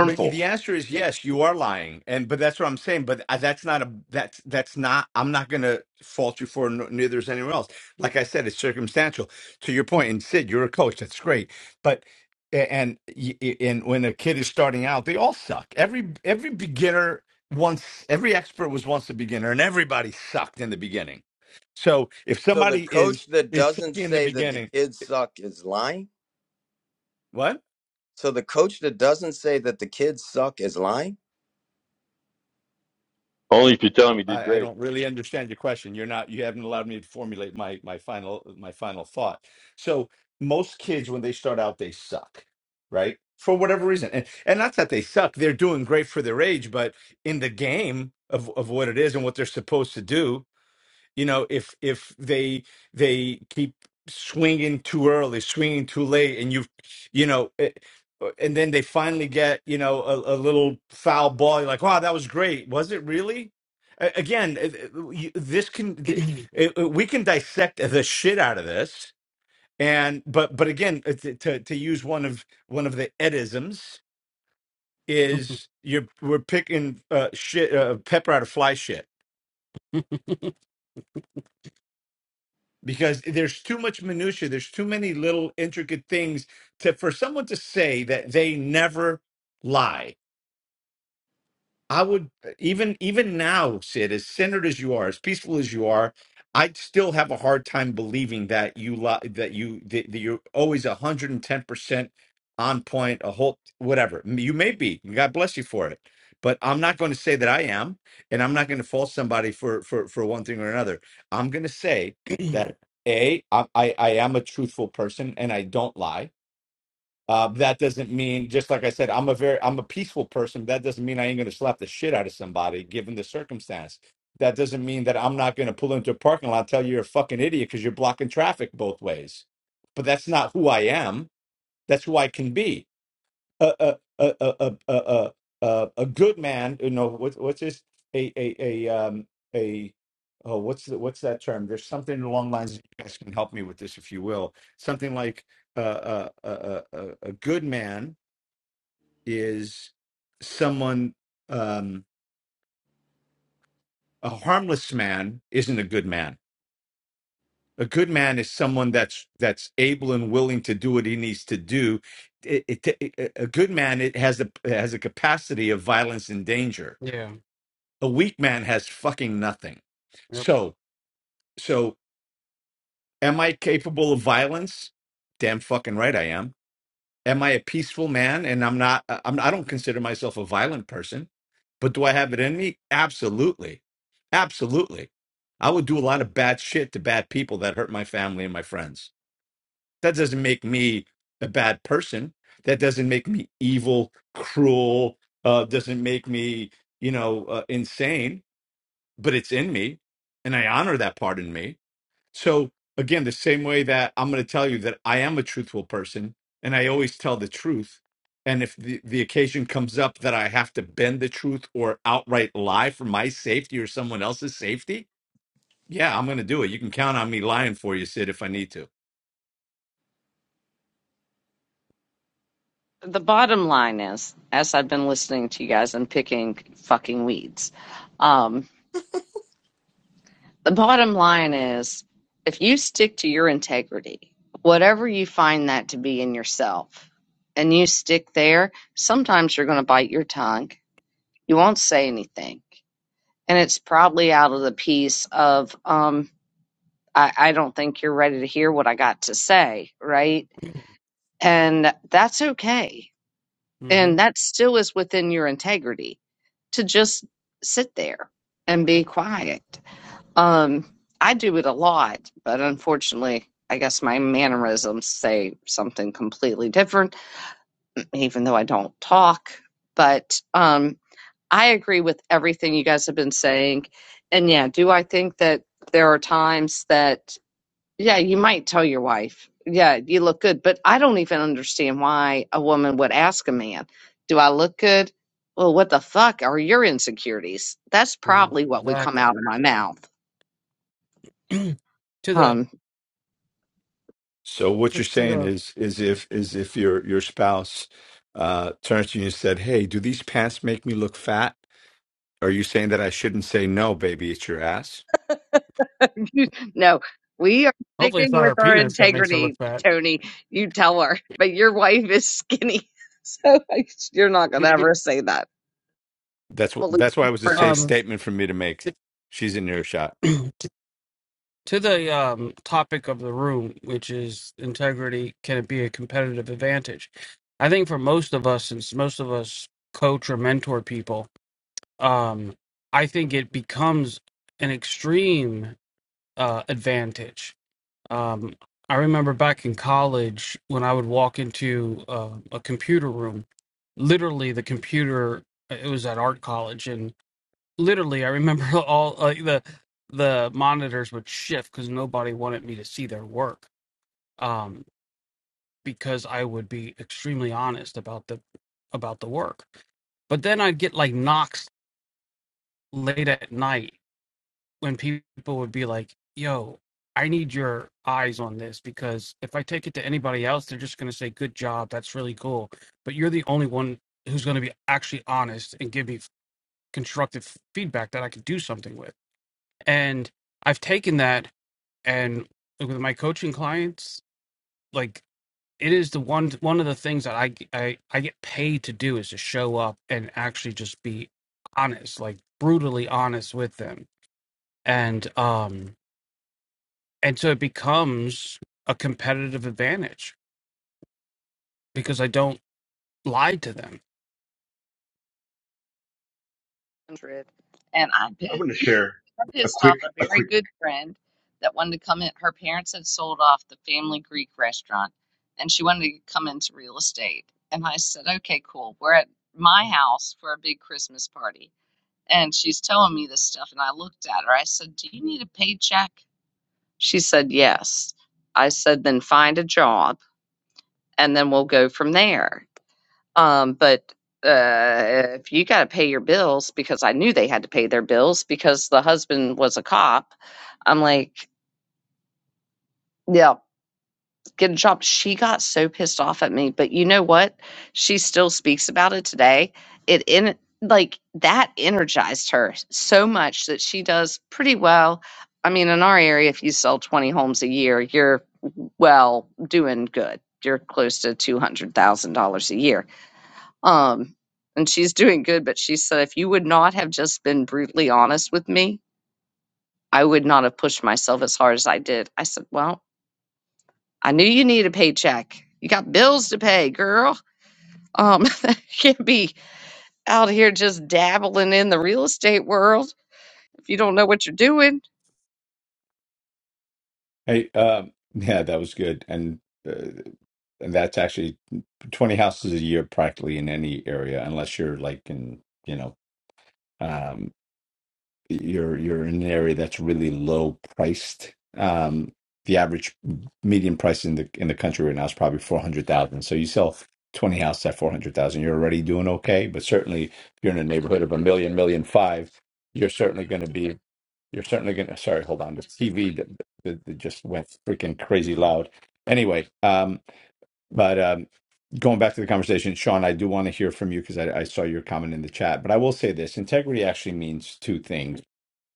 [SPEAKER 6] But the answer is
[SPEAKER 2] it,
[SPEAKER 6] yes, you are lying, and but that's what I'm saying. But uh, that's not a that's that's not. I'm not going to fault you for it, nor- neither is anyone else. Like I said, it's circumstantial. To your point, and Sid, you're a coach. That's great, but a- and y- y- and when a kid is starting out, they all suck. Every every beginner once every expert was once a beginner, and everybody sucked in the beginning. So if
[SPEAKER 7] so the
[SPEAKER 6] somebody is
[SPEAKER 7] coach that
[SPEAKER 6] is
[SPEAKER 7] doesn't
[SPEAKER 6] sucking in the
[SPEAKER 7] say that the
[SPEAKER 6] beginning,
[SPEAKER 7] kids suck is lying
[SPEAKER 6] what?
[SPEAKER 7] so the coach that doesn't say that the kids suck is lying
[SPEAKER 4] Only if you tell him he did
[SPEAKER 6] I, I
[SPEAKER 4] great.
[SPEAKER 6] don't really understand your question. You're not, you haven't allowed me to formulate my my final my final thought. So most kids when they start out, they suck, right? For whatever reason. And and not that they suck, they're doing great for their age, but in the game of, of what it is and what they're supposed to do, you know if if they they keep swinging too early swinging too late and you you know it, and then they finally get you know a, a little foul ball you're like wow that was great was it really A- again it- it- you- this can th- it- it- we can dissect the shit out of this and but but again it's- it- to to use one of one of the edisms is you're we're picking uh shit uh, pepper out of fly shit because there's too much minutia there's too many little intricate things to for someone to say that they never lie I would uh, even even now, Sid, as centered as you are, as peaceful as you are, I'd still have a hard time believing that you li- that you that, that you're always one hundred and ten percent on point. A whole whatever you may be, God bless you for it. But I'm not going to say that I am, and I'm not going to fault somebody for for for one thing or another. I'm going to say that a I I I am a truthful person, and I don't lie uh, that doesn't mean, just like I said, I'm a very, I'm a peaceful person. That doesn't mean I ain't going to slap the shit out of somebody given the circumstance. That doesn't mean that I'm not going to pull into a parking lot and tell you you're a fucking idiot because you're blocking traffic both ways. But that's not who I am. That's who I can be a a a a a a, a a good man. You know what what's this? a a a um a oh what's the, what's that term? There's something along the lines. You guys can help me with this if you will. Something like uh, uh, a a a a good man is someone um a harmless man isn't a good man. A good man is someone that's that's able and willing to do what he needs to do. It, it, it- a good man it has a has a capacity of violence and danger
[SPEAKER 2] yeah.
[SPEAKER 6] a weak man has fucking nothing.
[SPEAKER 2] Yep.
[SPEAKER 6] So, so am I capable of violence? Damn fucking right I am. Am I a peaceful man? And I'm not. I- I'm. I don't consider myself a violent person. But do I have it in me? Absolutely, absolutely. I would do a lot of bad shit to bad people that hurt my family and my friends. That doesn't make me a bad person. That doesn't make me evil, cruel. Uh, doesn't make me, you know, uh, insane but it's in me and I honor that part in me. So again, the same way that I'm going to tell you that I am a truthful person and I always tell the truth. And if the, the occasion comes up that I have to bend the truth or outright lie for my safety or someone else's safety, yeah, I'm going to do it. You can count on me lying for you, Sid, if I need to.
[SPEAKER 1] The bottom line is, as I've been listening to you guys and picking fucking weeds, um, the bottom line is if you stick to your integrity, whatever you find that to be in yourself, and you stick there, sometimes you're going to bite your tongue. You won't say anything. And it's probably out of the piece of, um, I, I don't think you're ready to hear what I got to say, right? And that's okay. And
[SPEAKER 2] Mm-hmm.
[SPEAKER 1] that still is within your integrity to just sit there and be quiet Um, I do it a lot, but unfortunately, I guess my mannerisms say something completely different, even though I don't talk. But um, I agree with everything you guys have been saying. And yeah, do I think that there are times that, yeah, you might tell your wife, yeah, you look good, but I don't even understand why a woman would ask a man, do I look good? Well, what the fuck are your insecurities? That's probably what would come
[SPEAKER 2] Exactly.
[SPEAKER 1] out of my mouth.
[SPEAKER 2] to the
[SPEAKER 1] Um.
[SPEAKER 6] So what
[SPEAKER 2] to,
[SPEAKER 6] you're
[SPEAKER 2] to
[SPEAKER 6] saying
[SPEAKER 2] the
[SPEAKER 6] is is if is if your your spouse uh, turns to you and said, "Hey, do these pants make me look fat?" Are you saying that I shouldn't say no, baby? It's your ass.
[SPEAKER 1] no, we are
[SPEAKER 2] hopefully it's
[SPEAKER 1] sticking
[SPEAKER 2] not our
[SPEAKER 1] with our
[SPEAKER 2] penis that makes her look
[SPEAKER 1] integrity,
[SPEAKER 2] fat.
[SPEAKER 1] Tony. You tell her, but your wife is skinny, so like, you're not gonna ever say that.
[SPEAKER 6] That's what.
[SPEAKER 1] Believe
[SPEAKER 6] That's why
[SPEAKER 1] me,
[SPEAKER 6] it was a
[SPEAKER 1] for
[SPEAKER 6] safe
[SPEAKER 1] us.
[SPEAKER 2] Um.
[SPEAKER 6] statement for me to make.
[SPEAKER 2] To,
[SPEAKER 6] She's in earshot.
[SPEAKER 2] to to the um topic of the room, which is integrity, can it be a competitive advantage? I think for most of us, since most of us coach or mentor people, um, I think it becomes an extreme uh, advantage. Um, I remember back in college when I would walk into uh, a computer room, literally the computer. uh, It was at art college, and literally I remember all uh, the the monitors would shift because nobody wanted me to see their work um, because I would be extremely honest about the about the work. But then I'd get like knocks late at night when people would be like, yo, I need your eyes on this because if I take it to anybody else, they're just going to say, good job. That's really cool. But you're the only one who's going to be actually honest and give me constructive feedback that I can do something with. And I've taken that and like, with my coaching clients, like, it is the one one of the things that I, I I get paid to do is to show up and actually just be honest, like brutally honest with them. And um and so it becomes a competitive advantage because I don't lie to them.
[SPEAKER 1] hundred, and I
[SPEAKER 8] I
[SPEAKER 1] pissed,
[SPEAKER 8] want to share
[SPEAKER 1] I
[SPEAKER 8] a
[SPEAKER 1] pissed
[SPEAKER 8] quick,
[SPEAKER 1] off a
[SPEAKER 8] a quick
[SPEAKER 1] very good friend that wanted to come in. Her parents had sold off the family Greek restaurant, and she wanted to come into real estate. And I said, "Okay, cool. We're at my house for a big Christmas party." And she's telling me this stuff. And I looked at her. I said, Do you need a paycheck? She said, Yes. I said, Then find a job and then we'll go from there. Um, but uh, if you got to pay your bills, because I knew they had to pay their bills because the husband was a cop, I'm like, Yeah. get a job. She got so pissed off at me, but you know what? She still speaks about it today. It in like that energized her so much that she does pretty well. I mean, in our area, if you sell 20 homes a year, you're well doing good. You're close to $200,000 a year. Um, and she's doing good, but she said, if you would not have just been brutally honest with me, I would not have pushed myself as hard as I did. I said, well, I knew you need a paycheck. You got bills to pay, girl. Um, you can't be out here just dabbling in the real estate world if you don't know what you're doing.
[SPEAKER 6] Hey, um, yeah, that was good, and uh, and that's actually mm, twenty houses a year practically in any area, unless you're like in you know um, you're you're in an area that's really low priced. Um, the average median price in the in the country right now is probably four hundred thousand. So you sell twenty houses at four hundred thousand, you're already doing okay. But certainly, if you're in a neighborhood of a million, million five, you're certainly going to be You're certainly gonna. Sorry, hold on. The TV that, that, that just went freaking crazy loud. Anyway, um, but um, going back to the conversation, Sean, I do want to hear from you because I, I saw your comment in the chat. But I will say this: integrity actually means two things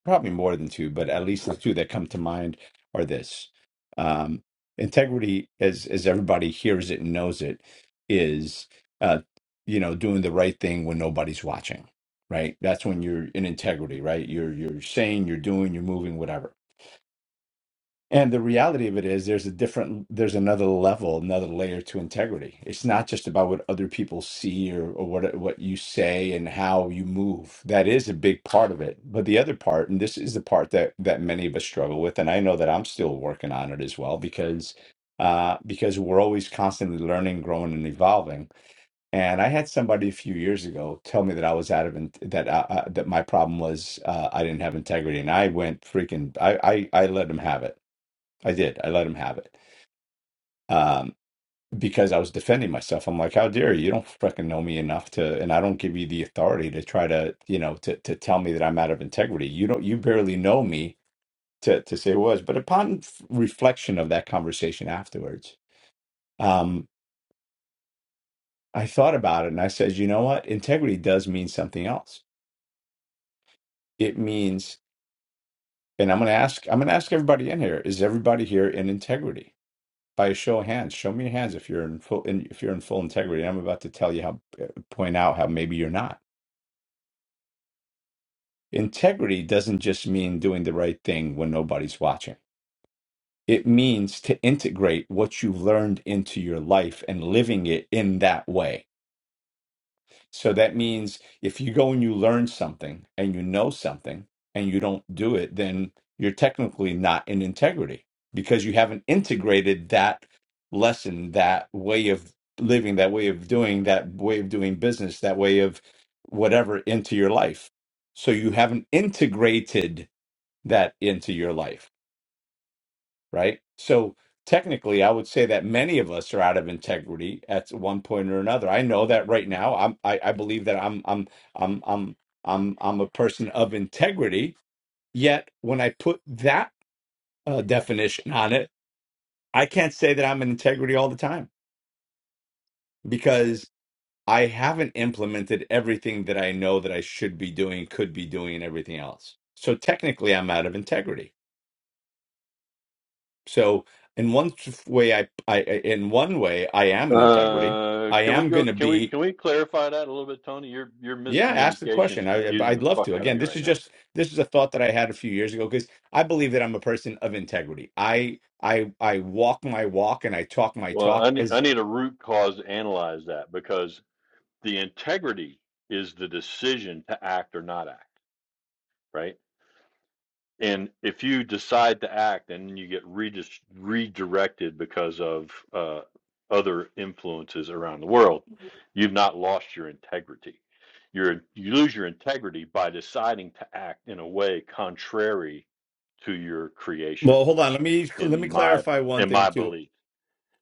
[SPEAKER 6] probably more than two, but at least the two that come to mind are this. Um, integrity, as as everybody hears it and knows it, is uh, you know doing the right thing when nobody's watching. Right, that's when you're in integrity. Right, you're you're saying, you're doing, you're moving, whatever and the reality of it is there's a different there's another level, another layer to integrity. It's not just about what other people see or, or what what you say and how you move. That is a big part of it. But the other part, and this is the part that that many of us struggle with, and I know that I'm still working on it as well because uh because we're always constantly learning, growing and evolving. And I had somebody a few years ago tell me that I was out of in, that uh, uh, that my problem was uh, I didn't have integrity and I went freaking I I, I let him have it I did. I let him have it. Um, because I was defending myself. I'm like, how dare you? You don't fucking know me enough to, and I don't give you the authority to try to, you know, to to tell me that I'm out of integrity. You don't, you barely know me to to say it was. But upon f- reflection of that conversation afterwards, um, I thought about it and I said, you know what? Integrity does mean something else. It means, and I'm gonna ask, I'm gonna ask everybody in here, is everybody here in integrity? by a show of hands, show me your hands if you're in full in, if you're in full integrity. I'm about to tell you how uh, point out how maybe you're not. Integrity doesn't just mean doing the right thing when nobody's watching. It means to integrate what you've learned into your life and living it in that way. So that means if you go and you learn something and you know something and you don't do it, then you're technically not in integrity because you haven't integrated that lesson, that way of living, that way of doing, that way of doing business, that way of whatever into your life. So you haven't integrated that into your life right? So technically, I would say that many of us are out of integrity at one point or another. I know that right now. I'm, I, I believe that I'm, I'm, I'm, I'm, I'm, I'm a person of integrity. Yet when I put that uh, definition on it, I can't say that I'm in integrity all the time because I haven't implemented everything that I know that I should be doing, could be doing, and everything else. So technically, I'm out of integrity So in one t- way, I, I in one way, I am an integrity.
[SPEAKER 4] Uh,
[SPEAKER 6] I
[SPEAKER 4] can we
[SPEAKER 6] am
[SPEAKER 4] go?
[SPEAKER 6] going to
[SPEAKER 4] Can we
[SPEAKER 6] be.
[SPEAKER 4] can we clarify that a little bit, Tony? Your your
[SPEAKER 6] Yeah, ask the
[SPEAKER 4] miscommunication is
[SPEAKER 6] question. I,
[SPEAKER 4] confusing
[SPEAKER 6] I'd
[SPEAKER 4] the
[SPEAKER 6] love
[SPEAKER 4] fuck
[SPEAKER 6] to.
[SPEAKER 4] out of
[SPEAKER 6] Again,
[SPEAKER 4] me
[SPEAKER 6] this
[SPEAKER 4] right
[SPEAKER 6] is
[SPEAKER 4] now.
[SPEAKER 6] just this is a thought that I had a few years ago because I believe that I'm a person of integrity. I I I walk my walk and I talk my
[SPEAKER 4] Well, I
[SPEAKER 6] talk.
[SPEAKER 4] need, I
[SPEAKER 6] As
[SPEAKER 4] need a root cause to analyze that because the integrity is the decision to act or not act, right? And if you decide to act and you get redis- redirected because of uh, other influences around the world, you've not lost your integrity. You're, you lose your integrity by deciding to act in a way contrary to your creation,
[SPEAKER 6] well, hold on. Let me let me
[SPEAKER 4] in my
[SPEAKER 6] clarify one
[SPEAKER 4] in
[SPEAKER 6] thing
[SPEAKER 4] my
[SPEAKER 6] too.
[SPEAKER 4] belief.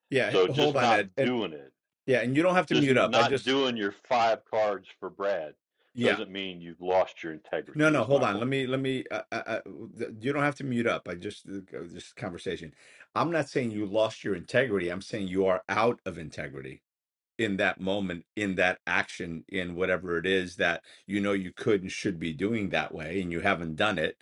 [SPEAKER 6] Yeah,
[SPEAKER 4] So just
[SPEAKER 6] hold on,
[SPEAKER 4] not
[SPEAKER 6] Ed. And
[SPEAKER 4] doing it,
[SPEAKER 6] yeah, and you don't have to
[SPEAKER 4] just
[SPEAKER 6] mute
[SPEAKER 4] n-
[SPEAKER 6] up. I
[SPEAKER 4] not
[SPEAKER 6] just
[SPEAKER 4] doing your five cards for Brad,
[SPEAKER 6] yeah.
[SPEAKER 4] doesn't mean you've lost your
[SPEAKER 6] No,
[SPEAKER 4] integrity.
[SPEAKER 6] no,
[SPEAKER 4] Is
[SPEAKER 6] hold
[SPEAKER 4] my
[SPEAKER 6] on. Let
[SPEAKER 4] point.
[SPEAKER 6] me, let me. Uh, uh, uh, th- you don't have to mute up. I just, uh, just conversation. I'm not saying you lost your integrity. I'm saying you are out of integrity in that moment, in that action, in whatever it is that you know you could and should be doing that way, and you haven't done it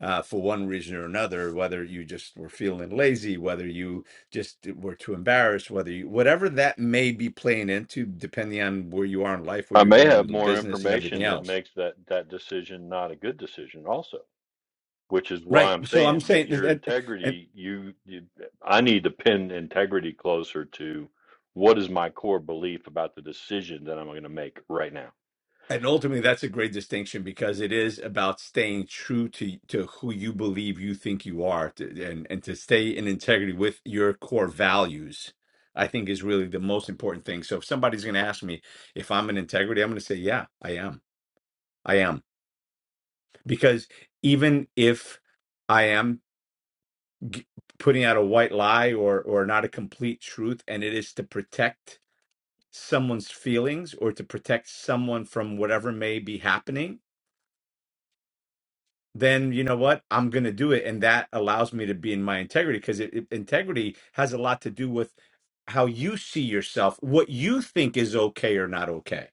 [SPEAKER 6] uh, for one reason or another. Whether you just were feeling lazy, whether you just were too embarrassed, whether you, whatever that may be playing into, depending on where you are in life, what
[SPEAKER 4] I
[SPEAKER 6] you're
[SPEAKER 4] may
[SPEAKER 6] doing
[SPEAKER 4] have
[SPEAKER 6] in
[SPEAKER 4] more
[SPEAKER 6] business, and everything
[SPEAKER 4] information that
[SPEAKER 6] else
[SPEAKER 4] makes that that decision not a good decision also, which is why
[SPEAKER 6] Right.
[SPEAKER 4] I'm
[SPEAKER 6] So I'm
[SPEAKER 4] saying
[SPEAKER 6] saying
[SPEAKER 4] that your
[SPEAKER 6] that, and
[SPEAKER 4] integrity, you, you I need to pin integrity closer to what is my core belief about the decision that I'm going to make right now.
[SPEAKER 6] and ultimately that's a great distinction because it is about staying true to to who you believe you think you are to, and and to stay in integrity with your core values. I think is really the most important thing. So if somebody's going to ask me if I'm in integrity, I'm going to say, yeah, I am. I am. Because even if I am g- putting out a white lie or or not a complete truth and it is to protect someone's feelings or to protect someone from whatever may be happening, then you know what? I'm going to do it. And that allows me to be in my integrity because it, it- integrity has a lot to do with how you see yourself, what you think is okay or not okay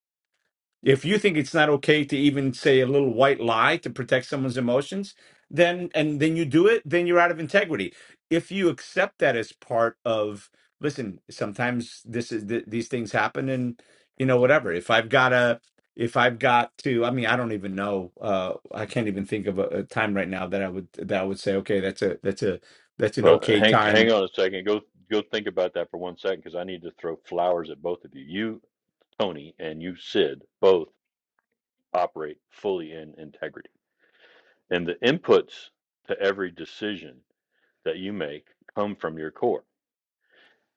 [SPEAKER 6] if you think it's not okay to even say a little white lie to protect someone's emotions, then and then you do it, then you're out of integrity. If you accept that as part of listen, sometimes this is th- these things happen and you know whatever. If I've got a if I've got to, I mean, I don't even know. Uh, I can't even think of a, a time right now that I would that I would say, okay, that's a that's a that's an
[SPEAKER 4] Well,
[SPEAKER 6] okay
[SPEAKER 4] hang hang
[SPEAKER 6] time.
[SPEAKER 4] on a second. Go go think about that for one second because I need to throw flowers at both of you. You, Tony, and you, Sid, both operate fully in integrity. And the inputs to every decision that you make come from your core.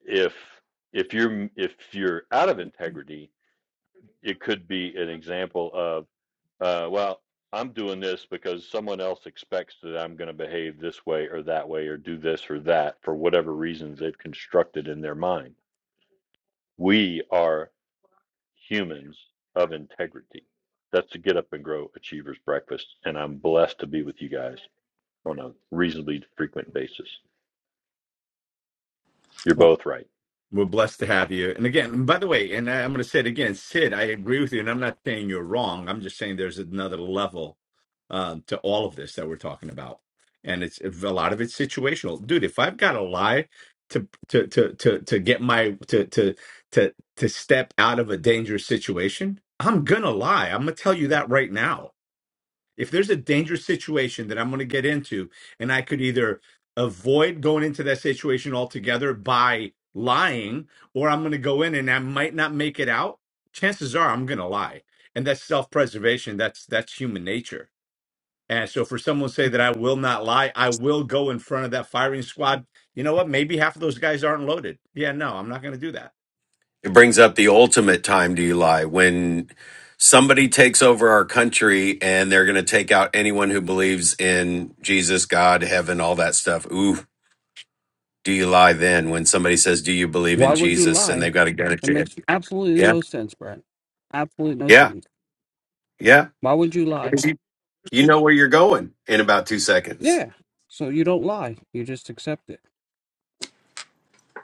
[SPEAKER 4] if if you're if you're out of integrity, it could be an example of uh, well, I'm doing this because someone else expects that I'm going to behave this way or that way or do this or that for whatever reasons they've constructed in their mind. We are humans of integrity. That's the Get Up and Grow Achievers Breakfast, and I'm blessed to be with you guys on a reasonably frequent basis. You're both right.
[SPEAKER 6] We're blessed to have you. And again, by the way, and I- I'm going to say it again, Sid, I agree with you, and I'm not saying you're wrong. I'm just saying there's another level um, to all of this that we're talking about, and it's a lot of it's situational, dude. If I've got to lie to to to to to get my to to to to step out of a dangerous situation, I'm gonna lie. I'm gonna tell you that right now if there's a dangerous situation that I'm going to get into, and I could either avoid going into that situation altogether by lying, or I'm going to go in and I might not make it out, chances are I'm going to lie. And that's self preservation. That's that's human nature and so for someone to say that I will not lie, I will go in front of that firing squad. You know what? Maybe half of those guys aren't loaded. Yeah, no, I'm not going to do that.
[SPEAKER 3] It brings up the ultimate time do you lie when somebody takes over our country and they're going to take out anyone who believes in Jesus, God, heaven, all that stuff. Ooh, do you lie then when somebody says, Do you believe in
[SPEAKER 2] Why would you
[SPEAKER 3] Jesus? and
[SPEAKER 2] lie?
[SPEAKER 3] they've got a gun at
[SPEAKER 2] That
[SPEAKER 3] your head?
[SPEAKER 2] makes absolutely
[SPEAKER 3] Yeah.
[SPEAKER 2] no sense, Brad. Absolutely no
[SPEAKER 3] Yeah.
[SPEAKER 2] sense.
[SPEAKER 3] Yeah.
[SPEAKER 2] Why would you
[SPEAKER 6] Well,
[SPEAKER 2] lie?
[SPEAKER 3] 'Cause You, you know where you're going in about two seconds.
[SPEAKER 2] Yeah. So you don't lie. You just accept it.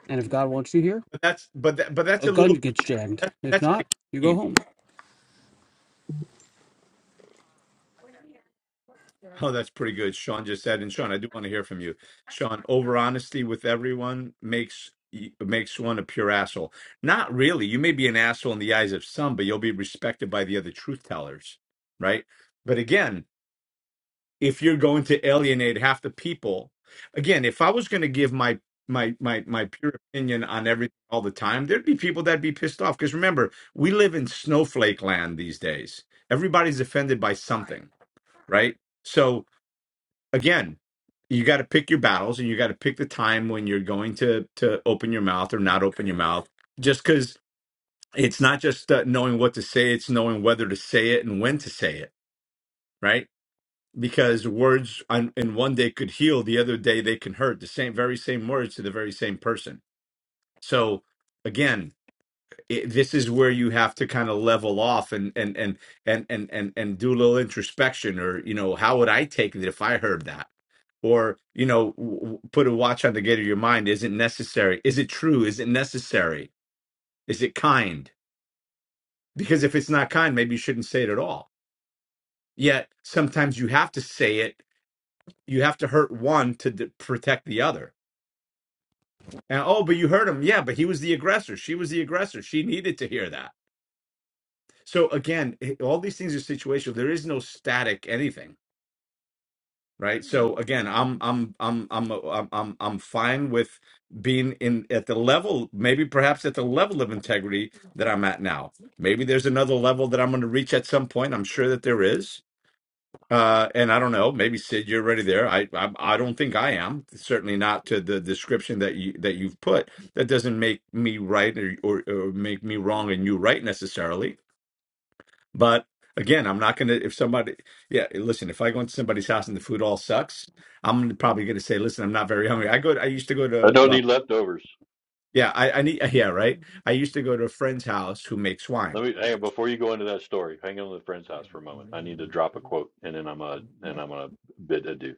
[SPEAKER 2] And if God wants you here,
[SPEAKER 6] but that's but that, but that's
[SPEAKER 2] a
[SPEAKER 6] a
[SPEAKER 2] gun
[SPEAKER 6] little
[SPEAKER 2] gets jammed.
[SPEAKER 6] that's
[SPEAKER 2] If
[SPEAKER 6] that's an
[SPEAKER 2] not, you go
[SPEAKER 6] extreme.
[SPEAKER 2] home.
[SPEAKER 6] Oh, that's pretty good. Sean just said, and Sean, I do want to hear from you. Sean, over honesty with everyone makes y- makes one a pure asshole. Not really. You may be an asshole in the eyes of some, but you'll be respected by the other truth tellers, right? But again, if you're going to alienate half the people, again, if I was going to give my my my my pure opinion on everything all the time, there'd be people that'd be pissed off. Because remember, we live in snowflake land these days. Everybody's offended by something, right? So again, you got to pick your battles and you got to pick the time when you're going to to open your mouth or not open your mouth just cuz it's not just uh, knowing what to say it's knowing whether to say it and when to say it right because words on, in one day could heal the other day they can hurt the same very same words to the very same person so again it, this is where you have to kind of level off and and and and and and and do a little introspection or you know how would i take it if i heard that or you know w- w- put a watch on the gate of your mind is it necessary is it true is it necessary is it kind because if it's not kind maybe you shouldn't say it at all yet sometimes you have to say it you have to hurt one to d- protect the other and oh but you hurt him yeah but he was the aggressor she was the aggressor she needed to hear that so again it- all these things are situational there is no static anything right so again i'm i'm i'm i'm uh, i'm i'm, I'm fine with being in at the level maybe perhaps at the level of integrity that i'm at now maybe there's another level that i'm going to reach at some point i'm sure that there is uh, and I don't know. Maybe Sid, you're already there. I, I I don't think I am. Certainly not to the description that you that you've put. That doesn't make me right or, or, or make me wrong and you right necessarily but again, I'm not gonna if somebody yeah, listen, if I go into somebody's house and the food all sucks, I'm probably gonna say, listen, I'm not very hungry. I go I used to go
[SPEAKER 4] I
[SPEAKER 6] to
[SPEAKER 4] don't
[SPEAKER 6] well,
[SPEAKER 4] need leftovers.
[SPEAKER 6] yeah, I, I need yeah, right. I used to go to a friend's house who makes wine.
[SPEAKER 4] Let me hang on before you go into that story. Hang on to the friend's house for a moment. I need to drop a quote, and then I'm a and I'm gonna bid adieu.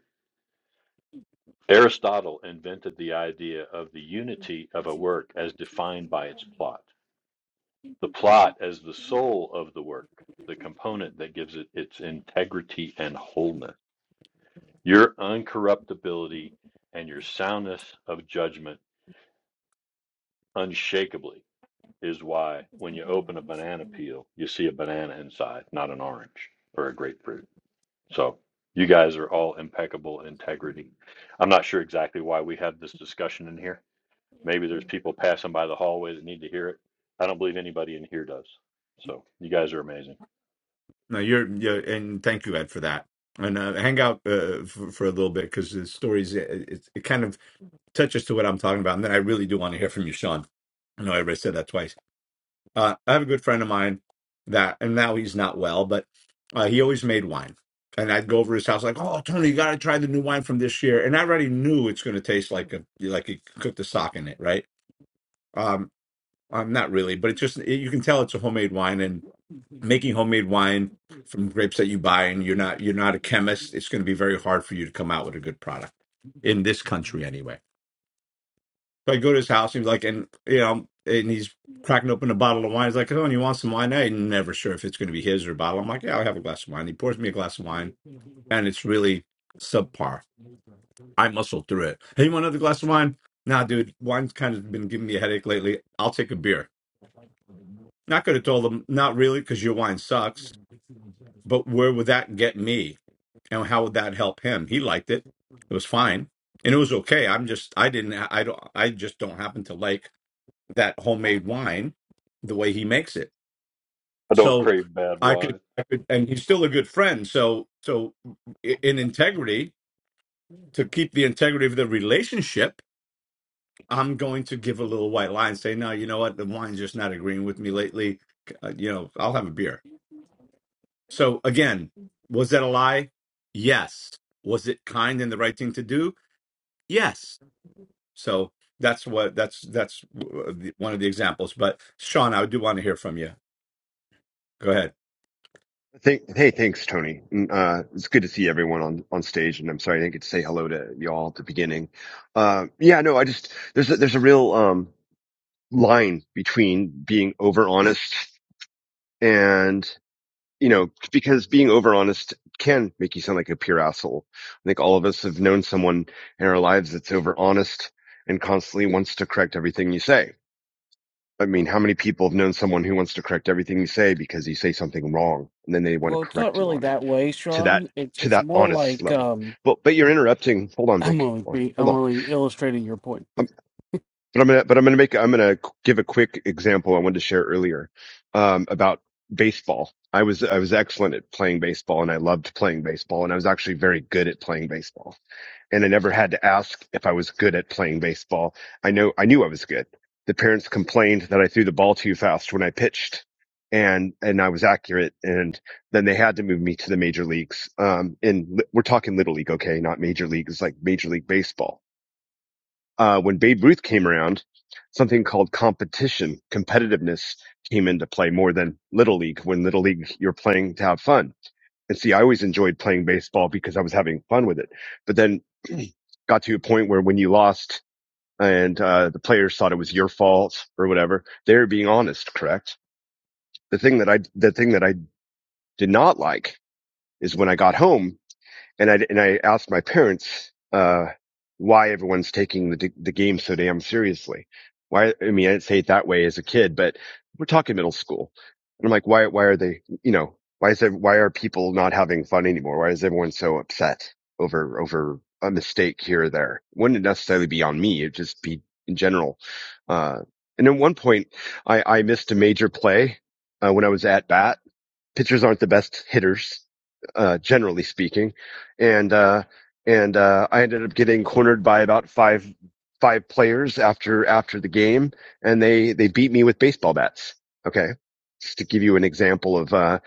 [SPEAKER 4] Aristotle invented the idea of the unity of a work as defined by its plot. The plot as the soul of the work, the component that gives it its integrity and wholeness. Your uncorruptibility and your soundness of judgment unshakably is why when you open a banana peel, you see a banana inside, not an orange or a grapefruit. So you guys are all impeccable integrity. I'm not sure exactly why we have this discussion in here. Maybe there's people passing by the hallway that need to hear it. I don't believe anybody in here does. So you guys are amazing.
[SPEAKER 6] No, you're you're and thank you, Ed, for that. And uh, hang out uh, for, for a little bit because the stories it, it, it kind of touches to what I'm talking about, and then I really do want to hear from you, Sean. I know I already said that twice Uh, I have a good friend of mine that, and now he's not well, but uh, he always made wine. And I'd go over to his house like, "Oh, Tony, you got to try the new wine from this year." And I already knew it's going to taste like a like he cooked a sock in it, right? Um, I'm not really, but it's just it, you can tell it's a homemade wine. And making homemade wine from grapes that you buy, and you're not you're not a chemist, it's going to be very hard for you to come out with a good product in this country, anyway so I go to his house. He's like, and you know, and he's cracking open a bottle of wine. He's like, oh, and you want some wine? I'm never sure if it's going to be his or a bottle. I'm like, yeah, I'll have a glass of wine. He pours me a glass of wine, and it's really subpar. I muscle through it. Hey, you want another glass of wine? Nah, dude, wine's kind of been giving me a headache lately. I'll take a beer. Not going to tell them, not really, because your wine sucks. But where would that get me? And how would that help him? He liked it. It was fine, and it was okay. I'm just, I didn't, I don't, I just don't happen to like that homemade wine the way he makes it.
[SPEAKER 4] I don't
[SPEAKER 6] So
[SPEAKER 4] crave bad
[SPEAKER 6] I could,
[SPEAKER 4] wine.
[SPEAKER 6] I could, and he's still a good friend. So, so i- in integrity, to keep the integrity of the relationship, I'm going to give a little white lie and say, no, you know what, the wine's just not agreeing with me lately. Uh, you know, I'll have a beer. So again, was that a lie? Yes. Was it kind and the right thing to do? Yes. So that's what that's that's uh, the- one of the examples. But Sean, I do want to hear from you. Go ahead.
[SPEAKER 8] Thank, hey, thanks, Tony. Mm, Uh, it's good to see everyone on, on stage, and I'm sorry I didn't get to say hello to y'all at the beginning. Uh, yeah, no, I just there's a, there's a real um, line between being over honest and you know because being over honest can make you sound like a pure asshole. I think all of us have known someone in our lives that's over honest and constantly wants to correct everything you say. I mean, how many people have known someone who wants to correct everything you say because you say something wrong and then they want to
[SPEAKER 2] Well, it's not
[SPEAKER 8] correct you
[SPEAKER 2] really
[SPEAKER 8] on it?
[SPEAKER 2] that way,
[SPEAKER 8] to that
[SPEAKER 2] Sean. It's
[SPEAKER 8] to
[SPEAKER 2] it's
[SPEAKER 8] that
[SPEAKER 2] more
[SPEAKER 8] honest
[SPEAKER 2] like
[SPEAKER 8] level.
[SPEAKER 2] um,
[SPEAKER 8] But but you're interrupting. Hold on,
[SPEAKER 2] I'm
[SPEAKER 8] Vic.
[SPEAKER 2] only
[SPEAKER 8] Hold on.
[SPEAKER 2] be- I'm
[SPEAKER 8] Hold on.
[SPEAKER 2] only illustrating your point.
[SPEAKER 8] Um, but I'm gonna but I'm gonna make I'm gonna give a quick example I wanted to share earlier um, about baseball. I was I was excellent at playing baseball and I loved playing baseball and I was actually very good at playing baseball and I never had to ask if I was good at playing baseball. I know I knew I was good. The parents complained that I threw the ball too fast when I pitched and and I was accurate and then they had to move me to the major leagues. Um and we're talking little league, okay, not major league, it's like major league baseball. Uh when Babe Ruth came around, something called competition, competitiveness came into play more than little league when little league you're playing to have fun and see, I always enjoyed playing baseball because I was having fun with it. But then got to a point where when you lost and uh, the players thought it was your fault or whatever, they were being honest, correct? The thing that I the thing that I did not like is when I got home and I and I asked my parents uh, why everyone's taking the the game so damn seriously. Why? I mean, I didn't say it that way as a kid, but we're talking middle school, and I'm like, why? Why are they? You know, why is there, why are people not having fun anymore? Why is everyone so upset over over a mistake here or there? It wouldn't necessarily be on me. It'd just be in general. Uh, and at one point, I, I missed a major play uh, when I was at bat pitchers aren't the best hitters, uh, generally speaking. And, uh, and, uh, I ended up getting cornered by about five, five players after, after the game and they, they beat me with baseball bats. Okay. Just to give you an example of, uh,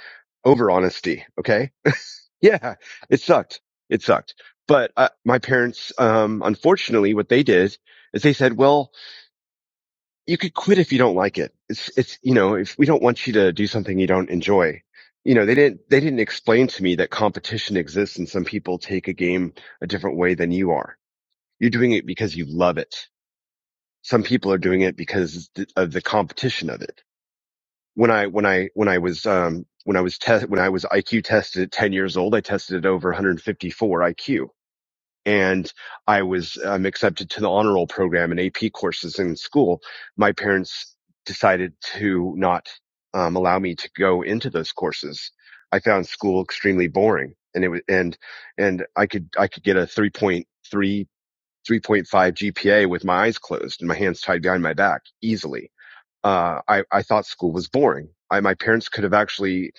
[SPEAKER 8] over honesty. Okay. Yeah. It sucked. It sucked. But, uh, my parents, um, unfortunately what they did is they said, well, you could quit if you don't like it. It's, it's, you know, if we don't want you to do something you don't enjoy, you know, they didn't, they didn't explain to me that competition exists and some people take a game a different way than you are. You're doing it because you love it. Some people are doing it because of the competition of it. When I, when I, when I was, um, when I was test, when I was IQ tested at 10 years old, I tested it over 154 IQ and I was um, accepted to the honor roll program and AP courses in school. My parents decided to not um, allow me to go into those courses. I found school extremely boring, and it was and and I could I could get a 3.3 3.5 GPA with my eyes closed and my hands tied behind my back easily. Uh, I, I thought school was boring. I, my parents could have actually,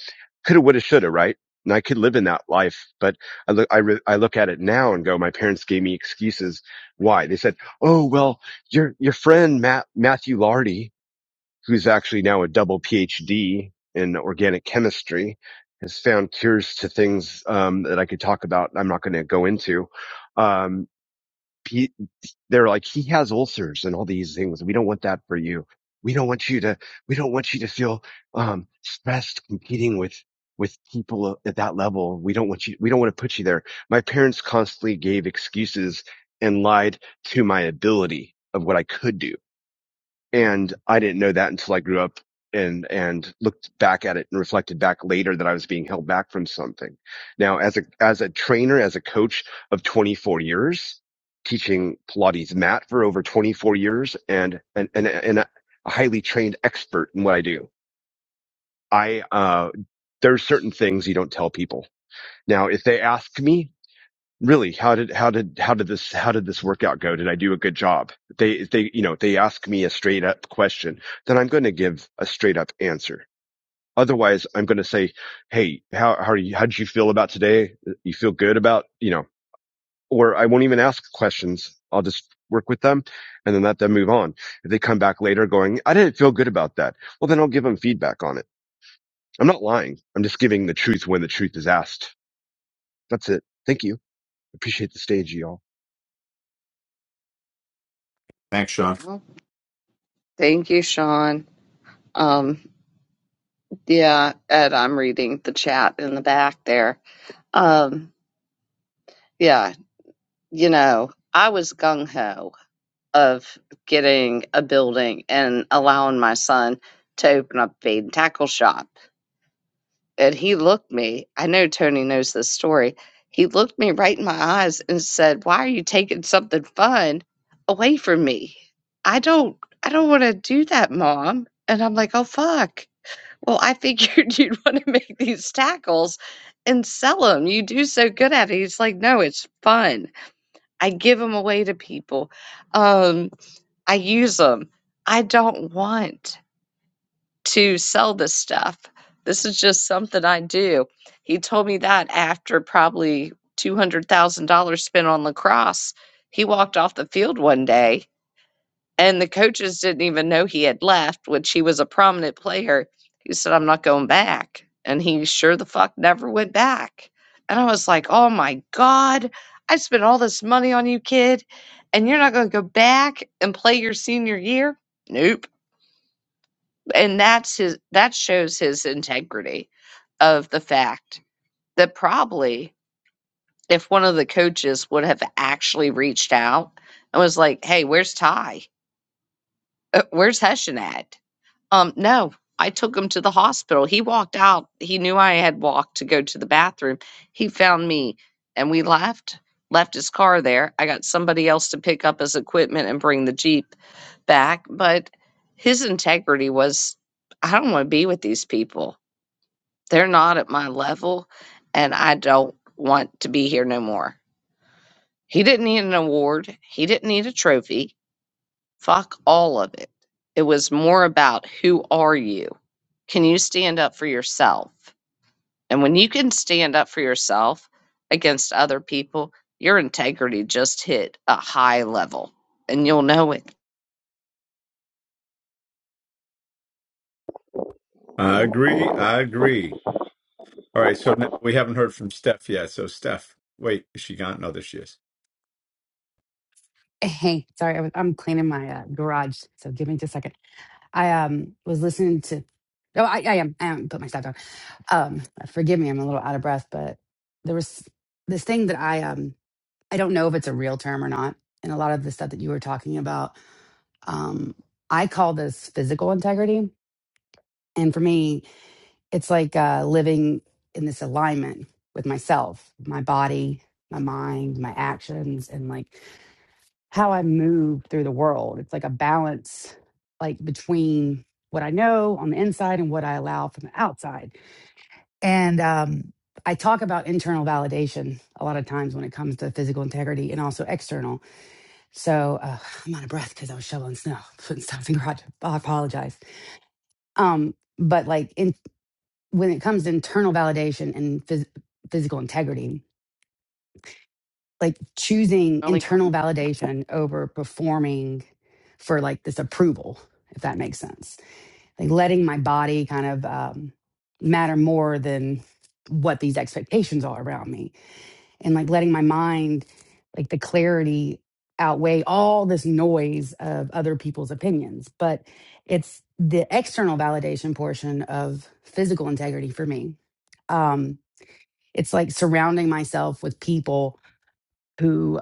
[SPEAKER 8] could have, would have, should have, right? And I could live in that life, but I look, I, re- I look at it now and go, my parents gave me excuses. Why? They said, Oh, well, your, your friend, Matt, Matthew Lardy, who's actually now a double PhD in organic chemistry has found cures to things, um, that I could talk about. I'm not going to go into. Um, he, they're like, he has ulcers and all these things. We don't want that for you. We don't want you to, we don't want you to feel, um, stressed competing with, with people at that level. We don't want you, we don't want to put you there. My parents constantly gave excuses and lied to my ability of what I could do and I didn't know that until I grew up and, and looked back at it and reflected back later that I was being held back from something. Now, as a, as a trainer, as a coach of 24 years, teaching Pilates mat for over 24 years and, and, and, and a highly trained expert in what I do, I, uh, there's certain things you don't tell people. Now, if they ask me, really how did how did how did this how did this workout go did i do a good job they they you know they ask me a straight up question then i'm going to give a straight up answer otherwise i'm going to say hey how how are you how did you feel about today you feel good about you know or i won't even ask questions i'll just work with them and then let them move on if they come back later going i didn't feel good about that well then i'll give them feedback on it i'm not lying i'm just giving the truth when the truth is asked that's it thank you appreciate the stage y'all
[SPEAKER 6] Thanks, Sean.
[SPEAKER 1] Well, thank you, Sean. Um, yeah, Ed, I'm reading the chat in the back there. Um, yeah, you know, I was gung ho of getting a building and allowing my son to open up a bait and tackle shop. And he looked me, I know Tony knows this story. He looked me right in my eyes and said, Why are you taking something fun away from me? I don't I don't wanna do that, Mom. And I'm like, Oh fuck. Well, I figured you'd want to make these tackles and sell them. You do so good at it. He's like, No, it's fun. I give them away to people. Um, I use them. I don't want to sell this stuff. This is just something I do. He told me that after probably $200,000 spent on lacrosse. He walked off the field one day and the coaches didn't even know he had left, which he was a prominent player. He said, I'm not going back. And he sure the fuck never went back. And I was like, oh my God, I spent all this money on you, kid, and you're not going to go back and play your senior year? Nope. And that's his, that shows his integrity of the fact that probably if one of the coaches would have actually reached out and was like, hey, where's Ty? Uh, where's Hessian at? Um, no, I took him to the hospital. He walked out. He knew I had walked to go to the bathroom. He found me and we left, left his car there. I got somebody else to pick up his equipment and bring the Jeep back. But his integrity was I don't want to be with these people. They're not at my level and I don't want to be here no more. He didn't need an award, he didn't need a trophy Fuck all of it. It was more about who are you? Can you stand up for yourself? And when you can stand up for yourself against other people, your integrity just hit a high level and you'll know it.
[SPEAKER 6] I agree. I agree. All right. So now we haven't heard from Steph yet. So Steph, wait, is she gone? No, there she is.
[SPEAKER 10] Hey, sorry, I was, I'm cleaning my uh, garage, so give me just a second. I um was listening to. Oh, I, I am. I am. Put my stuff down. Um, forgive me, I'm a little out of breath, but there was this thing that I um I don't know if it's a real term or not, and a lot of the stuff that you were talking about, um, I call this physical integrity, and for me, it's like uh, living in this alignment with myself, my body, my mind, my actions, and like how I move through the world. It's like a balance, like between what I know on the inside and what I allow from the outside. And um, I talk about internal validation a lot of times when it comes to physical integrity and also external. So uh, I'm out of breath because I was shoveling snow, putting stuff in the garage. I apologize. Um, but like in, when it comes to internal validation and phys- physical integrity, like choosing
[SPEAKER 1] Only cr-
[SPEAKER 10] internal validation over performing for like this approval, if that makes sense. Like letting my body kind of um, matter more than what these expectations are around me, and like letting my mind, like the clarity outweigh all this noise of other people's opinions. But it's the external validation portion of physical integrity for me. Um, it's like surrounding myself with people who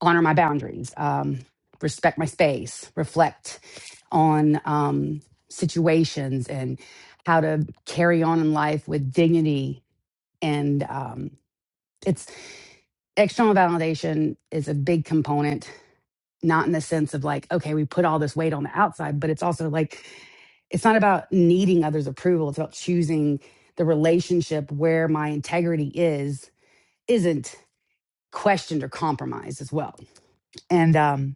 [SPEAKER 10] honor my boundaries, um, respect my space, reflect on um, situations and how to carry on in life with dignity. And um, it's external validation is a big component, not in the sense of like, okay, we put all this weight on the outside, but it's also like, it's not about needing others' approval. It's about choosing the relationship where my integrity is, isn't questioned or compromised as well. And um,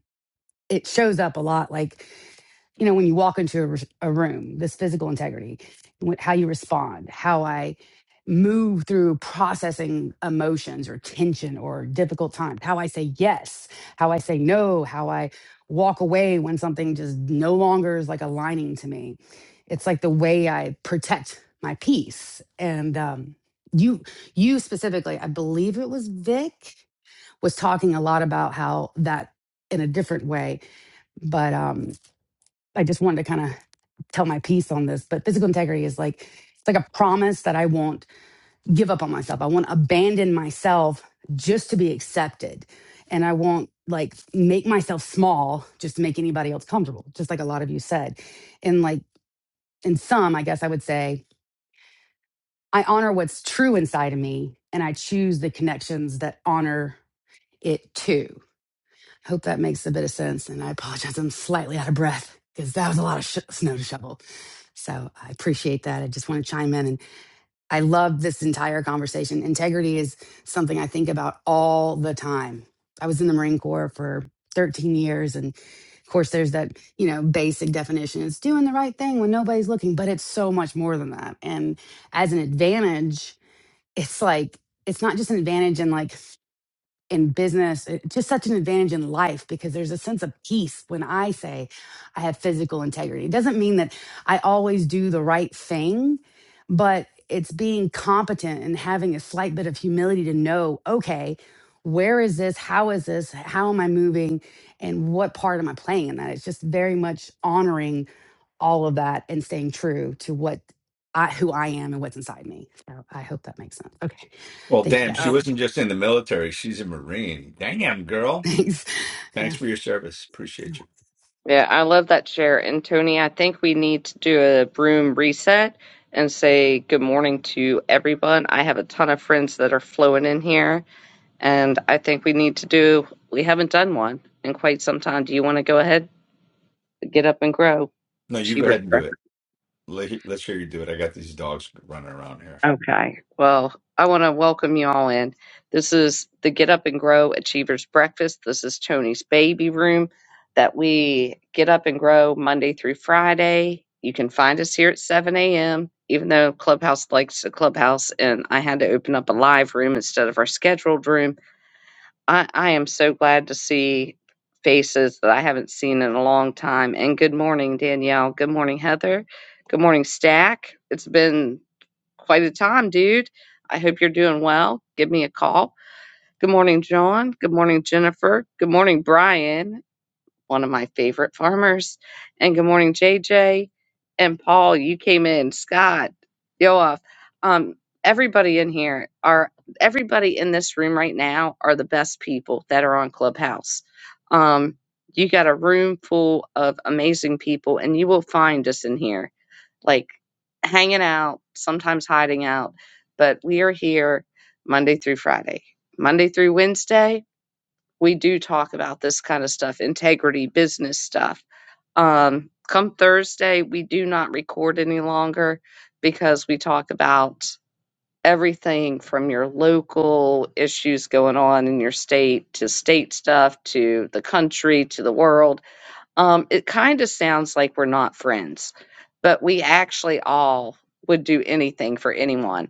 [SPEAKER 10] it shows up a lot. Like you know, when you walk into a, r- a room, this physical integrity, wh- how you respond, how I move through processing emotions or tension or difficult times, how I say yes, how I say no, how I walk away when something just no longer is like aligning to me. It's like the way I protect my peace. And um, you, you specifically, I believe it was Vic, was talking a lot about how that in a different way, but um, I just wanted to kind of tell my piece on this, but physical integrity is like it's like a promise that I won't give up on myself. I won't abandon myself just to be accepted. And I won't like make myself small just to make anybody else comfortable, just like a lot of you said. And like in some, I guess I would say, I honor what's true inside of me and I choose the connections that honor it too. I hope that makes a bit of sense. And I apologize, I'm slightly out of breath because that was a lot of sh- snow to shovel. So I appreciate that. I just want to chime in and I love this entire conversation. Integrity is something I think about all the time. I was in the Marine Corps for 13 years and of course there's that, you know, basic definition. It's doing the right thing when nobody's looking, but it's so much more than that. And as an advantage, it's like it's not just an advantage in like in business, it- just such an advantage in life because there's a sense of peace when I say I have physical integrity. It doesn't mean that I always do the right thing, but it's being competent and having a slight bit of humility to know, okay, where is this? How is this? How am I moving? And what part am I playing in that? It's just very much honoring all of that and staying true to what I, who I am and what's inside me. So I hope that makes sense. Okay.
[SPEAKER 6] Well,
[SPEAKER 10] Thank you
[SPEAKER 6] damn, she
[SPEAKER 10] guys.
[SPEAKER 6] wasn't just in the military. She's a Marine. Damn, girl.
[SPEAKER 10] Thanks. Yeah.
[SPEAKER 6] Thanks for your service. Appreciate you.
[SPEAKER 1] Yeah, I love that share. And Tony, I think we need to do a room reset and say good morning to everyone. I have a ton of friends that are flowing in here, and I think we need to do, we haven't done one in quite some time. Do you want to go ahead, get up and grow?
[SPEAKER 6] No, you go
[SPEAKER 1] Achiever.
[SPEAKER 6] ahead and do it. Let, let's hear you do it. I got these dogs running around here.
[SPEAKER 1] Okay. Well, I want to welcome you all in. This is the Get Up and Grow Achievers Breakfast. This is Tony's baby room that we get up and grow Monday through Friday. You can find us here at 7 a.m., even though Clubhouse likes the clubhouse, and I had to open up a live room instead of our scheduled room. I, I am so glad to see faces that I haven't seen in a long time. And good morning, Danielle. Good morning, Heather. Good morning, Stack. It's been quite a time, dude. I hope you're doing well. Give me a call. Good morning, John. Good morning, Jennifer. Good morning, Brian, one of my favorite farmers. And good morning, JJ. And Paul, you came in. Scott, Yoav. Um, everybody in here are everybody in this room right now are the best people that are on Clubhouse. Um, you got a room full of amazing people, and you will find us in here like hanging out, sometimes hiding out, but we are here Monday through Friday. Monday through Wednesday, we do talk about this kind of stuff, integrity, business stuff. Um, come Thursday, we do not record any longer because we talk about everything from your local issues going on in your state to state stuff to the country to the world um, it kind of sounds like we're not friends, but we actually all would do anything for anyone.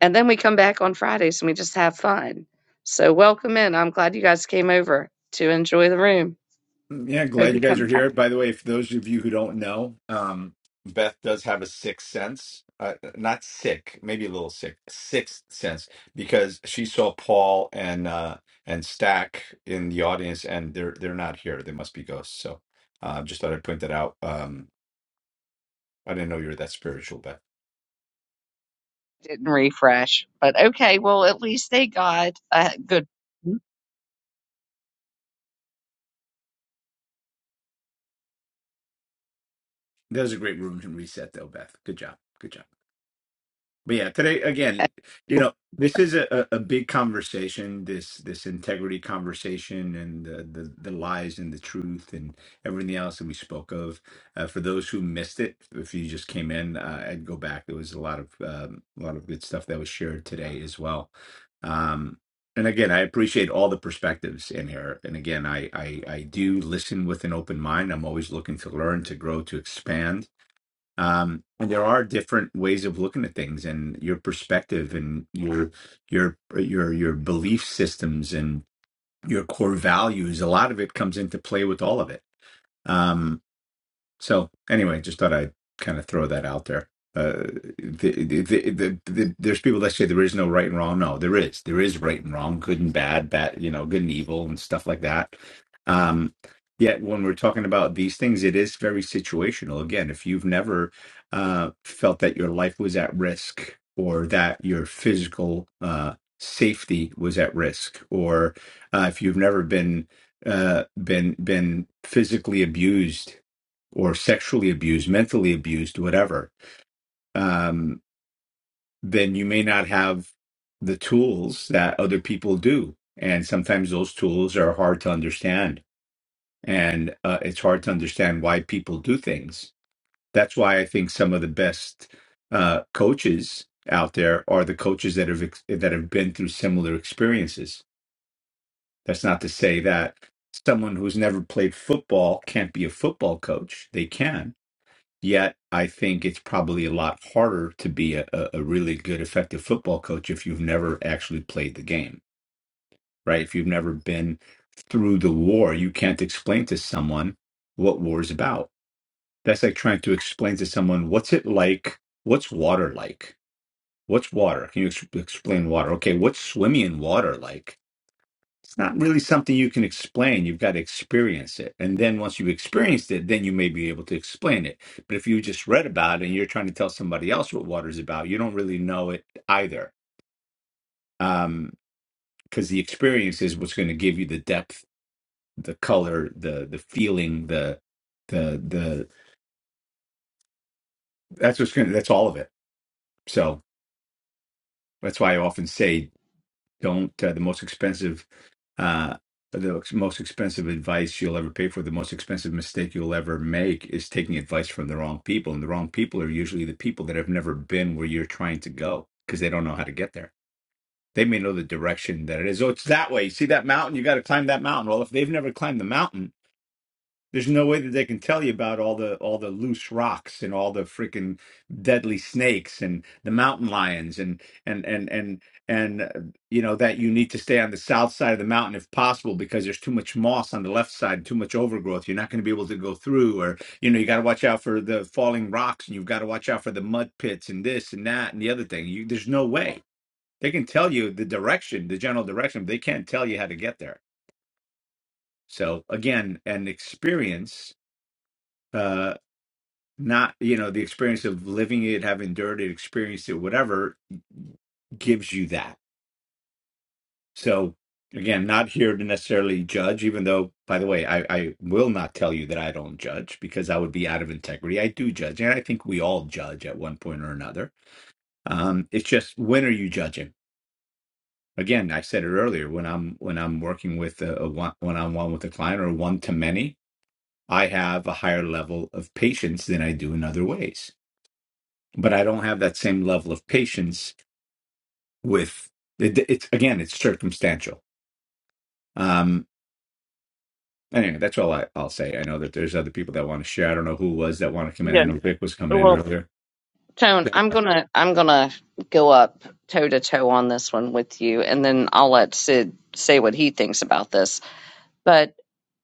[SPEAKER 1] And then we come back on Fridays and we just have fun. So welcome in. I'm glad you guys came over to enjoy the room.
[SPEAKER 6] Yeah,
[SPEAKER 1] Hope
[SPEAKER 6] glad you
[SPEAKER 1] you come
[SPEAKER 6] guys are
[SPEAKER 1] back.
[SPEAKER 6] here. By the way, for those of you who don't know, um, Beth does have a sixth sense. Uh, not sick, maybe a little sick, sixth sense, because she saw Paul and uh, and Stack in the audience, and they're they're not here. They must be ghosts. So, uh, just thought I'd point that out. Um, I didn't know you were that spiritual, Beth.
[SPEAKER 1] didn't refresh. But okay, well, at least they got a good.
[SPEAKER 6] That was a great room to reset, though, Beth. Good job. Good job. But yeah, today again, you know, this is a, a a big conversation. This this integrity conversation and the, the the lies and the truth and everything else that we spoke of. Uh, for those who missed it, if you just came in, uh, I'd go back. There was a lot of um, a lot of good stuff that was shared today as well. Um, and again, I appreciate all the perspectives in here. And again, I, I I do listen with an open mind. I'm always looking to learn, to grow, to expand um, and there are different ways of looking at things and your perspective and your your your your belief systems and your core values a lot of it comes into play with all of it Um, so anyway, just thought I'd kind of throw that out there. Uh, the, the, the, the, the, there's people that say there is no right and wrong. No, there is. There is right and wrong, good and bad, bad, you know, good and evil, and stuff like that. Um, yet when we're talking about these things, it is very situational. Again, if you've never uh, felt that your life was at risk, or that your physical uh, safety was at risk, or uh, if you've never been uh, been been physically abused or sexually abused, mentally abused, whatever, um, then you may not have the tools that other people do. And sometimes those tools are hard to understand. And uh, it's hard to understand why people do things. That's why I think some of the best uh, coaches out there are the coaches that have ex- that have been through similar experiences. That's not to say that someone who's never played football can't be a football coach. They can Yet, I think it's probably a lot harder to be a, a a really good, effective football coach if you've never actually played the game, right? If you've never been through the war, you can't explain to someone what war is about. That's like trying to explain to someone what's it like? What's water like? What's water? Can you ex- explain water? Okay, what's swimming in water like? not really something you can explain. You've got to experience it. And then once you've experienced it, then you may be able to explain it. But if you just read about it and you're trying to tell somebody else what water's about, you don't really know it either. Um, because the experience is what's going to give you the depth, the color, the the feeling, the the the that's what's going to that's all of it. So that's why I often say don't uh, the most expensive uh the most expensive advice you'll ever pay for the most expensive mistake you'll ever make is taking advice from the wrong people and the wrong people are usually the people that have never been where you're trying to go because they don't know how to get there they may know the direction that it is oh it's that way see that mountain you got to climb that mountain well if they've never climbed the mountain there's no way that they can tell you about all the all the loose rocks and all the freaking deadly snakes and the mountain lions and and and and and uh, you know that you need to stay on the south side of the mountain if possible because there's too much moss on the left side, too much overgrowth. You're not going to be able to go through, or you know you got to watch out for the falling rocks and you've got to watch out for the mud pits and this and that and the other thing. You, there's no way they can tell you the direction, the general direction, but they can't tell you how to get there. So again, an experience. uh, not you know the experience of living it having endured it experienced it whatever gives you that so again not here to necessarily judge even though by the way I, I will not tell you that i don't judge because i would be out of integrity i do judge and i think we all judge at one point or another um, it's just when are you judging again i said it earlier when i'm when i'm working with a, a one, one-on-one with a client or one to many i have a higher level of patience than i do in other ways but I don't have that same level of patience with it, it's again, it's circumstantial. Um, anyway, that's all I, I'll say. I know that there's other people that want to share. I don't know who was that want to come in.
[SPEAKER 1] Yeah,
[SPEAKER 6] I know Vic was coming in
[SPEAKER 1] well,
[SPEAKER 6] earlier.
[SPEAKER 1] Tone, I'm gonna I'm gonna go up toe to toe on this one with you, and then I'll let Sid say what he thinks about this. But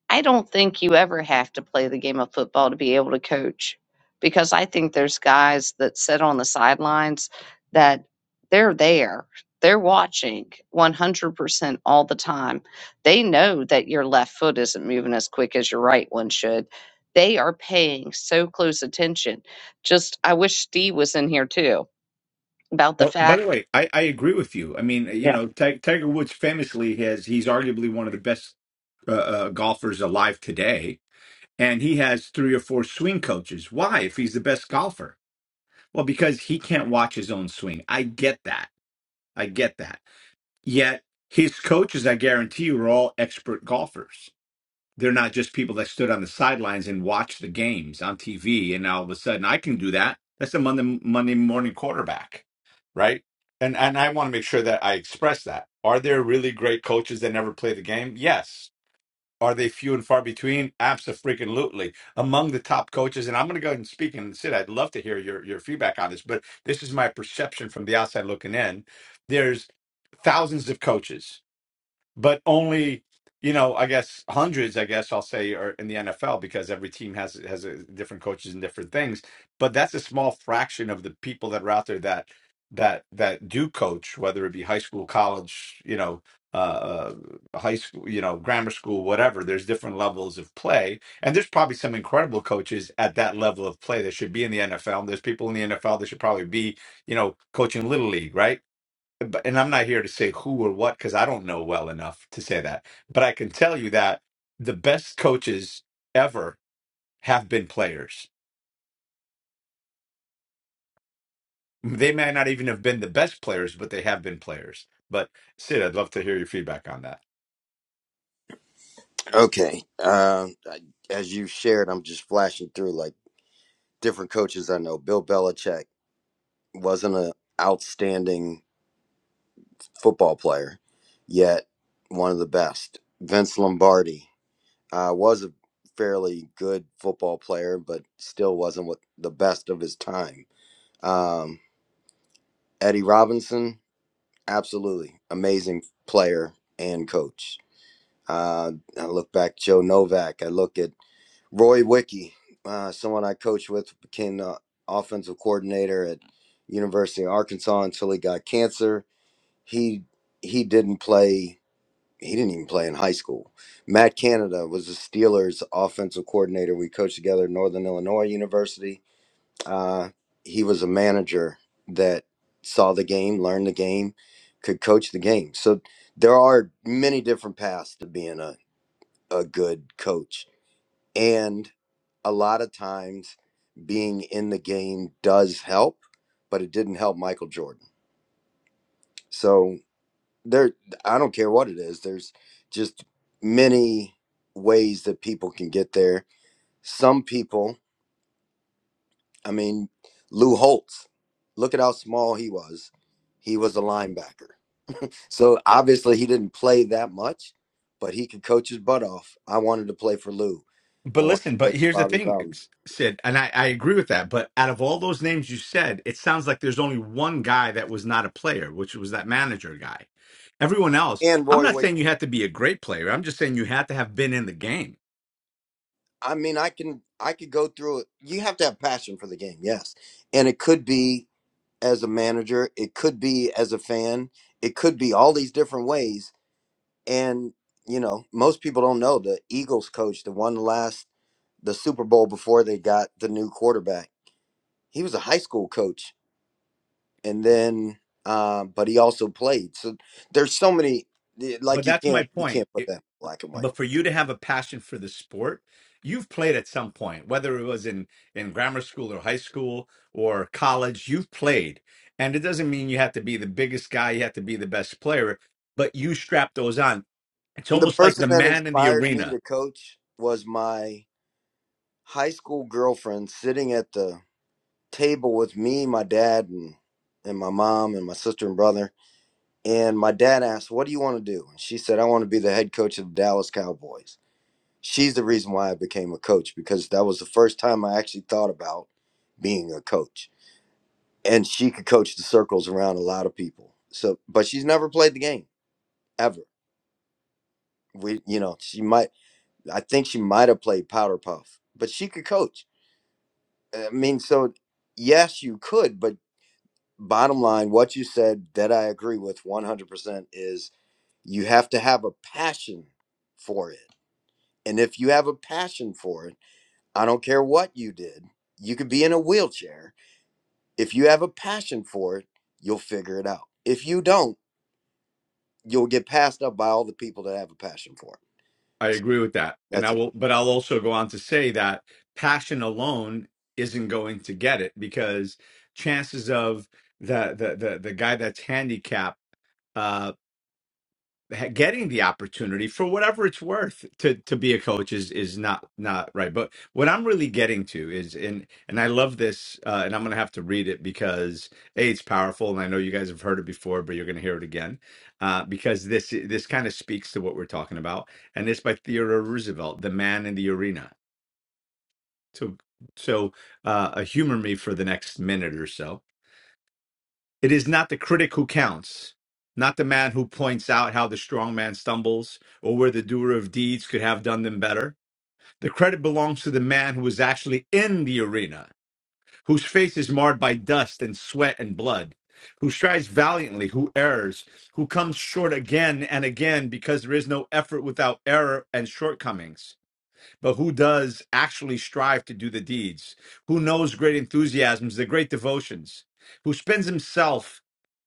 [SPEAKER 1] I don't think you ever have to play the game of football to be able to coach because I think there's guys that sit on the sidelines that they're there. They're watching 100% all the time. They know that your left foot isn't moving as quick as your right one should. They are paying so close attention. Just, I wish Steve was in here too about the
[SPEAKER 6] Oh,
[SPEAKER 1] fact.
[SPEAKER 6] by the way, I, I agree with you. I mean, you know, Ti- Tiger Woods famously has he's arguably one of the best uh, uh, golfers alive today, and he has three or four swing coaches. Why, if he's the best golfer? Well, because he can't watch his own swing. I get that. I get that Yet his coaches, I guarantee you, are all expert golfers. They're not just people that stood on the sidelines and watched the games on TV. And all of a sudden, I can do that. That's a Monday Monday morning quarterback, right? And and I want to make sure that I express that. Are there really great coaches that never play the game? Yes, are they few and far between? Absolutely. Among the top coaches, and I'm going to go ahead and speak and sit. I'd love to hear your, your feedback on this, but this is my perception from the outside looking in. There's thousands of coaches but only you know i guess hundreds i guess i'll say are in the nfl because every team has has a, different coaches and different things but that's a small fraction of the people that are out there that that that do coach whether it be high school college you know uh uh, high school you know grammar school whatever there's different levels of play and there's probably some incredible coaches at that level of play that should be in the NFL there's people in the NFL that should probably be you know coaching little league right but and I'm not here to say who or what because I don't know well enough to say that. But I can tell you that the best coaches ever have been players. They may not even have been the best players, but they have been players. But Sid, I'd love to hear your feedback on that.
[SPEAKER 7] okay um I- as you shared i'm just flashing through like different coaches I know, Bill Belichick wasn't an outstanding football player, yet one of the best. Vince Lombardi uh, was a fairly good football player, but still wasn't what the best of his time. Um, Eddie Robinson, absolutely amazing player and coach. Uh, I look back Joe Novak. I look at Roy Wiki, uh, someone I coached with, became the offensive coordinator at University of Arkansas until he got cancer. He he didn't play. He didn't even play in high school. Matt Canada was the Steelers' offensive coordinator. We coached together at Northern Illinois University. Uh, he was a manager that saw the game, learned the game, could coach the game. So there are many different paths to being a, a good coach. And a lot of times being in the game does help, but it didn't help Michael Jordan. So there, I don't care what it is. There's just many ways that people can get there. Some people, I mean, Lou Holtz, look at how small he was. He was a linebacker. So obviously he didn't play that much, but he could coach his butt off. I wanted to play for Lou. I
[SPEAKER 6] But
[SPEAKER 7] wanted
[SPEAKER 6] listen,
[SPEAKER 7] to play
[SPEAKER 6] but here's
[SPEAKER 7] for
[SPEAKER 6] the
[SPEAKER 7] Bobby
[SPEAKER 6] thing,
[SPEAKER 7] Bowden
[SPEAKER 6] S- Sid, and I, I agree with that. But out of all those names you said, it sounds like there's only one guy that was not a player, which was that manager guy. Everyone else,
[SPEAKER 7] and
[SPEAKER 6] I'm
[SPEAKER 7] Roy Wade.
[SPEAKER 6] not saying you have to be a great player. I'm just saying you have to have been in the game.
[SPEAKER 7] I mean, I can I could go through it. You have to have passion for the game, yes. And it could be as a manager, it could be as a fan, it could be all these different ways. And you know, most people don't know the Eagles coach that won the last the Super Bowl before they got the new quarterback. He was a high school coach, and then uh, but he also played. So there's so many
[SPEAKER 6] But
[SPEAKER 7] like you
[SPEAKER 6] that's my
[SPEAKER 7] can't you
[SPEAKER 6] point.
[SPEAKER 7] can't
[SPEAKER 6] It-
[SPEAKER 7] put that in black and white.
[SPEAKER 6] but for you to have a passion for the sport you've played at some point whether it was in in grammar school or high school or college you've played and it doesn't mean you have to be the biggest guy you have to be the best player but you strap those on it's
[SPEAKER 7] The
[SPEAKER 6] almost like
[SPEAKER 7] person
[SPEAKER 6] the
[SPEAKER 7] that
[SPEAKER 6] man in the
[SPEAKER 7] inspired me
[SPEAKER 6] arena
[SPEAKER 7] to coach was my high school girlfriend sitting at the table with me, my dad, and and my mom and my sister and brother. And my dad asked, "What do you want to do?" And she said, "I want to be the head coach of the Dallas Cowboys." She's the reason why I became a coach because that was the first time I actually thought about being a coach. And she could coach the circles around a lot of people. So, but she's never played the game ever. We, you know, she might. I think she might have played powder puff, but she could coach. I mean, so yes, you could, but bottom line, what you said that I agree with 100% is you have to have a passion for it. And if you have a passion for it, I don't care what you did, you could be in a wheelchair. If you have a passion for it, you'll figure it out. If you don't, you'll get passed up by all the people that have a passion for
[SPEAKER 6] i
[SPEAKER 7] it. So
[SPEAKER 6] agree with that and i
[SPEAKER 7] that's it.
[SPEAKER 6] will but i'll also go on to say that passion alone isn't going to get it because chances of the the the, the guy that's handicapped uh, ha- getting the opportunity for whatever it's worth to to be a coach is is not not right but what i'm really getting to is and and i love this uh and i'm gonna have to read it because a it's powerful and i know you guys have heard it before but you're gonna hear it again uh because this this kind of speaks to what we're talking about and it's by theodore roosevelt the man in the arena so so uh humor me for the next minute or so it is not the critic who counts, not the man who points out how the strong man stumbles or where the doer of deeds could have done them better. The credit belongs to the man who is actually in the arena, whose face is marred by dust and sweat and blood, who strives valiantly, who errs, who comes short again and again because there is no effort without error and shortcomings, but who does actually strive to do the deeds, who knows great enthusiasms, the great devotions, who spends himself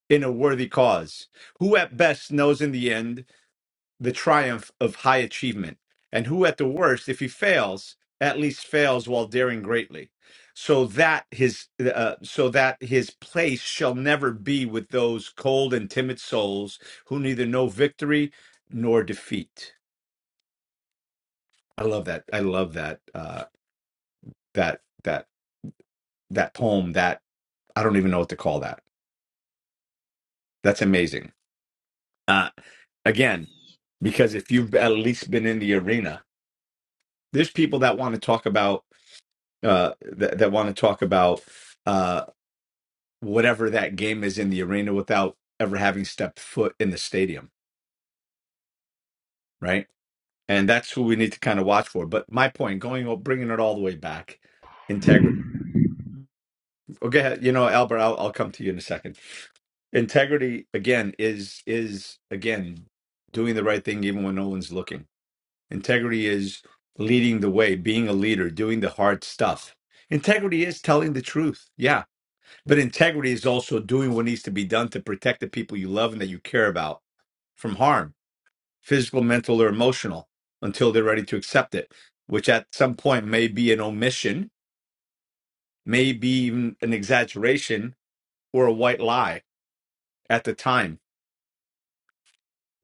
[SPEAKER 6] in a worthy cause, who at best knows in the end the triumph of high achievement, and who at the worst, if he fails, at least fails while daring greatly, so that his uh, so that his place shall never be with those cold and timid souls who neither know victory nor defeat. I love that. I love that uh, that that that poem. That I don't even know what to call that. That's amazing. Uh, again, because if you've at least been in the arena there's people that want to talk about uh that, that want to talk about uh whatever that game is in the arena without ever having stepped foot in the stadium right and that's who we need to kind of watch for but my point going bringing it all the way back integrity okay you know albert I'll, I'll come to you in a second integrity again is is again doing the right thing even when no one's looking integrity is leading the way being a leader doing the hard stuff integrity is telling the truth Yeah. But integrity is also doing what needs to be done to protect the people you love and that you care about from harm, physical, mental, or emotional, until they're ready to accept it, which at some point may be an omission, may be even an exaggeration or a white lie at the time.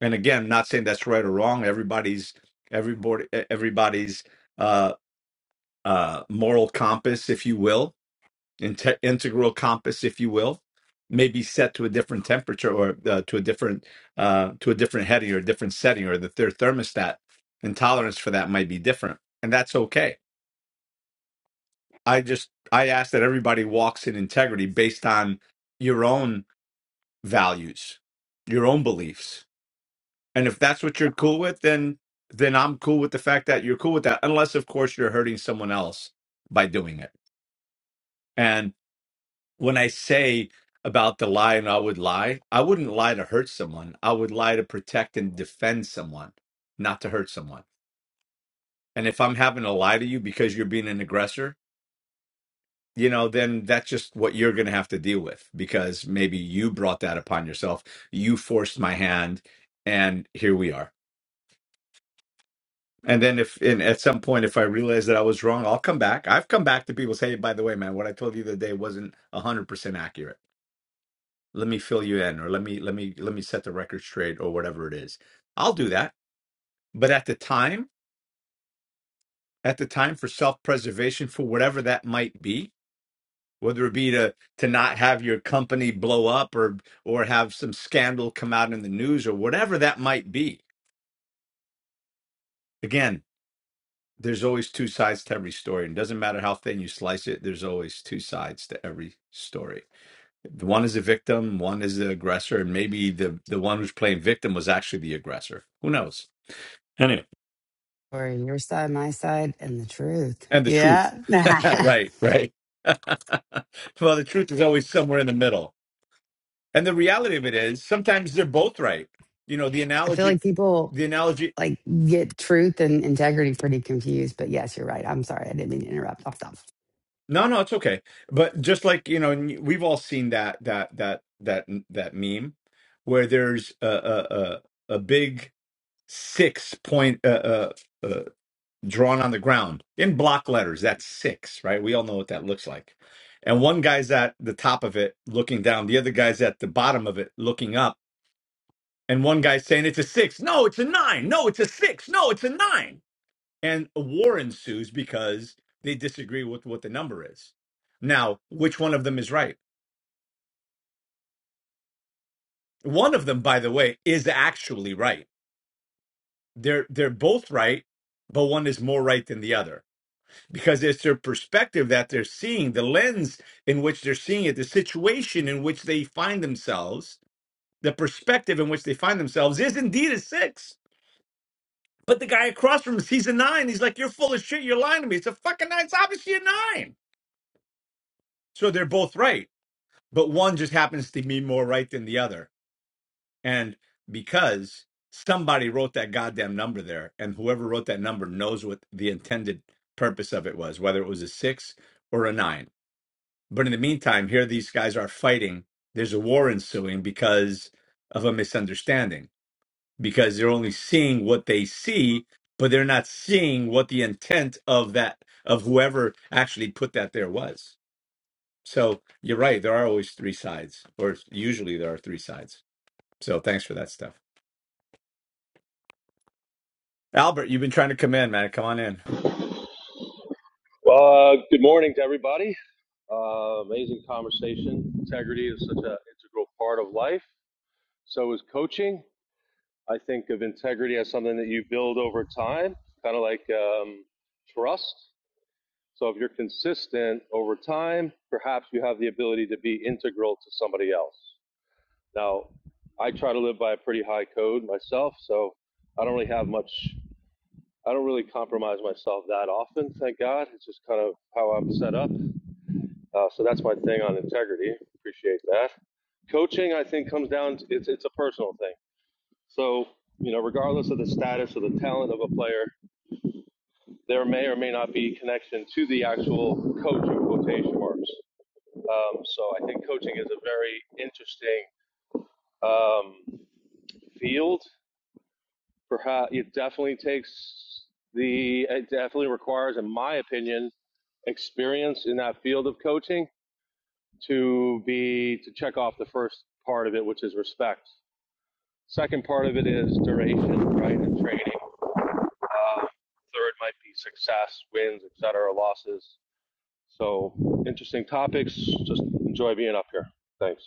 [SPEAKER 6] And again, not saying that's right or wrong. Everybody's everybody everybody's uh, uh, moral compass, if you will, inte- integral compass, if you will, may be set to a different temperature or uh, to a different uh, to a different heading or a different setting, or that their thermostat and tolerance for that might be different, and that's okay. I just I ask that everybody walks in integrity based on your own values, your own beliefs, and if that's what you're cool with, then then I'm cool with the fact that you're cool with that, unless of course you're hurting someone else by doing it. when I say about the lie and I would lie, I wouldn't lie to hurt someone. I would lie to protect and defend someone, not to hurt someone. And if I'm having to lie to you because you're being an aggressor, you know, then that's just what you're going to have to deal with because maybe you brought that upon yourself. You forced my hand, and here we are. And then if and at some point if I realize that I was wrong, I'll come back. I've come back to people say, "Hey, by the way, man, what I told you the other day wasn't 100% accurate." let me fill you in or let me let me let me set the record straight or whatever it is i'll do that but at the time at the time for self-preservation for whatever that might be whether it be to to not have your company blow up or or have some scandal come out in the news or whatever that might be again there's always two sides to every story and it doesn't matter how thin you slice it there's always two sides to every story one is the victim one is the aggressor and maybe the the one who's playing victim was actually the aggressor who knows Anyway.
[SPEAKER 10] Or your side, my side, and the truth.
[SPEAKER 6] and the truth.
[SPEAKER 10] Yeah. I
[SPEAKER 6] right, right. well, the truth is always somewhere in the middle. And the reality of it is sometimes they're both right. You know, the
[SPEAKER 10] feel
[SPEAKER 6] analogy
[SPEAKER 10] like people
[SPEAKER 6] the analogy
[SPEAKER 10] like get truth and integrity pretty confused. But yes, you're right. I'm sorry. I didn't mean to interrupt. I'll stop.
[SPEAKER 6] No, no, it's okay. But just like, you know, and we've all seen that that that that that meme where there's a a a, a big 6 point uh, uh, uh, drawn on the ground in block letters. That's six, right? We all know what that looks like. And one guy's at the top of it looking down, the other guy's at the bottom of it looking up. And one guy's saying, It's a six. No, it's a nine. No, it's a six. No, it's a nine. And a war ensues because they disagree with what the number is. Now, which one of them is right? One of them, by the way, is actually right. They're they're both right, but one is more right than the other because it's their perspective that they're seeing, the lens in which they're seeing it, the situation in which they find themselves, the perspective in which they find themselves is indeed a six. But the guy across from him sees a nine. He's like, You're full of shit. You're lying to me. It's a fucking nine. It's obviously a nine." So they're both right. But one just happens to be more right than the other. And because somebody wrote that goddamn number there, and whoever wrote that number knows what the intended purpose of it was, whether it was a six or a nine But in the meantime, here these guys are fighting. There's a war ensuing because of a misunderstanding, because they're only seeing what they see, but they're not seeing what the intent of that, of whoever actually put that there was. So you're right. There are always three sides, or usually there are three sides. So thanks for that stuff. Albert, you've been trying to come in, man. Come on in.
[SPEAKER 11] Well, uh, good morning to everybody. Uh, amazing conversation. Integrity is such an integral part of life. So is coaching. I think of integrity as something that you build over time, kind of like um, trust. So if you're consistent over time, perhaps you have the ability to be integral to somebody else. Now, I try to live by a pretty high code myself, so I don't really have much. I don't really compromise myself that often, thank God. It's just kind of how I'm set up. Uh, so that's my thing on integrity. Appreciate that. Coaching, I think, comes down to it's, it's a personal thing. So, you know, regardless of the status or the talent of a player, there may or may not be connection to the actual coach in quotation marks. Um, so I think coaching is a very interesting um, field. Perhaps it definitely takes the, it definitely requires, in my opinion, experience in that field of coaching to be to check off the first part of it, which is respect. Second part of it is duration, right, and training. Uh, third might be success, wins, et cetera, losses. So interesting topics. Just enjoy being up here. Thanks.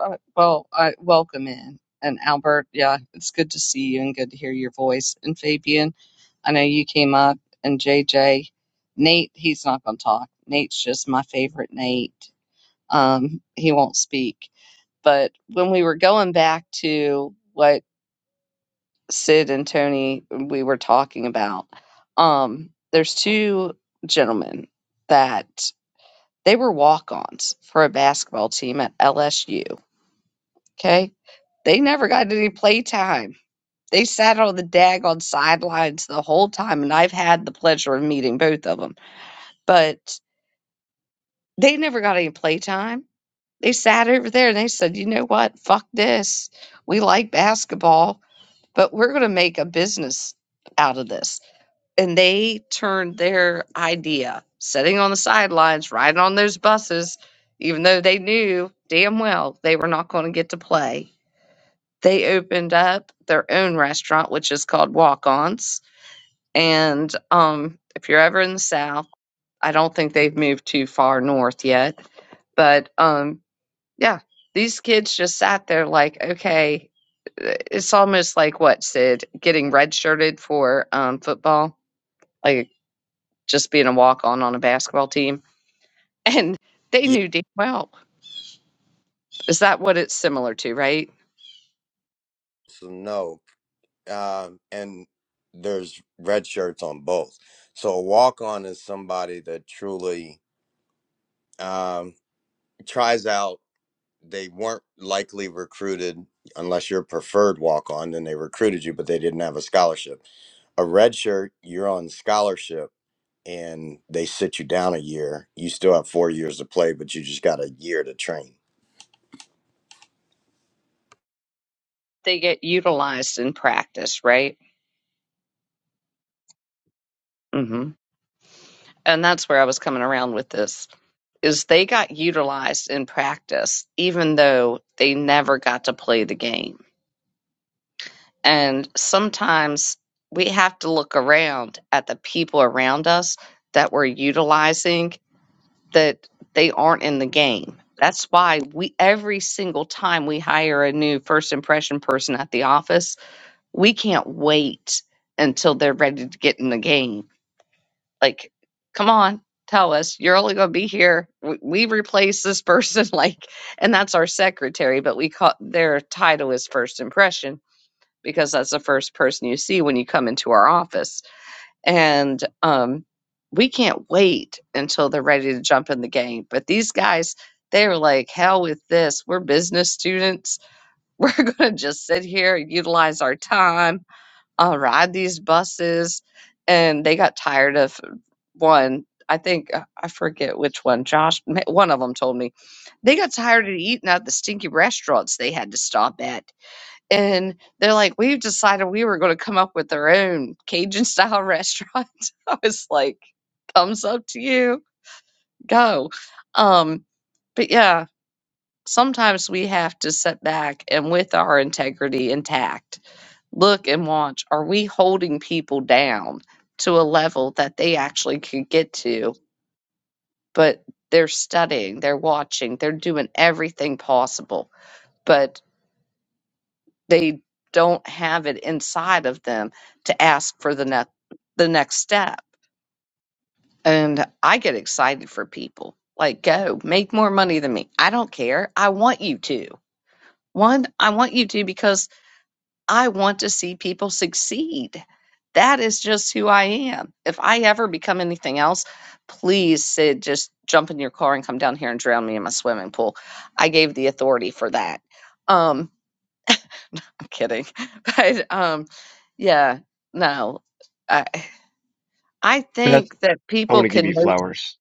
[SPEAKER 1] Uh, well, I welcome in. And Albert, yeah, it's good to see you and good to hear your voice. And Fabian, I know you came up. And JJ, Nate, he's not going to talk. Nate's just my favorite Nate. Um, he won't speak. But when we were going back to what Sid and Tony we were talking about, um, there's two gentlemen that they were walk-ons for a basketball team at LSU Okay. They never got any play time. They sat on the daggone sidelines the whole time, and I've had the pleasure of meeting both of them. But they never got any play time. They sat over there and they said, you know what? Fuck this. We like basketball, but we're going to make a business out of this. And they turned their idea, sitting on the sidelines, riding on those buses, even though they knew damn well they were not going to get to play they opened up their own restaurant, which is called Walk Ons. And um, if you're ever in the South, I don't think they've moved too far north yet. But um, yeah, these kids just sat there like, okay, it's almost like what, Sid, getting redshirted for um, football, like just being a walk on on a basketball team. And they
[SPEAKER 7] Yes
[SPEAKER 1] knew damn well. Is that what it's similar to, right?
[SPEAKER 7] and no. Um, and there's red shirts on both. So a walk on is somebody that truly um, tries out. they weren't likely recruited unless you're a preferred walk on, then they recruited you, but they didn't have a scholarship. A redshirt, you're on scholarship and they sit you down a year. You still have four years to play, but you just got a year to train.
[SPEAKER 1] they get utilized in practice, right? hmm And that's where I was coming around with this is they got utilized in practice, even though they never got to play the game. And sometimes we have to look around at the people around us that we're utilizing that they aren't in the game. That's why we every single time we hire a new first impression person at the office, we can't wait until they're ready to get in the game Like, come on, tell us. You're only going to be here. We, we replace this person, like, and that's our secretary, but we call their title is first impression because that's the first person you see when you come into our office. And um, we can't wait until they're ready to jump in the game. But these guys, they're like, hell with this. We're business students. We're going to just sit here, and utilize our time, uh, ride these buses. And they got tired of one i think uh, i forget which one josh one of them told me they got tired of eating at the stinky restaurants they had to stop at and they're like we've decided we were going to come up with our own cajun style restaurant i was like "Thumbs up to you go um but yeah sometimes we have to sit back and with our integrity intact look and watch are we holding people down to a level that they actually could get to but they're studying, they're watching, they're doing everything possible, but they don't have it inside of them to ask for the next the next step. And I get excited for people. Like, go make more money than me. I don't care. I want you to. One, I want you to because I want to see people succeed. That is just who I am. If I ever become anything else, please, Sid, just jump in your car and come down here and drown me in my swimming pool. I gave the authority for that. Um, I'm kidding, but um, yeah, no, I I
[SPEAKER 8] beth
[SPEAKER 1] think that
[SPEAKER 8] I
[SPEAKER 1] people
[SPEAKER 8] want to give you
[SPEAKER 1] can.
[SPEAKER 8] flowers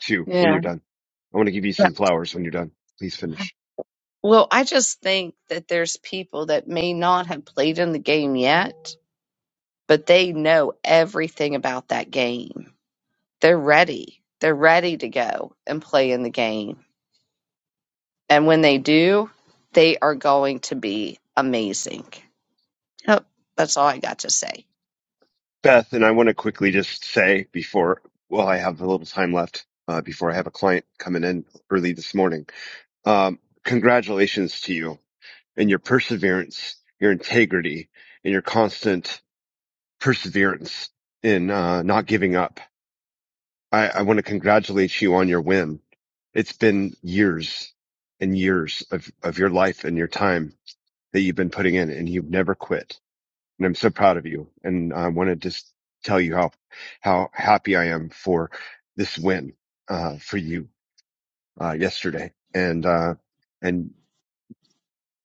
[SPEAKER 8] too when
[SPEAKER 1] Yeah.
[SPEAKER 8] you're done. I want to give you
[SPEAKER 1] yeah.
[SPEAKER 8] some flowers when you're done. Please finish.
[SPEAKER 1] Well, I just think that there's people that may not have played in the game yet, but they know everything about that game they're ready. They're ready to go and play in the game. And when they do, they are going to be amazing. Yep, that's all I got to say.
[SPEAKER 8] Beth, and I want to quickly just say before, well, I have a little time left uh, before I have a client coming in early this morning. Um, congratulations to you and your perseverance, your integrity, and your constant perseverance in uh, not giving up. I, I want to congratulate you on your win. It's been years and years of, of your life and your time that you've been putting in and you've never quit. And I'm so proud of you. And I want to just tell you how, how happy I am for this win, uh, for you, uh, yesterday. And, uh, and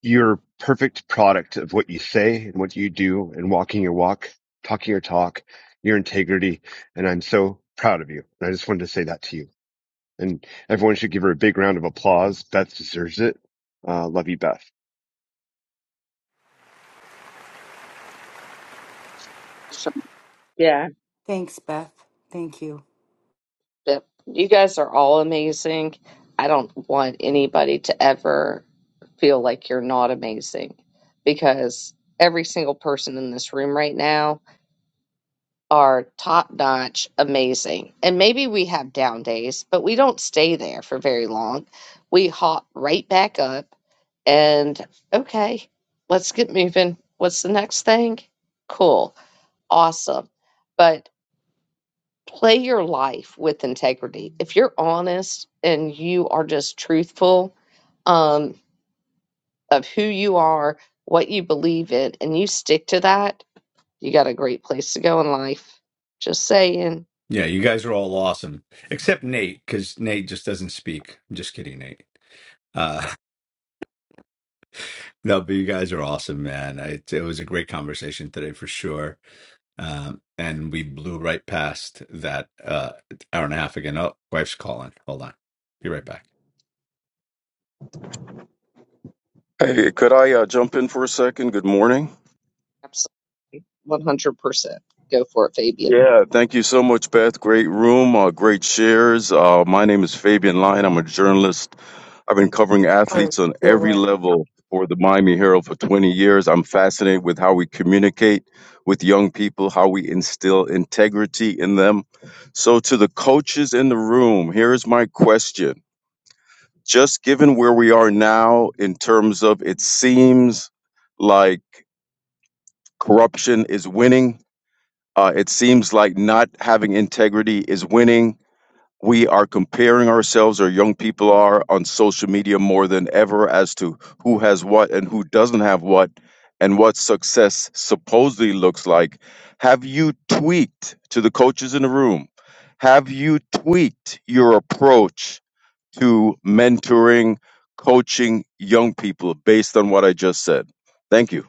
[SPEAKER 8] your perfect product of what you say and what you do and walking your walk, talking your talk, your integrity. And I'm so proud of you. And I just wanted to say that to you. And everyone should give her a big round of applause. Beth deserves it. Uh, love you, Beth.
[SPEAKER 1] Yeah,
[SPEAKER 9] Thanks, Beth. Thank you.
[SPEAKER 1] Yep. You guys are all amazing. I don't want anybody to ever feel like you're not amazing because every single person in this room right now are top notch amazing. And maybe we have down days, but we don't stay there for very long. We hop right back up and okay, let's get moving. What's the next thing? Cool. Awesome. But play your life with integrity. If you're honest and you are just truthful um, of who you are, what you believe in, and you stick to that, you got a great place to go in life. Just saying.
[SPEAKER 6] Yeah, you guys are all awesome, except Nate, because Nate just doesn't speak. I'm just kidding, Nate. Uh, No, but you guys are awesome, man. I, it was a great conversation today for sure. Um, and we blew right past that uh, hour and a half again. Oh, wife's calling. Hold on. Be right back.
[SPEAKER 12] Hey, could I uh, jump in for a second? Good morning.
[SPEAKER 1] Absolutely. 100%. Go for it, Fabian.
[SPEAKER 12] Yeah, thank you so much, Beth. Great room, uh, great shares. Uh, my name is Fabian Lyon. I'm a journalist. I've been covering athletes on every level for the Miami Herald for 20 years. I'm fascinated with how we communicate with young people, how we instill integrity in them. So, to the coaches in the room, here's my question. Just given where we are now, in terms of it seems like corruption is winning Uh, it seems like not having integrity is winning. We are comparing ourselves, or young people are, on social media more than ever as to who has what and who doesn't have what and what success supposedly looks like. Have you tweaked to the coaches in the room? Have you tweaked your approach to mentoring, coaching young people based on what I just said? Thank you.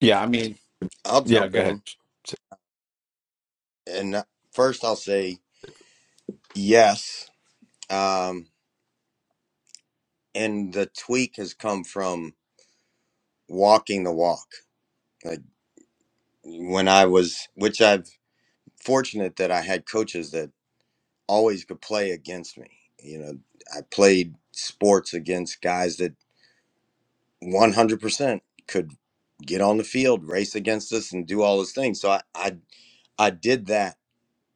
[SPEAKER 6] Yeah, I mean,
[SPEAKER 7] I'll
[SPEAKER 6] yeah,
[SPEAKER 7] jump
[SPEAKER 6] go ahead.
[SPEAKER 7] in. And uh, first, I'll say yes. Um, and the tweak has come from walking the walk. Like when I was, which I've fortunate that I had coaches that always could play against me. You know, I played sports against guys that 100% could get on the field, race against us, and do all those things. So I, I, I did that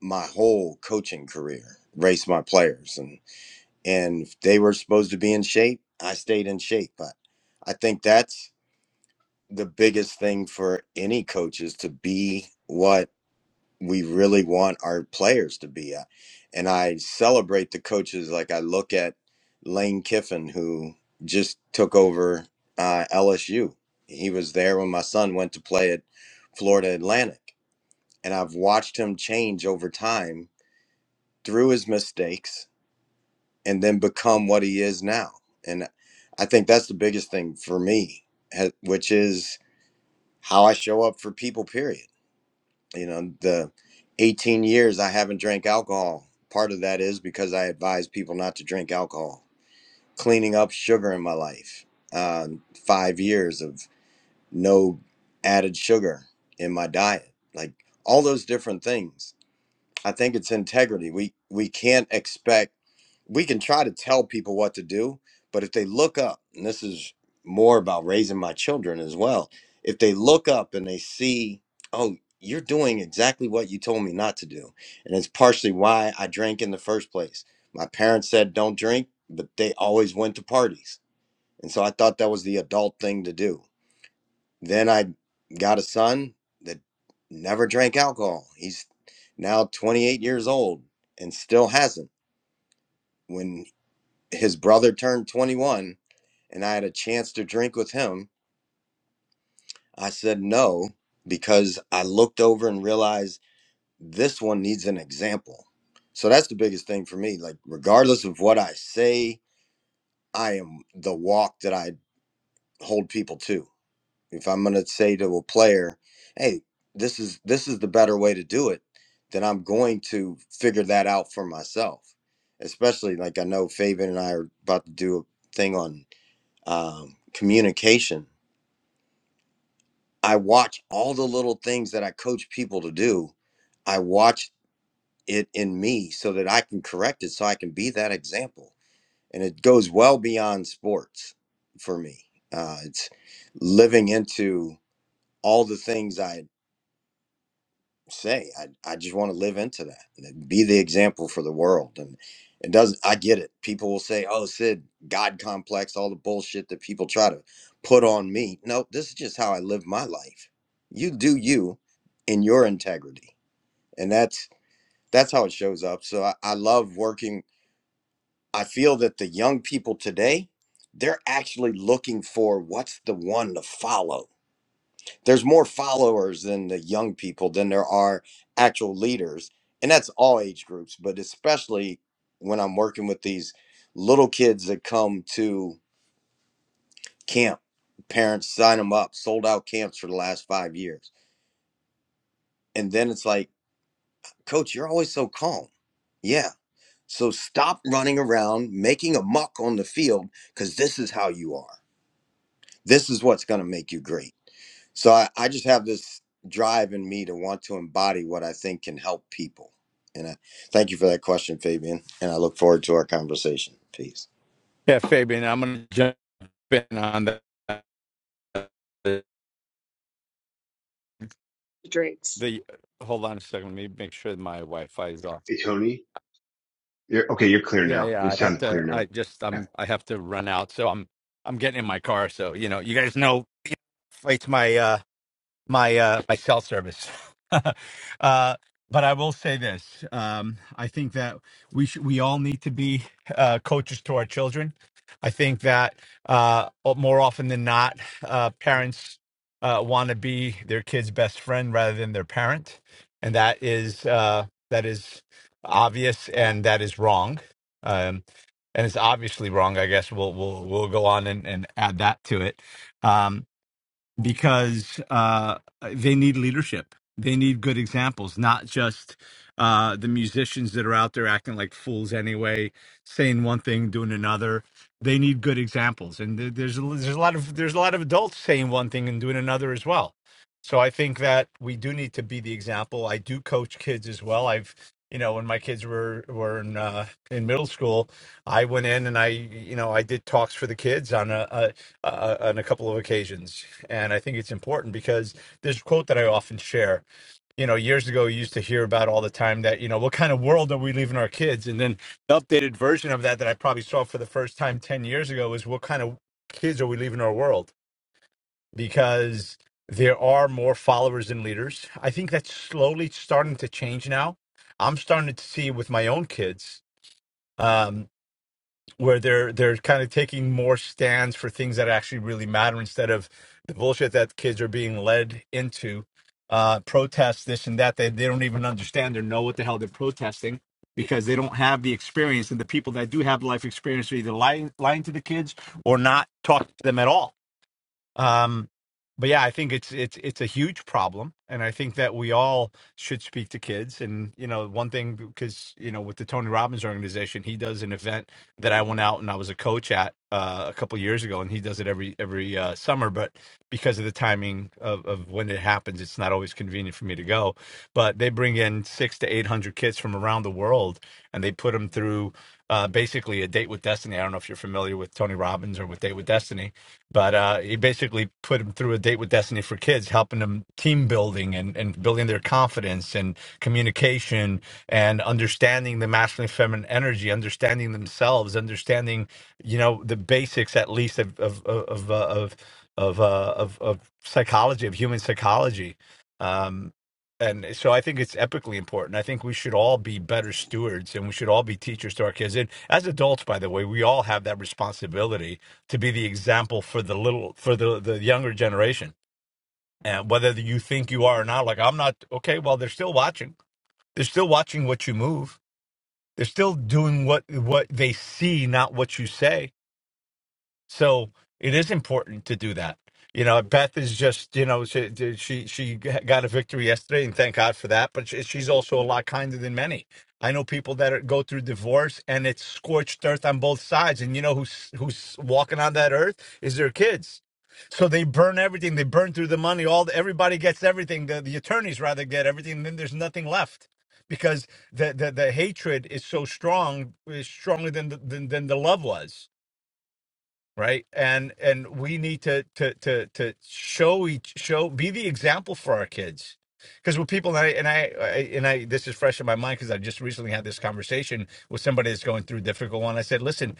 [SPEAKER 7] my whole coaching career, race my players, and and if they were supposed to be in shape, I stayed in shape. But I think that's the biggest thing for any coach is to be what we really want our players to be at. And I celebrate the coaches. Like I look at Lane Kiffin, who just took over uh, LSU. He was there when my son went to play at Florida Atlantic. And I've watched him change over time through his mistakes and then become what he is now. And I think that's the biggest thing for me, ha- which is how I show up for people, period you know the 18 years i haven't drank alcohol part of that is because i advise people not to drink alcohol cleaning up sugar in my life um, five years of no added sugar in my diet like all those different things I think it's integrity. We we can't expect we can try to tell people what to do, but if they look up, and this is more about raising my children as well, if they look up and they see, oh, you're doing exactly what you told me not to do. And it's partially why I drank in the first place. My parents said don't drink, but they always went to parties. And so I thought that was the adult thing to do then I got a son that never drank alcohol. He's now 28 years old and still hasn't. When his brother turned 21 and I had a chance to drink with him, I said no because I looked over and realized this one needs an example. So that's the biggest thing for me. Like, regardless of what I say, I am the walk that I hold people to. if I'm going to say to a player, "Hey, this is this is the better way to do it," then I'm going to figure that out for myself. Especially like I know Fabian and I are about to do a thing on um, communication. I watch all the little things that I coach people to do. I watch it in me so that I can correct it, so I can be that example. And it goes well beyond sports for me. Uh, it's living into all the things I say i, I just want to live into that be the example for the world and it doesn't i get it people will say oh sid god complex all the bullshit that people try to put on me no this is just how i live my life you do you in your integrity and that's that's how it shows up so i, I love working i feel that the young people today they're actually looking for what's the one to follow there's more followers than the young people than there are actual leaders and that's all age groups but especially when i'm working with these little kids that come to camp parents sign them up sold out camps for the last five years and then it's like coach you're always so calm yeah so stop running around making a muck on the field because this is how you are this is what's going to make you great So I, I just have this drive in me to want to embody what I think can help people. And I thank you for that question, Fabian. And I look forward to our conversation. Peace.
[SPEAKER 6] Yeah, Fabian, I'm going to jump in on the, the,
[SPEAKER 1] Drinks.
[SPEAKER 6] the. Hold on a second. Let me make sure that my Wi-Fi is off.
[SPEAKER 8] Hey, Tony, You're okay. You're clear
[SPEAKER 6] Yeah,
[SPEAKER 8] now.
[SPEAKER 6] yeah.
[SPEAKER 8] You
[SPEAKER 6] I have
[SPEAKER 8] sound clear
[SPEAKER 6] to.
[SPEAKER 8] now.
[SPEAKER 6] I just.
[SPEAKER 8] Okay.
[SPEAKER 6] I'm. I have to run out. So I'm. I'm getting in my car. So you know, you guys know. It's my. uh my uh, my cell service. uh, but I will say this: um, I think that we should, we all need to be uh, coaches to our children. I think that uh, more often than not, uh, parents uh, want to be their kid's best friend rather than their parent, and that is uh, that is obvious and that is wrong. Um, and it's obviously wrong. I guess we'll we'll we'll go on and, and add that to it. Um, because uh, they need leadership. They need good examples, not just uh, the musicians that are out there acting like fools anyway, saying one thing, doing another. They need good examples, and there- there's a- there's a lot of there's a lot of adults saying one thing and doing another as well. So I think that we do need to be the example. I do coach kids as well. I've you know when my kids were were in uh, in middle school, I went in and I you know I did talks for the kids on a, uh, on a couple of occasions, and I think it's important because there's a quote that I often share. You know, years ago, you used to hear about all the time that you know what kind of world are we leaving our kids, and then the updated version of that that I probably saw for the first time ten years ago is what kind of kids are we leaving our world because there are more followers than leaders. I think that's slowly starting to change now. I'm starting to see with my own kids. Um, where they're they're kind of taking more stands for things that actually really matter instead of the bullshit that kids are being led into uh protests this and that they, they don't even understand or know what the hell they're protesting because they don't have the experience and the people that do have life experience are either lying lying to the kids or not talking to them at all um, but yeah, I think it's it's it's a huge problem, and I think that we all should speak to kids. And you know, one thing because you know, with the Tony Robbins organization, he does an event that I went out and I was a coach at uh, a couple years ago, and he does it every every uh, summer. But because of the timing of, of when it happens, it's not always convenient for me to go. But they bring in six to eight hundred kids from around the world, and they put them through uh, basically a date with destiny. I don't know if you're familiar with Tony Robbins or with Date with Destiny, but uh, he basically put them through a date with destiny for kids, helping them team building and, and building their confidence and communication and understanding the masculine and feminine energy, understanding themselves, understanding you know the basics at least of of of of, uh, of of uh, of of psychology of human psychology, um, and so I think it's epically important. I think we should all be better stewards, and we should all be teachers to our kids. And as adults, by the way, we all have that responsibility to be the example for the little for the the younger generation. And whether you think you are or not, like I'm not okay. Well, they're still watching. They're still watching what you move. They're still doing what what they see, not what you say so it is important to do that. You know, Beth is just you know she she she got a victory yesterday, and thank God for that. But she, she's also a lot kinder than many. I know people that are, go through divorce, and it's scorched earth on both sides. And you know who's who's walking on that earth is their kids. So they burn everything. They burn through the money. All the, everybody gets everything. The, the attorneys rather get everything. And then there's nothing left because the, the, the hatred is so strong, is stronger than the, than, than the love was right and and we need to to to to show each show be the example for our kids because when people and I, and I I- and I this is fresh in my mind because I just recently had this conversation with somebody that's going through a difficult one I said listen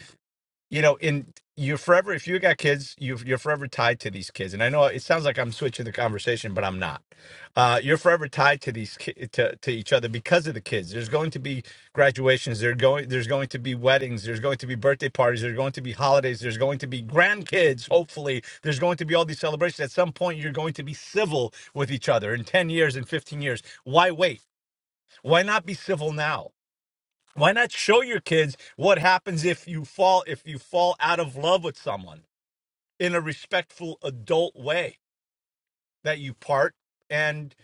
[SPEAKER 6] you know, in you're forever if you got kids, you're you're forever tied to these kids. And I know it sounds like I'm switching the conversation, but I'm not. Uh, you're forever tied to these ki- to to each other because of the kids. There's going to be graduations. There's going there's going to be weddings. There's going to be birthday parties. There's going to be holidays. There's going to be grandkids. Hopefully, there's going to be all these celebrations. At some point, you're going to be civil with each other in ten years and fifteen years. Why wait? Why not be civil now? why not show your kids what happens if you fall if you fall out of love with someone in a respectful adult way that you part and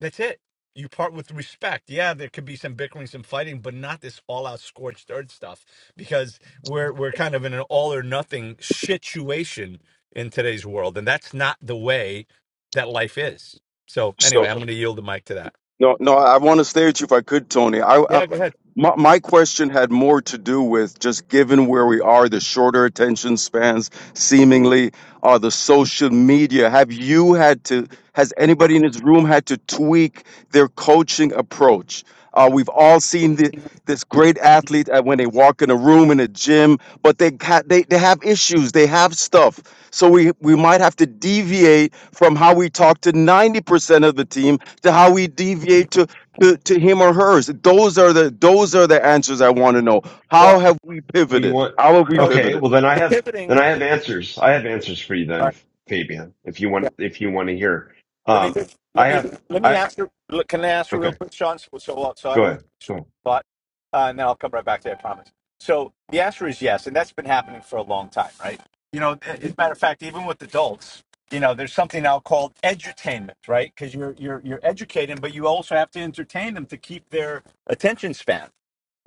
[SPEAKER 6] that's it you part with respect yeah there could be some bickering some fighting but not this all out scorched earth stuff because we're we're kind of in an all or nothing situation in today's world and that's not the way that life is so
[SPEAKER 12] So
[SPEAKER 6] anyway i'm going to yield the mic to that
[SPEAKER 12] No, no, I want to stay with you if I could, Tony. I, I
[SPEAKER 6] yeah go ahead
[SPEAKER 12] my, my question had more to do with just given where we are, the shorter attention spans, seemingly, uh, the social media. Have you had to? Has anybody in this room had to tweak their coaching approach? Uh, we've all seen the, this great athlete uh, when they walk in a room in a gym, but they ca- they they have issues, they have stuff. So we we might have to deviate from how we talk to ninety percent of the team to how we deviate to, to to him or hers. Those are the those are the answers I want to know. How have we
[SPEAKER 8] Oh, you
[SPEAKER 12] pivoted?
[SPEAKER 8] want?
[SPEAKER 12] How have we
[SPEAKER 6] so know,
[SPEAKER 8] Okay.
[SPEAKER 12] pivoted?
[SPEAKER 8] Well, then I
[SPEAKER 6] the
[SPEAKER 8] have
[SPEAKER 6] pivoting.
[SPEAKER 8] then I have answers. I have answers for you then, Fabian. If you want, if you want to hear,
[SPEAKER 6] Let me
[SPEAKER 8] um,
[SPEAKER 6] just
[SPEAKER 8] I
[SPEAKER 6] let me
[SPEAKER 8] have.
[SPEAKER 6] let me
[SPEAKER 8] I
[SPEAKER 6] ask her. look, Can I ask her real
[SPEAKER 8] okay.
[SPEAKER 6] quick, Sean? So so, uh, so I
[SPEAKER 8] Go
[SPEAKER 6] don't.
[SPEAKER 8] ahead. Go on.
[SPEAKER 6] But uh, and then I'll come right back to that. I promise. So the answer is yes, and that's been happening for a long time, right? You know, as a matter of fact, even with adults, you know, there's something now called edutainment, right? Because you're you're you're educating, but you also have to entertain them to keep their attention span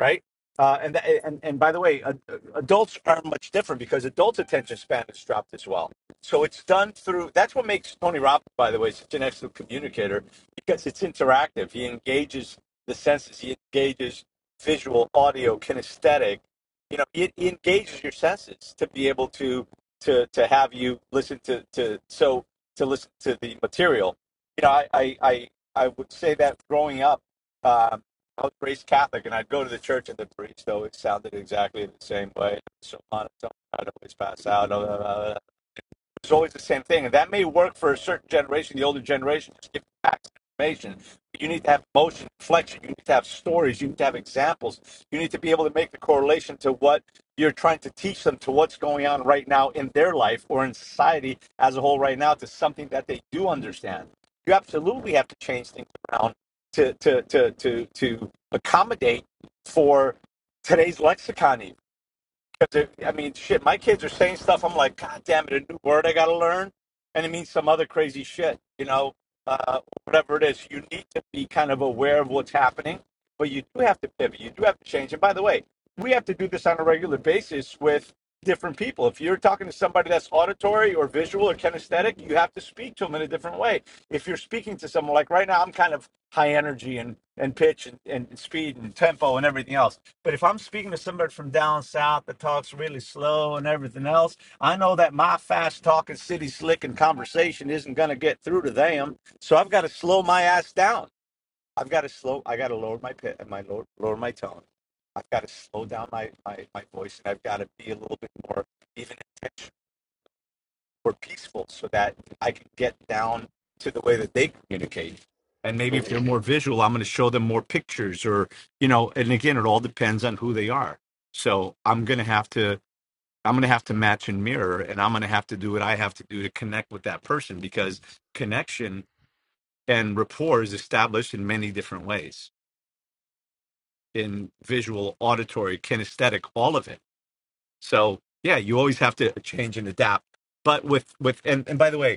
[SPEAKER 6] right? Uh, and, th- and and by the way, uh, adults are much different because adults' attention span has dropped as well so it's done through. That's what makes Tony Robbins, by the way, such an excellent communicator because it's interactive. He engages the senses. He engages visual, audio, kinesthetic. You know, it, he engages your senses to be able to to to have you listen to to so to listen to the material. You know, I I I, I would say that growing up, um, I was raised Catholic, and I'd go to the church, and the priest always sounded exactly the same way. So on and so on, I'd always pass out. Blah, blah, blah, it's always the same thing, and that may work for a certain generation, the older generation, just give you facts and information. But you need to have emotion, reflection. You need to have stories. You need to have examples. You need to be able to make the correlation to what you're trying to teach them to what's going on right now in their life or in society as a whole right now to something that they do understand. You absolutely have to change things around to to to to to accommodate for today's lexicon. Because I mean, shit, my kids are saying stuff. I'm like, God damn it, a new word I got to learn, and it means some other crazy shit, you know, uh, whatever it is. You need to be kind of aware of what's happening, but you do have to pivot. You do have to change. And by the way, we have to do this on a regular basis with different people. If you're talking to somebody that's auditory or visual or kinesthetic, you have to speak to them in a different way. If you're speaking to someone like right now, I'm kind of high energy and and pitch and, and speed and tempo and everything else. But if I'm speaking to somebody from down south that talks really slow and everything else, I know that my fast talking city slick and conversation isn't going to get through to them. So I've got to slow my ass down. I've got to slow. I got to lower my pit and my lower, lower my tone. I've got to slow down my, my my voice, and I've got to be a little bit more even intentional or peaceful, so that I can get down to the way that they communicate. And maybe if
[SPEAKER 11] Mm-hmm.
[SPEAKER 6] they're more visual, I'm going to show them more pictures, or you know. And again, it all depends on who they are. So I'm going to have to. I'm going to have to match and mirror, and I'm going to have to do what I have to do to connect with that person because connection and rapport is established in many different ways. in visual, auditory, kinesthetic, all of it. So yeah, you always have to change and adapt. But with with and, and by the way,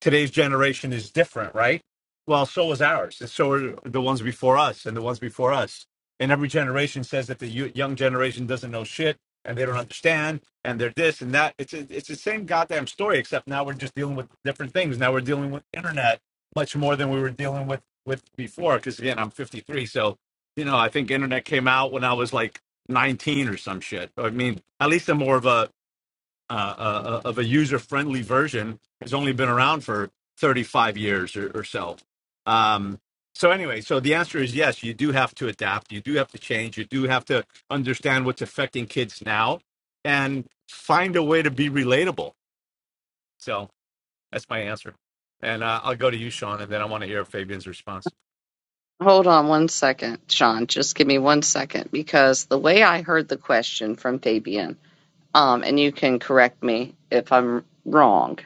[SPEAKER 6] today's generation is different, right? Well, so is ours, and so are the ones before us, and the ones before us. And every generation says that the yo- young generation doesn't know shit, and they don't understand, and they're this and that. It's a, it's the same goddamn story, except now we're just dealing with different things. Now we're dealing with internet much more than we were dealing with with before. Because again, I'm 53, so you know I think internet came out when I was like 19 or some shit. I mean, at least I'm more of a uh, uh, uh, of a user-friendly version has only been around for 35 years or, or so. Um, so anyway, so the answer is yes. You do have to adapt. You do have to change. You do have to understand what's affecting kids now, and find a way to be relatable. So that's my answer. And uh, I'll go to you, Sean, and then I want to hear Fabian's response.
[SPEAKER 1] Hold on one second, Sean. Just give me one second because the way I heard the question from Fabian, um, and you can correct me if I'm wrong,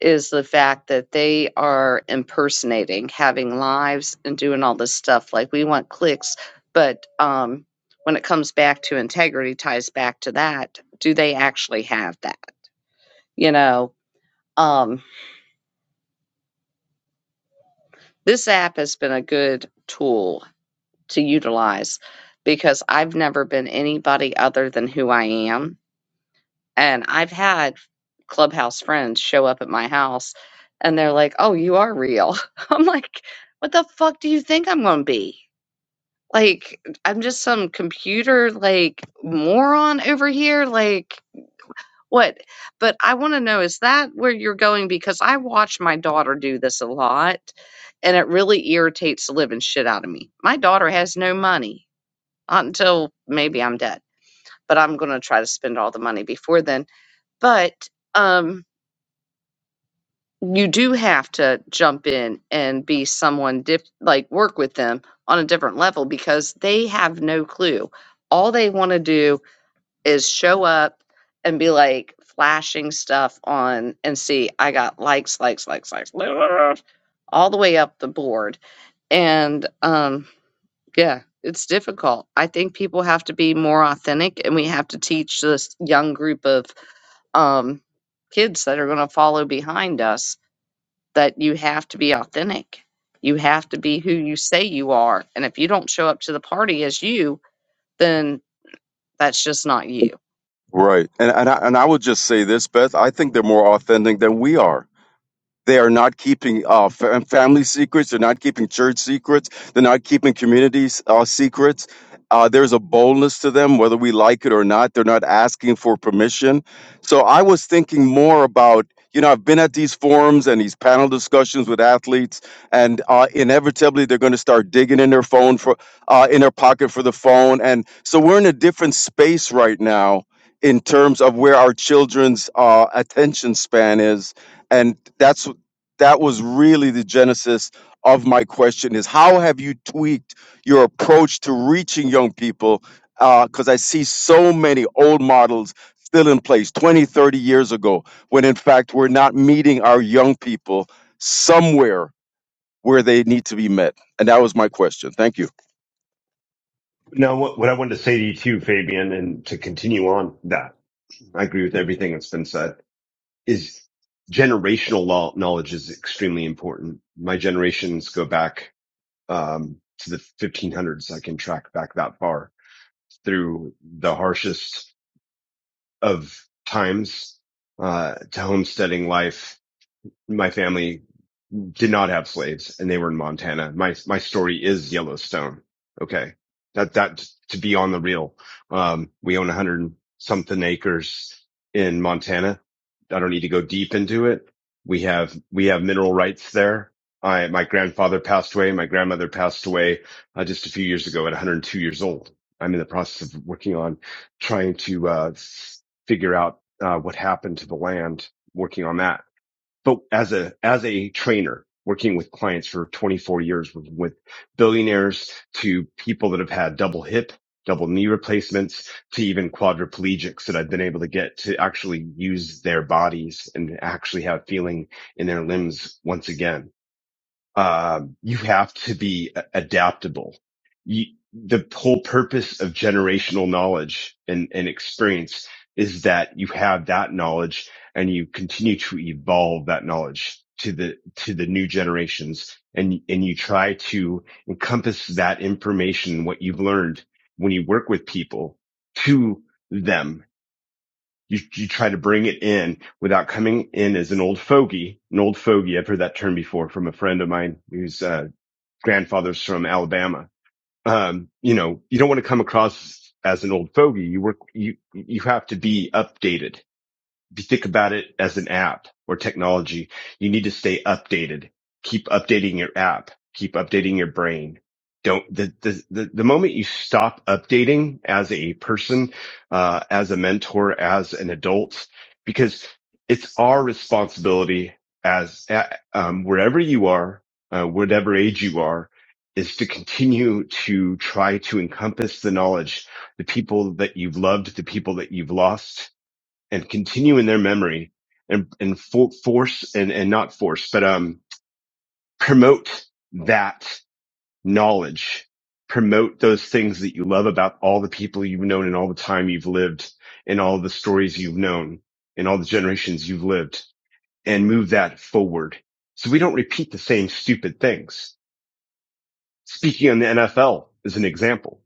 [SPEAKER 1] is the fact that they are impersonating, having lives, and doing all this stuff. Like we want clicks, but um, when it comes back to integrity, ties back to that. Do they actually have that? You know, um, this app has been a good tool to utilize because I've never been anybody other than who I am. And I've had clubhouse friends show up at my house and they're like, oh, you are real. I'm like, what the fuck do you think I'm going to be? Like, I'm just some computer, like, moron over here. Like, what? But I want to know is that where you're going? Because I watch my daughter do this a lot and it really irritates the living shit out of me. My daughter has no money until maybe I'm dead. But I'm going to try to spend all the money before then. But um, you do have to jump in and be someone dif- like work with them on a different level because they have no clue. All they want to do is show up and be like flashing stuff on and see I got likes, likes, likes, likes, all the way up the board. And um Yeah, it's difficult. I think people have to be more authentic and we have to teach this young group of um, kids that are going to follow behind us that you have to be authentic. You have to be who you say you are. And if you don't show up to the party as you, then that's just not you.
[SPEAKER 12] Right. And and I, and I would just say this, Beth. I think they're more authentic than we are. They are not keeping uh, fam- family secrets. They're not keeping church secrets. They're not keeping communities uh, secrets. Uh, there's a boldness to them, whether we like it or not. They're not asking for permission. So I was thinking more about, you know, I've been at these forums and these panel discussions with athletes, and uh, inevitably they're going to start digging in their phone for, uh, in their pocket for the phone. And so we're in a different space right now in terms of where our children's uh, attention span is and that's that was really the genesis of my question is how have you tweaked your approach to reaching young people because i see so many old models still in place 20, 30 years ago when in fact we're not meeting our young people somewhere where they need to be met and that was my question thank you
[SPEAKER 8] Now, what what I wanted to say to you too, Fabian, and to continue on that, I agree with everything that's been said. Is generational law knowledge is extremely important. My generations go back um, to the 1500s. I can track back that far through the harshest of times uh, to homesteading life. My family did not have slaves and they were in Montana. My, my story is Yellowstone. Okay. That, that to be on the real, um, we own a hundred something acres in Montana. I don't need to go deep into it. We have, we have mineral rights there. I, my grandfather passed away. My grandmother passed away uh, just a few years ago at 102 years old. I'm in the process of working on trying to, uh, figure out, uh, what happened to the land, working on that but as a as a trainer working with clients for 24 years working with billionaires to people that have had double hip double knee replacements to even quadriplegics that I've been able to get to actually use their bodies and actually have feeling in their limbs once again um, you have to be a- adaptable. You, the whole purpose of generational knowledge and, and experience is that you have that knowledge and you continue to evolve that knowledge to the, to the new generations and, and you try to encompass that information, what you've learned when you work with people to them you, you try to bring it in without coming in as an old fogey, an old fogey. I've heard that term before from a friend of mine whose uh, grandfather's from Alabama. Um, you know, you don't want to come across as an old fogey. You work, you, you have to be updated if you think about it as an app or technology, you need to stay updated. Keep updating your app. Keep updating your brain. Don't the the the, the moment you stop updating as a person, uh, as a mentor, as an adult, because it's our responsibility as um, wherever you are, uh, whatever age you are, is to continue to try to encompass the knowledge, the people that you've loved, the people that you've lost, and continue in their memory and and for, force and and not force, but um promote that knowledge, promote those things that you love about all the people you've known and all the time you've lived and all the stories you've known and all the generations you've lived and move that forward. So we don't repeat the same stupid things. Speaking on the NFL is an example.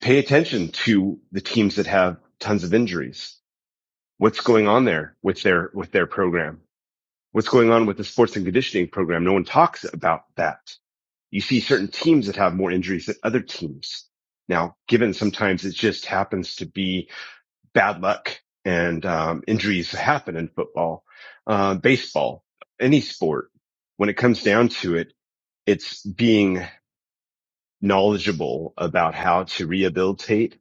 [SPEAKER 8] Pay attention to the teams that have tons of injuries. What's going on there with their, with their program? what's going on with the sports and conditioning program. No one talks about that. You see certain teams that have more injuries than other teams. Now, given sometimes it just happens to be bad luck and um, injuries happen in football, uh, baseball, any sport. When it comes down to it, it's being knowledgeable about how to rehabilitate,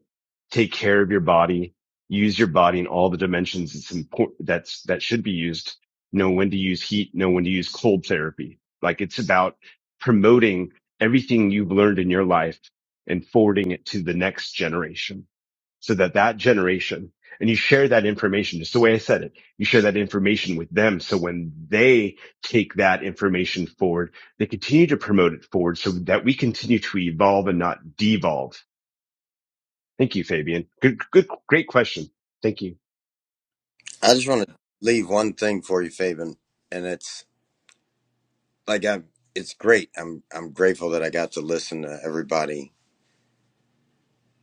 [SPEAKER 8] take care of your body, use your body in all the dimensions it's important that's that should be used. Know when to use heat, know when to use cold therapy. Like it's about promoting everything you've learned in your life and forwarding it to the next generation so that that generation and you share that information just the way I said it. You share that information with them. So when they take that information forward, they continue to promote it forward so that we continue to evolve and not devolve. Thank you, Fabian. Good, good, great question. Thank you.
[SPEAKER 7] I just want to leave one thing for you, Fabian, and it's like I'm. It's great. I'm I'm grateful that I got to listen to everybody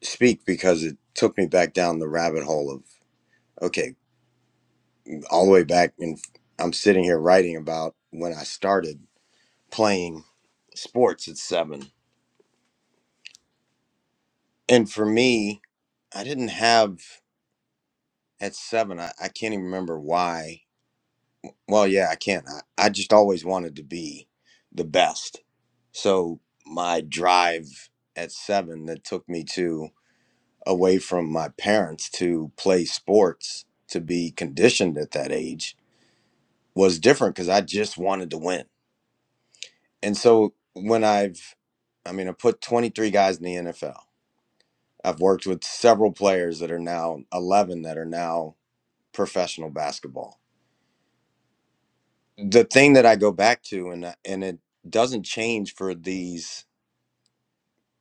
[SPEAKER 7] speak because it took me back down the rabbit hole of okay, all the way back. And I'm sitting here writing about when I started playing sports at seven And for me, I didn't have at seven. I, I can't even remember why. Well, yeah, I can't. I, I just always wanted to be the best. So my drive at seven that took me to away from my parents to play sports to be conditioned at that age was different because I just wanted to win. And so when I've, I mean, I put 23 guys in the NFL. I've worked with several players that are now 11 that are now professional basketball. The thing that I go back to, and and it doesn't change for these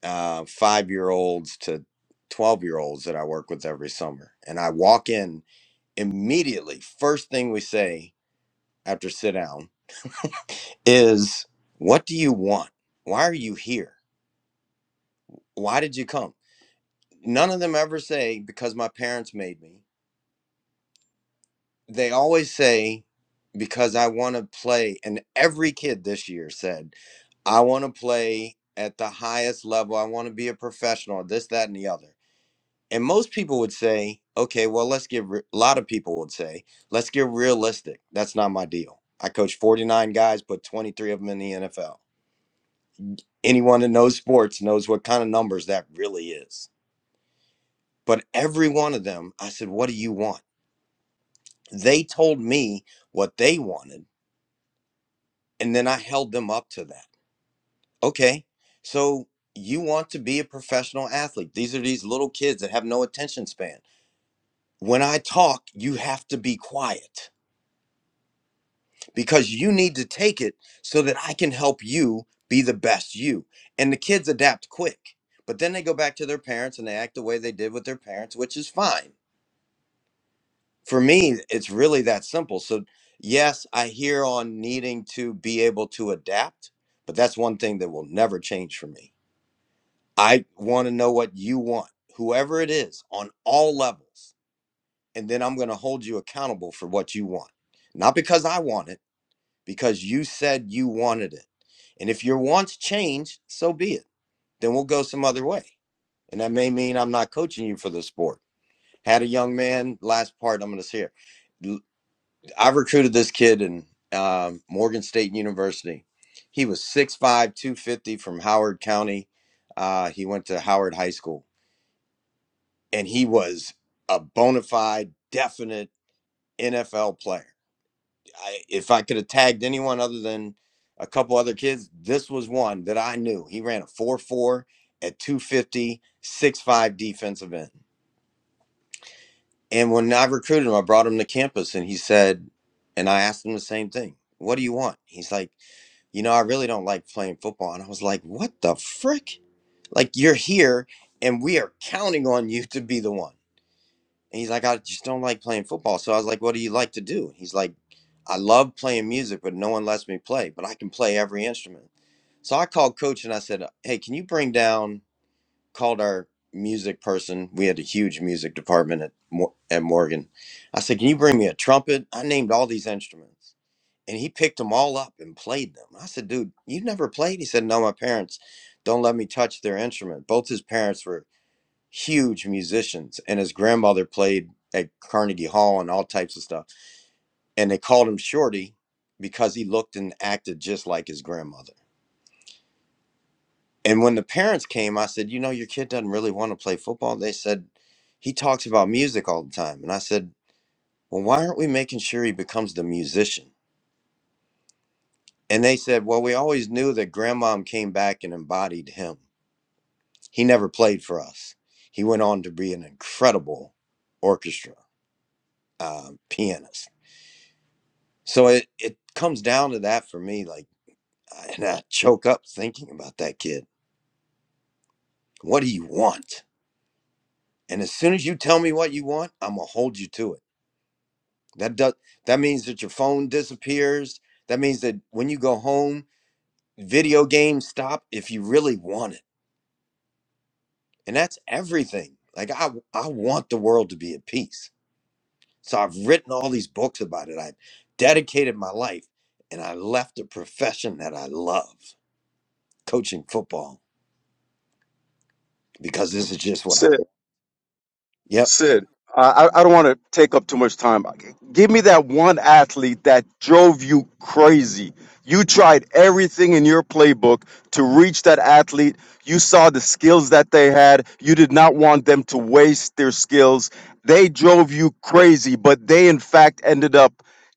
[SPEAKER 7] uh, five year olds to twelve year olds that I work with every summer, and I walk in immediately. First thing we say after sit down is, "What do you want? Why are you here? Why did you come?" None of them ever say because my parents made me. they always say because I want to play and every kid this year said I want to play at the highest level. I want to be a professional, this, that, and the other. And most people would say, okay, well, let's get, re-" a lot of people would say, let's get realistic. That's not my deal. I coach 49 guys, put 23 of them in the NFL. Anyone that knows sports knows what kind of numbers that really is. But every one of them, I said, what do you want? They told me what they wanted And then I held them up to that. Okay, so you want to be a professional athlete. These are these little kids that have no attention span. When I talk, you have to be quiet because you need to take it so that I can help you be the best you. And the kids adapt quick, but then they go back to their parents and they act the way they did with their parents, which is fine. For me, it's really that simple. So, yes, I hear on needing to be able to adapt, but that's one thing that will never change for me. I want to know what you want, whoever it is, on all levels. And then I'm going to hold you accountable for what you want. Not because I want it, because you said you wanted it. And if your wants change, so be it. Then we'll go some other way. And that may mean I'm not coaching you for the sport. Had a young man, last part I'm going to share. L- I recruited this kid in um, Morgan State University. He was six five, two fifty, from Howard County. Uh, he went to Howard High School and he was a bona fide, definite NFL player. I, if I could have tagged anyone other than a couple other kids, this was one that I knew. He ran a 4 4 at two fifty, six 5 defensive end. And when I recruited him, I brought him to campus and he said, and I asked him the same thing. What do you want? He's like, you know, I really don't like playing football. And I was like, what the frick? Like, you're here and we are counting on you to be the one. And he's like, I just don't like playing football. So I was like, What do you like to do? He's like, I love playing music, but no one lets me play, but I can play every instrument. So I called coach and I said, Hey, can you bring down, called our music person. We had a huge music department at, Mo- at Morgan. I said, Can you bring me a trumpet? I named all these instruments. And he picked them all up and played them. I said, Dude, you never played? He said, No, my parents don't let me touch their instrument. Both his parents were huge musicians, and his grandmother played at Carnegie Hall and all types of stuff. And they called him Shorty because he looked and acted just like his grandmother. And when the parents came, I said, You know, your kid doesn't really want to play football. They said, He talks about music all the time. And I said, Well, why aren't we making sure he becomes the musician? And they said, Well, we always knew that grandmom came back and embodied him. He never played for us. He went on to be an incredible orchestra uh, pianist So it it comes down to that for me. Like, and I choke up thinking about that kid. What do you want? And as soon as you tell me what you want, I'm gonna hold you to it. That does that means that your phone disappears. That means that when you go home, video games stop if you really want it. And that's everything. Like I I want the world to be at peace. So I've written all these books about it. I've dedicated my life and I left a profession that I love, coaching football because this is just what I want. Yep.
[SPEAKER 12] Sid, I, I I don't want to take up too much time. Give me that one athlete that drove you crazy. You tried everything in your playbook to reach that athlete. You saw the skills that they had. You did not want them to waste their skills. They drove you crazy, but they, in fact, ended up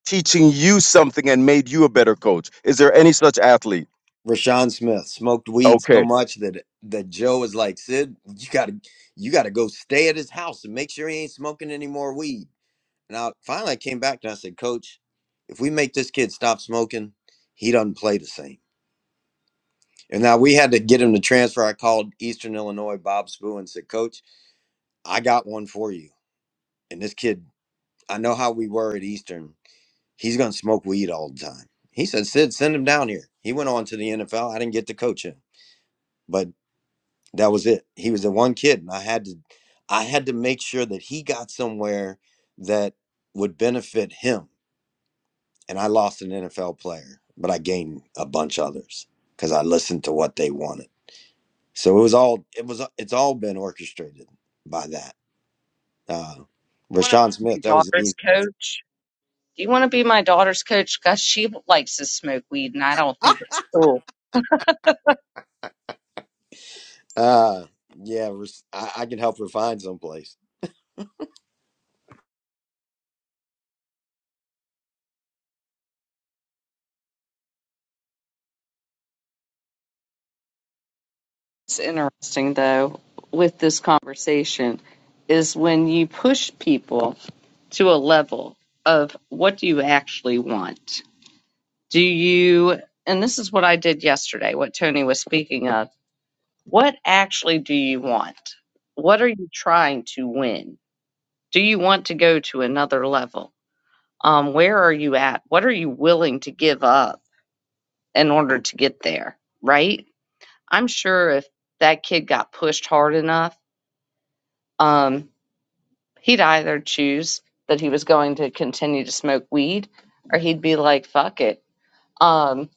[SPEAKER 12] teaching you something and made you a better coach. Is there any such athlete?
[SPEAKER 7] Rashawn Smith smoked weed so
[SPEAKER 12] Okay.
[SPEAKER 7] much that that Joe was like, Sid, you gotta you gotta go stay at his house and make sure he ain't smoking any more weed. And I finally I came back and I said, Coach, if we make this kid stop smoking, he doesn't play the same. And now we had to get him to transfer. I called Eastern Illinois Bob Spoo and said, Coach, I got one for you. And this kid, I know how we were at Eastern. He's going to smoke weed all the time. He said, Sid, send him down here. He went on to the NFL. I didn't get to coach him, but that was it. He was the one kid, and I had to, I had to make sure that he got somewhere that would benefit him. And I lost an NFL player, but I gained a bunch others because I listened to what they wanted. So it was all, it was, it's all been orchestrated by that. Uh,
[SPEAKER 1] You want to
[SPEAKER 7] Rashawn
[SPEAKER 1] be my
[SPEAKER 7] Smith, that was an
[SPEAKER 1] daughter's
[SPEAKER 7] easy. answer.
[SPEAKER 1] coach? Do you want to be my daughter's coach? Cause she likes to smoke weed and I don't think it's cool.
[SPEAKER 7] Uh, yeah, I, I can help her find someplace.
[SPEAKER 1] It's interesting though with this conversation is when you push people to a level of what do you actually want? Do you and this is what I did yesterday, what Tony was speaking of. What actually do you want? What are you trying to win? Do you want to go to another level? Um, where are you at? What are you willing to give up in order to get there? Right? I'm sure if that kid got pushed hard enough, um, He'd either choose that he was going to continue to smoke weed or he'd be like, fuck it. Um,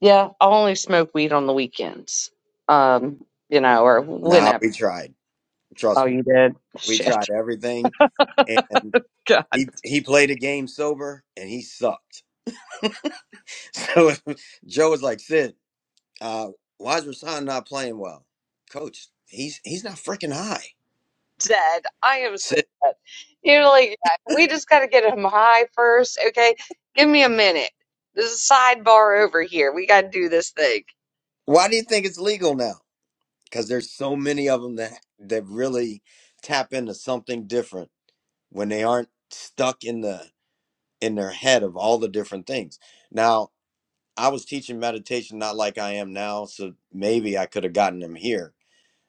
[SPEAKER 1] yeah, I'll only smoke weed on the weekends, um, you know, or
[SPEAKER 7] Nah,
[SPEAKER 1] whenever.
[SPEAKER 7] we tried.
[SPEAKER 1] Oh,
[SPEAKER 7] Trust me,
[SPEAKER 1] you did?
[SPEAKER 7] we
[SPEAKER 1] Shit.
[SPEAKER 7] tried everything, and
[SPEAKER 1] God,
[SPEAKER 7] he he played a game sober, and he sucked. So Joe was like, "Sid, uh, why is Rasan not playing well, Coach? He's he's not freaking high."
[SPEAKER 1] dead. I am so
[SPEAKER 7] Sid,
[SPEAKER 1] dead. You're like, yeah, we just got to get him high first. Okay. Give me a minute. There's a sidebar over here. We got to do this thing.
[SPEAKER 7] why do you think it's legal now? Because there's so many of them that that really tap into something different when they aren't stuck in the in their head of all the different things. Now, I was teaching meditation not like I am now, so maybe I could have gotten them here,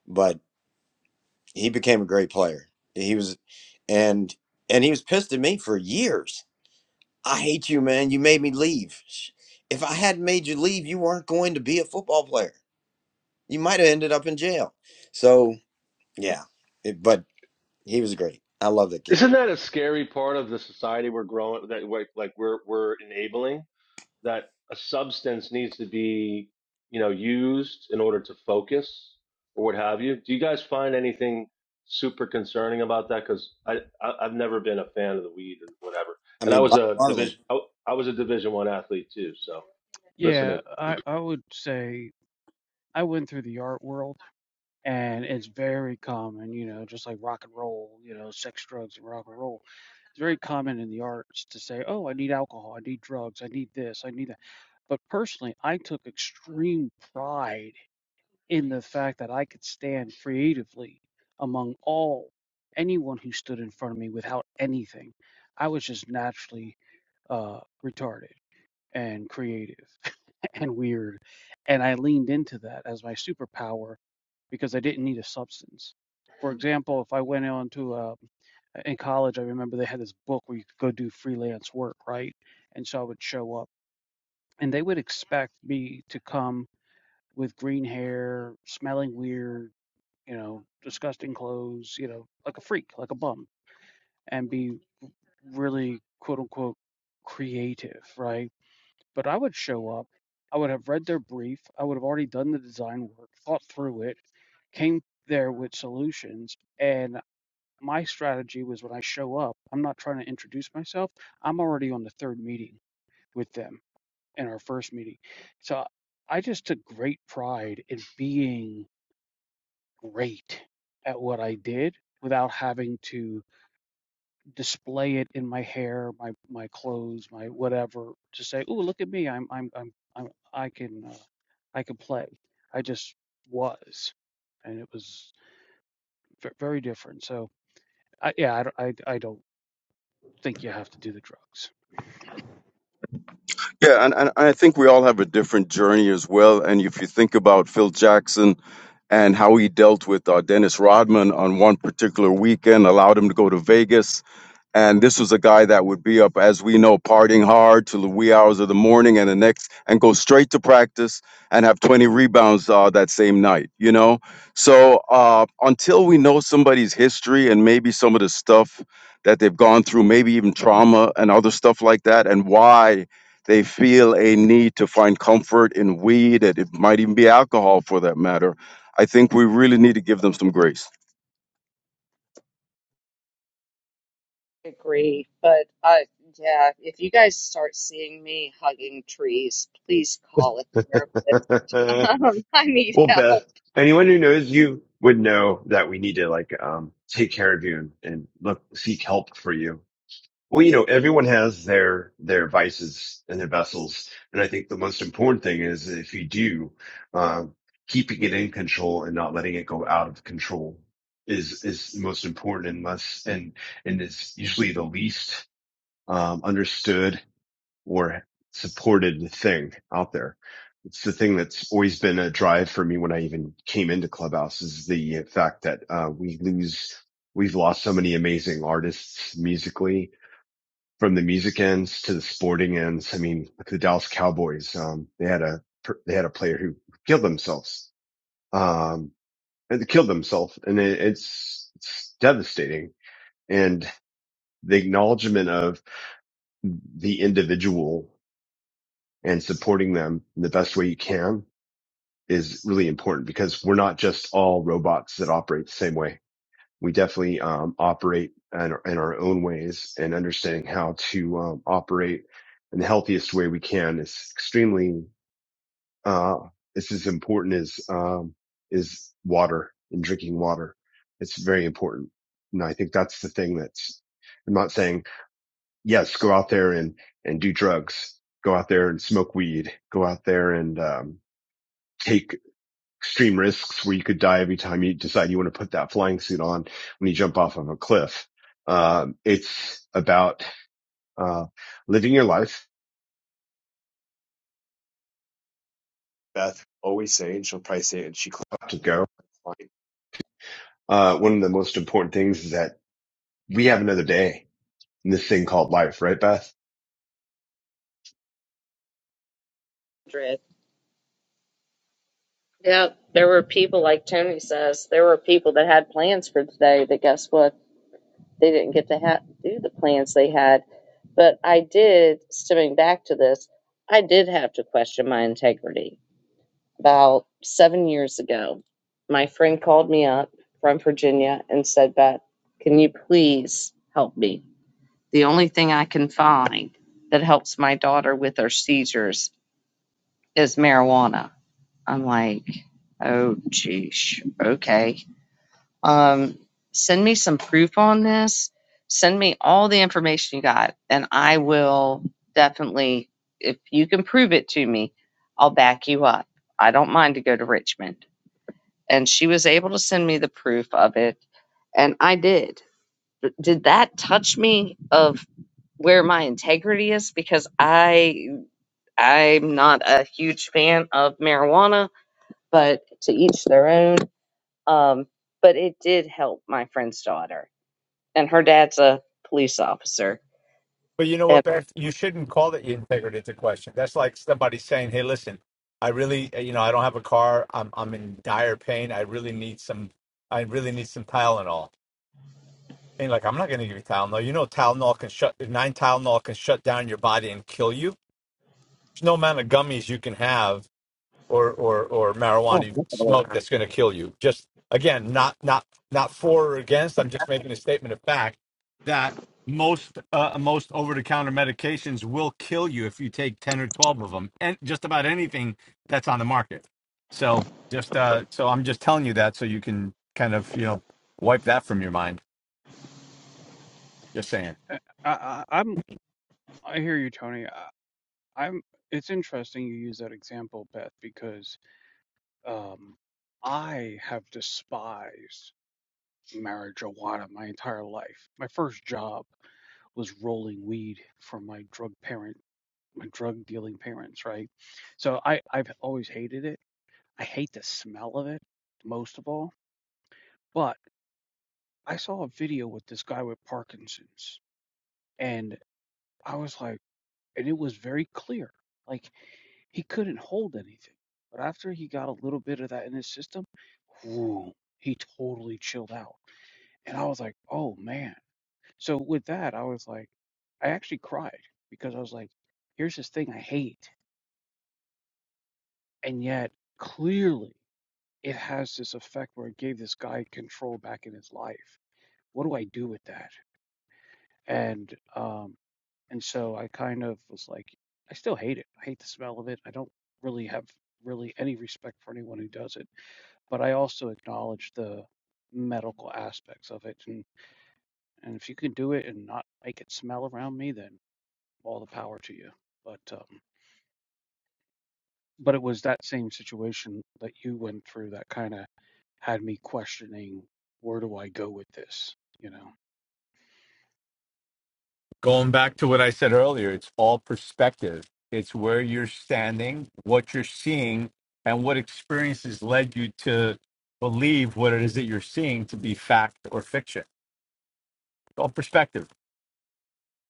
[SPEAKER 7] but he became a great player. He was, and and he was pissed at me for years. I hate you, man. You made me leave. Sh- If I hadn't made you leave, you weren't going to be a football player. You might have ended up in jail. So yeah, it, but he was great. I love that kid.
[SPEAKER 11] Isn't that a scary part of the society we're growing that like like we're we're enabling? that a substance needs to be, you know, used in order to focus or what have you. Do you guys find anything super concerning about that? Because I, I I've never been a fan of the weed and whatever.
[SPEAKER 7] I
[SPEAKER 11] And I
[SPEAKER 7] mean,
[SPEAKER 11] was
[SPEAKER 7] Bob
[SPEAKER 11] a
[SPEAKER 7] Marley.
[SPEAKER 11] division I, I was a Division One athlete too. So
[SPEAKER 2] Yeah,
[SPEAKER 11] listen
[SPEAKER 2] I, I would say I went through the art world and it's very common, you know, just like rock and roll, you know, sex, drugs, and rock and roll. It's very common in the arts to say, oh, I need alcohol, I need drugs, I need this, I need that. But personally, I took extreme pride. in the fact that I could stand creatively among all anyone who stood in front of me without anything. I was just naturally uh, retarded and creative and weird, and I leaned into that as my superpower because I didn't need a substance. For example, if I went on to a in college, I remember they had this book where you could go do freelance work, right? And so I would show up, and they would expect me to come with green hair, smelling weird, you know, disgusting clothes, you know, like a freak, like a bum, and be really quote unquote creative, right? But I would show up, I would have read their brief, I would have already done the design work, thought through it, came there with solutions, and my strategy was when I show up, I'm not trying to introduce myself. I'm already on the third meeting with them in our first meeting. So I just took great pride in being great at what I did without having to display it in my hair, my my clothes, my whatever, to say, "Oh, look at me! I'm I'm I'm, I'm I can uh, I can play." I just was, and it was v- very different. So, I, yeah, I, don't- I I don't think you have to do the drugs.
[SPEAKER 12] Yeah, and, and I think we all have a different journey as well. And if you think about Phil Jackson, and how he dealt with uh, Dennis Rodman on one particular weekend, allowed him to go to Vegas and this was a guy that would be up as we know partying hard till the wee hours of the morning and the next and go straight to practice and have 20 rebounds uh, that same night you know so uh, until we know somebody's history and maybe some of the stuff that they've gone through maybe even trauma and other stuff like that and why they feel a need to find comfort in weed and it might even be alcohol for that matter i think we really need to give them some grace
[SPEAKER 1] agree, but uh, yeah, if you guys start seeing me hugging trees, please call a therapist.
[SPEAKER 8] well,
[SPEAKER 1] Um, I need help.
[SPEAKER 8] Beth, anyone who knows you would know that we need to like, um, take care of you and, and look, seek help for you Well, you know, everyone has their their vices and their vessels, and I think the most important thing is if you do, um, keeping it in control and not letting it go out of control is is the most important, and less and and is usually the least um, understood or supported thing out there. It's the thing that's always been a drive for me when I even came into Clubhouse is the fact that uh, we lose we've lost so many amazing artists musically from the music ends to the sporting ends. I mean, look at the Dallas Cowboys. Um, they had a they had a player who killed themselves. Um, and they killed themselves, and it, it's, it's devastating. And the acknowledgement of the individual and supporting them in the best way you can is really important because we're not just all robots that operate the same way. we definitely um, operate in our, in our own ways and understanding how to um, operate in the healthiest way we can is extremely uh, it's as important as um, is water and drinking water it's very important and i think that's the thing that's i'm not saying yes go out there and and do drugs go out there and smoke weed go out there and um, take extreme risks where you could die every time you decide you want to put that flying suit on when you jump off of a cliff. Um, it's about uh, living your life. That's Always say it's to go. Uh, one of the most important things is that we have another day in this thing called life, right, Beth?
[SPEAKER 1] Madrid. Yeah, there were people like Tony says. There were people that had plans for today. That guess what? They didn't get to ha- do the plans they had. But I did. Stepping back to this, I did have to question my integrity. About seven years ago, my friend called me up from Virginia and said, Beth, can you please help me? The only thing I can find that helps my daughter with her seizures is marijuana. I'm like, oh, geez, okay. Um, send me some proof on this. Send me all the information you got, and I will definitely, if you can prove it to me, I'll back you up. I don't mind to go to Richmond and she was able to send me the proof of it and i did did that touch me of where my integrity is because i i'm not a huge fan of marijuana but to each their own um but it did help my friend's daughter and her dad's a police officer
[SPEAKER 6] But you know
[SPEAKER 1] and
[SPEAKER 6] what, Beth? You shouldn't call it integrity into question. That's like somebody saying, "Hey, listen, I really, uh, you know, I don't have a car. I'm I'm in dire pain. I really need some. I really need some Tylenol." And like, I'm not going to give you Tylenol. You know, Tylenol can shut nine Tylenol can shut down your body and kill you. There's no amount of gummies you can have or or or marijuana smoke that's going to kill you. Just again, not not not for or against. I'm just making a statement of fact that most uh, most over the counter medications will kill you if you take ten or twelve of them, and just about anything that's on the market. So just uh, so I'm just telling you that so you can kind of you know wipe that from your mind. Just saying.
[SPEAKER 2] I, I I'm I hear you, Tony. I, I'm. It's interesting you use that example, Beth, because um, I have despised. marijuana my entire life. My first job was rolling weed for my drug parent, my drug dealing parents, right? So I, I've always hated it. I hate the smell of it most of all. But I saw a video with this guy with Parkinson's and I was like, and it was very clear. Like he couldn't hold anything. But after he got a little bit of that in his system, whoo, he totally chilled out. And I was like, oh man So with that, I was like, I actually cried because I was like, here's this thing I hate, and yet clearly it has this effect where it gave this guy control back in his life. What do I do with that? And um, and so I kind of was like, I still hate it. I hate the smell of it. I don't really have really any respect for anyone who does it, but I also acknowledge the medical aspects of it. And and if you can do it and not make it smell around me, then all the power to you. But um, but it was that same situation that you went through that kind of had me questioning where do I go with this? You know,
[SPEAKER 6] Going back to what I said earlier, it's all perspective. It's where you're standing, what you're seeing, and what experiences led you to believe what it is that you're seeing to be fact or fiction. It's all perspective.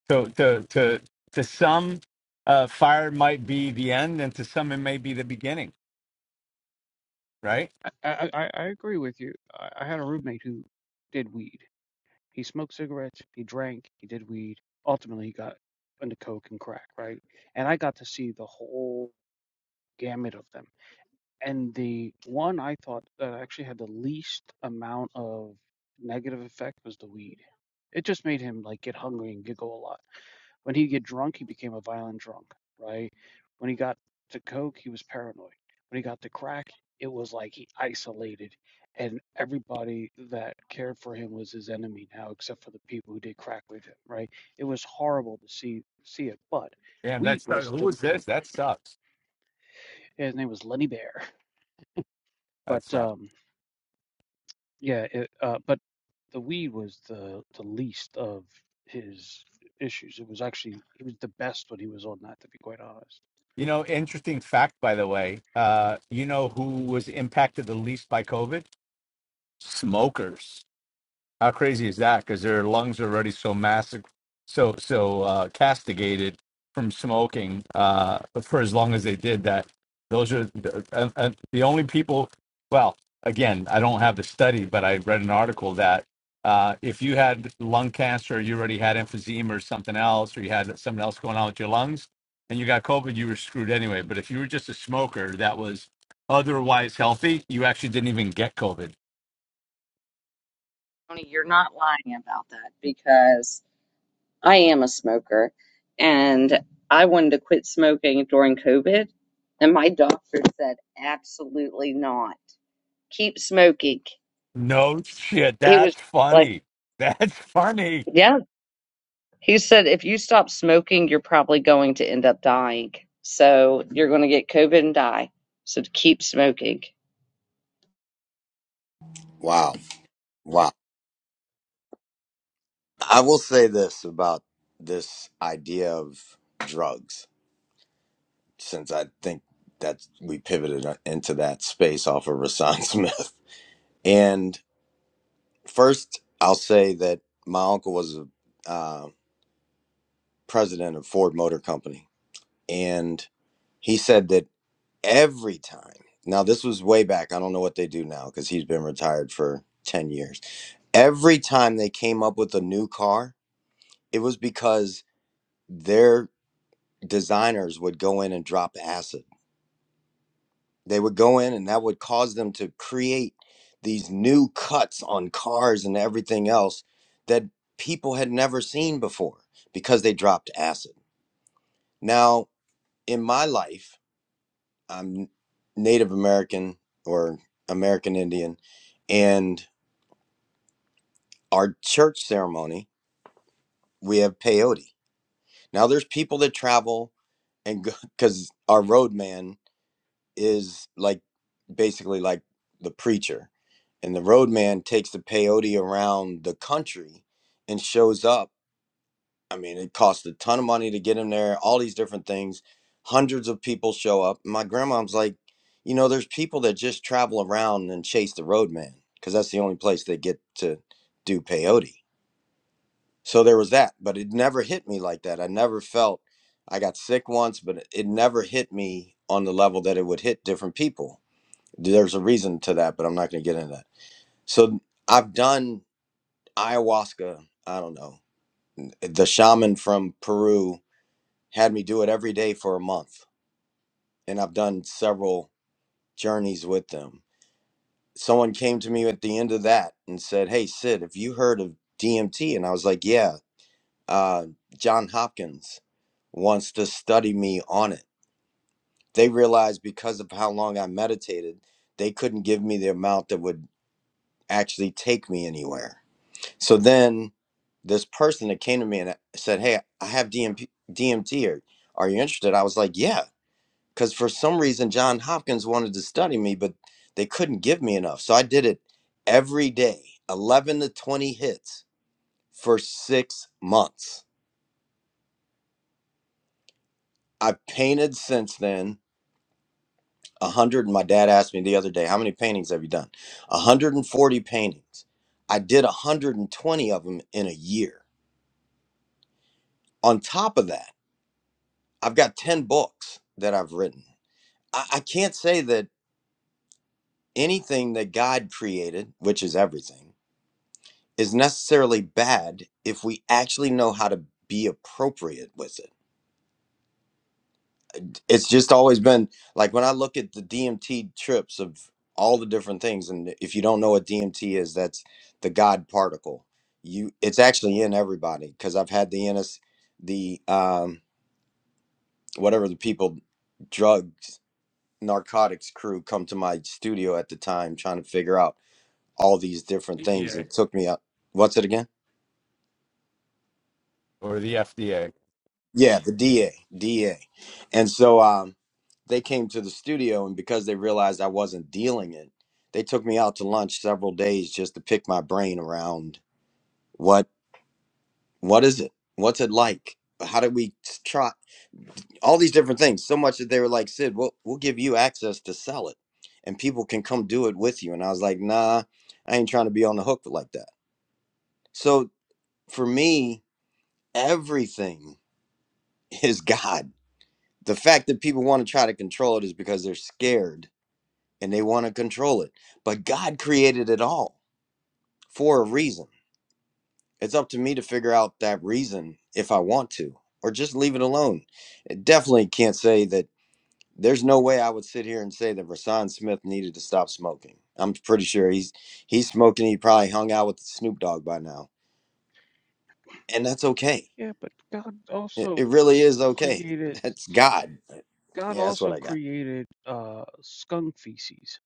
[SPEAKER 6] So to to to some, uh, fire might be the end, and to some it may be the beginning. Right?
[SPEAKER 2] I, I, I agree with you. I, I had a roommate who did weed. He smoked cigarettes, he drank, he did weed. Ultimately, he got into coke and crack, right? And I got to see the whole gamut of them. And the one I thought that actually had the least amount of negative effect was the weed. It just made him like get hungry and giggle a lot. When he'd get drunk, he became a violent drunk, right? When he got to coke, he was paranoid. When he got to crack, it was like he isolated, and everybody that cared for him was his enemy now, except for the people who did crack with him, right? It was horrible to see see it, but
[SPEAKER 6] Damn,
[SPEAKER 2] weed
[SPEAKER 6] that's
[SPEAKER 2] was
[SPEAKER 6] who
[SPEAKER 2] the
[SPEAKER 6] was this? That sucks.
[SPEAKER 2] his name was Lenny Bear,
[SPEAKER 6] That
[SPEAKER 2] but
[SPEAKER 6] sucks.
[SPEAKER 2] um Yeah, it, uh, but the weed was the the least of his issues. It was actually he was the best when he was on that, to be quite honest.
[SPEAKER 6] You know, interesting fact by the way. Uh, you know who was impacted the least by COVID? Smokers How crazy is that? Because their lungs are already so massive, so so uh, castigated from smoking uh, for as long as they did that. Those are the, uh, uh, the only people. Well, again, I don't have the study, but I read an article that uh, if you had lung cancer, you already had emphysema or something else, or you had something else going on with your lungs, and you got COVID, you were screwed anyway. But if you were just a smoker that was otherwise healthy, you actually didn't even get COVID
[SPEAKER 1] Tony, you're not lying about that because I am a smoker and I wanted to quit smoking during COVID. And my doctor said, absolutely not. Keep smoking.
[SPEAKER 6] No shit.
[SPEAKER 1] He was
[SPEAKER 6] That's
[SPEAKER 1] like,
[SPEAKER 6] funny. That's funny.
[SPEAKER 1] yeah. He said, if you stop smoking, you're probably going to end up dying. So you're going to get COVID and die. So keep smoking.
[SPEAKER 7] Wow, wow. I will say this about this idea of drugs, since I think that we pivoted uh, into that space off of Rasan Smith, and First, I'll say that my uncle was a uh, president of Ford Motor Company, and he said that every time. Now, this was way back. I don't know what they do now because he's been retired for 10 years. Every time they came up with a new car, it was because their designers would go in and drop acid. They would go in and that would cause them to create these new cuts on cars and everything else that people had never seen before because they dropped acid. Now, in my life, I'm Native American or American Indian, and our church ceremony, we have peyote. Now, there's people that travel and because our roadman is like basically like the preacher and the roadman takes the peyote around the country and shows up i mean it costs a ton of money to get him there all these different things hundreds of people show up my grandma's like you know there's people that just travel around and chase the roadman because that's the only place they get to do peyote so there was that but it never hit me like that i never felt i got sick once but it never hit me on the level that it would hit different people there's a reason to that, but I'm not going to get into that. So I've done ayahuasca. I don't know. The shaman from Peru had me do it every day for a month, and I've done several journeys with them. Someone came to me at the end of that and said, "Hey Sid, have you heard of DMT?" And I was like, "Yeah, uh, John Hopkins wants to study me on it." They realized because of how long I meditated, they couldn't give me the amount that would actually take me anywhere. So then this person that came to me and uh, said, Hey, I have DMP, DMT. Are, are you interested? I was like, Yeah. Because for some reason, John Hopkins wanted to study me, but they couldn't give me enough. So I did it every day, 11 to 20 hits for six months. I've painted since then 100. My dad asked me the other day, How many paintings have you done? 140 paintings. I did 120 of them in a year. On top of that, I've got 10 books that I've written. I, I can't say that anything that God created, which is everything, is necessarily bad if we actually know how to be appropriate with it. It's just always been like when I look at the DMT trips of all the different things, and if you don't know what DMT is, that's the God particle. You, it's actually in everybody because I've had the NS, the um, whatever the people drugs narcotics crew come to my studio at the time trying to figure out all these different things
[SPEAKER 6] FDA.
[SPEAKER 7] and took me up what's it again
[SPEAKER 6] Or the FDA.
[SPEAKER 7] yeah the da da and so um they came to the studio and because they realized i wasn't dealing it they took me out to lunch several days just to pick my brain around what what is it what's it like how did we s- try all these different things so much that they were like sid we'll, we'll give you access to sell it and people can come do it with you and i was like nah i ain't trying to be on the hook like that So for me, everything is God. The fact that people want to try to control it is because they're scared and they want to control it. But God created it all for a reason. It's up to me to figure out that reason if I want to or just leave it alone. It definitely can't say that there's no way I would sit here and say that Rasan Smith needed to stop smoking. I'm pretty sure he's he's smoking he probably hung out with Snoop Dogg by now. And that's okay.
[SPEAKER 2] Yeah, but God
[SPEAKER 7] It,
[SPEAKER 2] also
[SPEAKER 7] it really is okay.
[SPEAKER 2] created
[SPEAKER 7] That's God
[SPEAKER 2] God
[SPEAKER 7] Yeah, that's what
[SPEAKER 2] also
[SPEAKER 7] I got.
[SPEAKER 2] created uh skunk feces.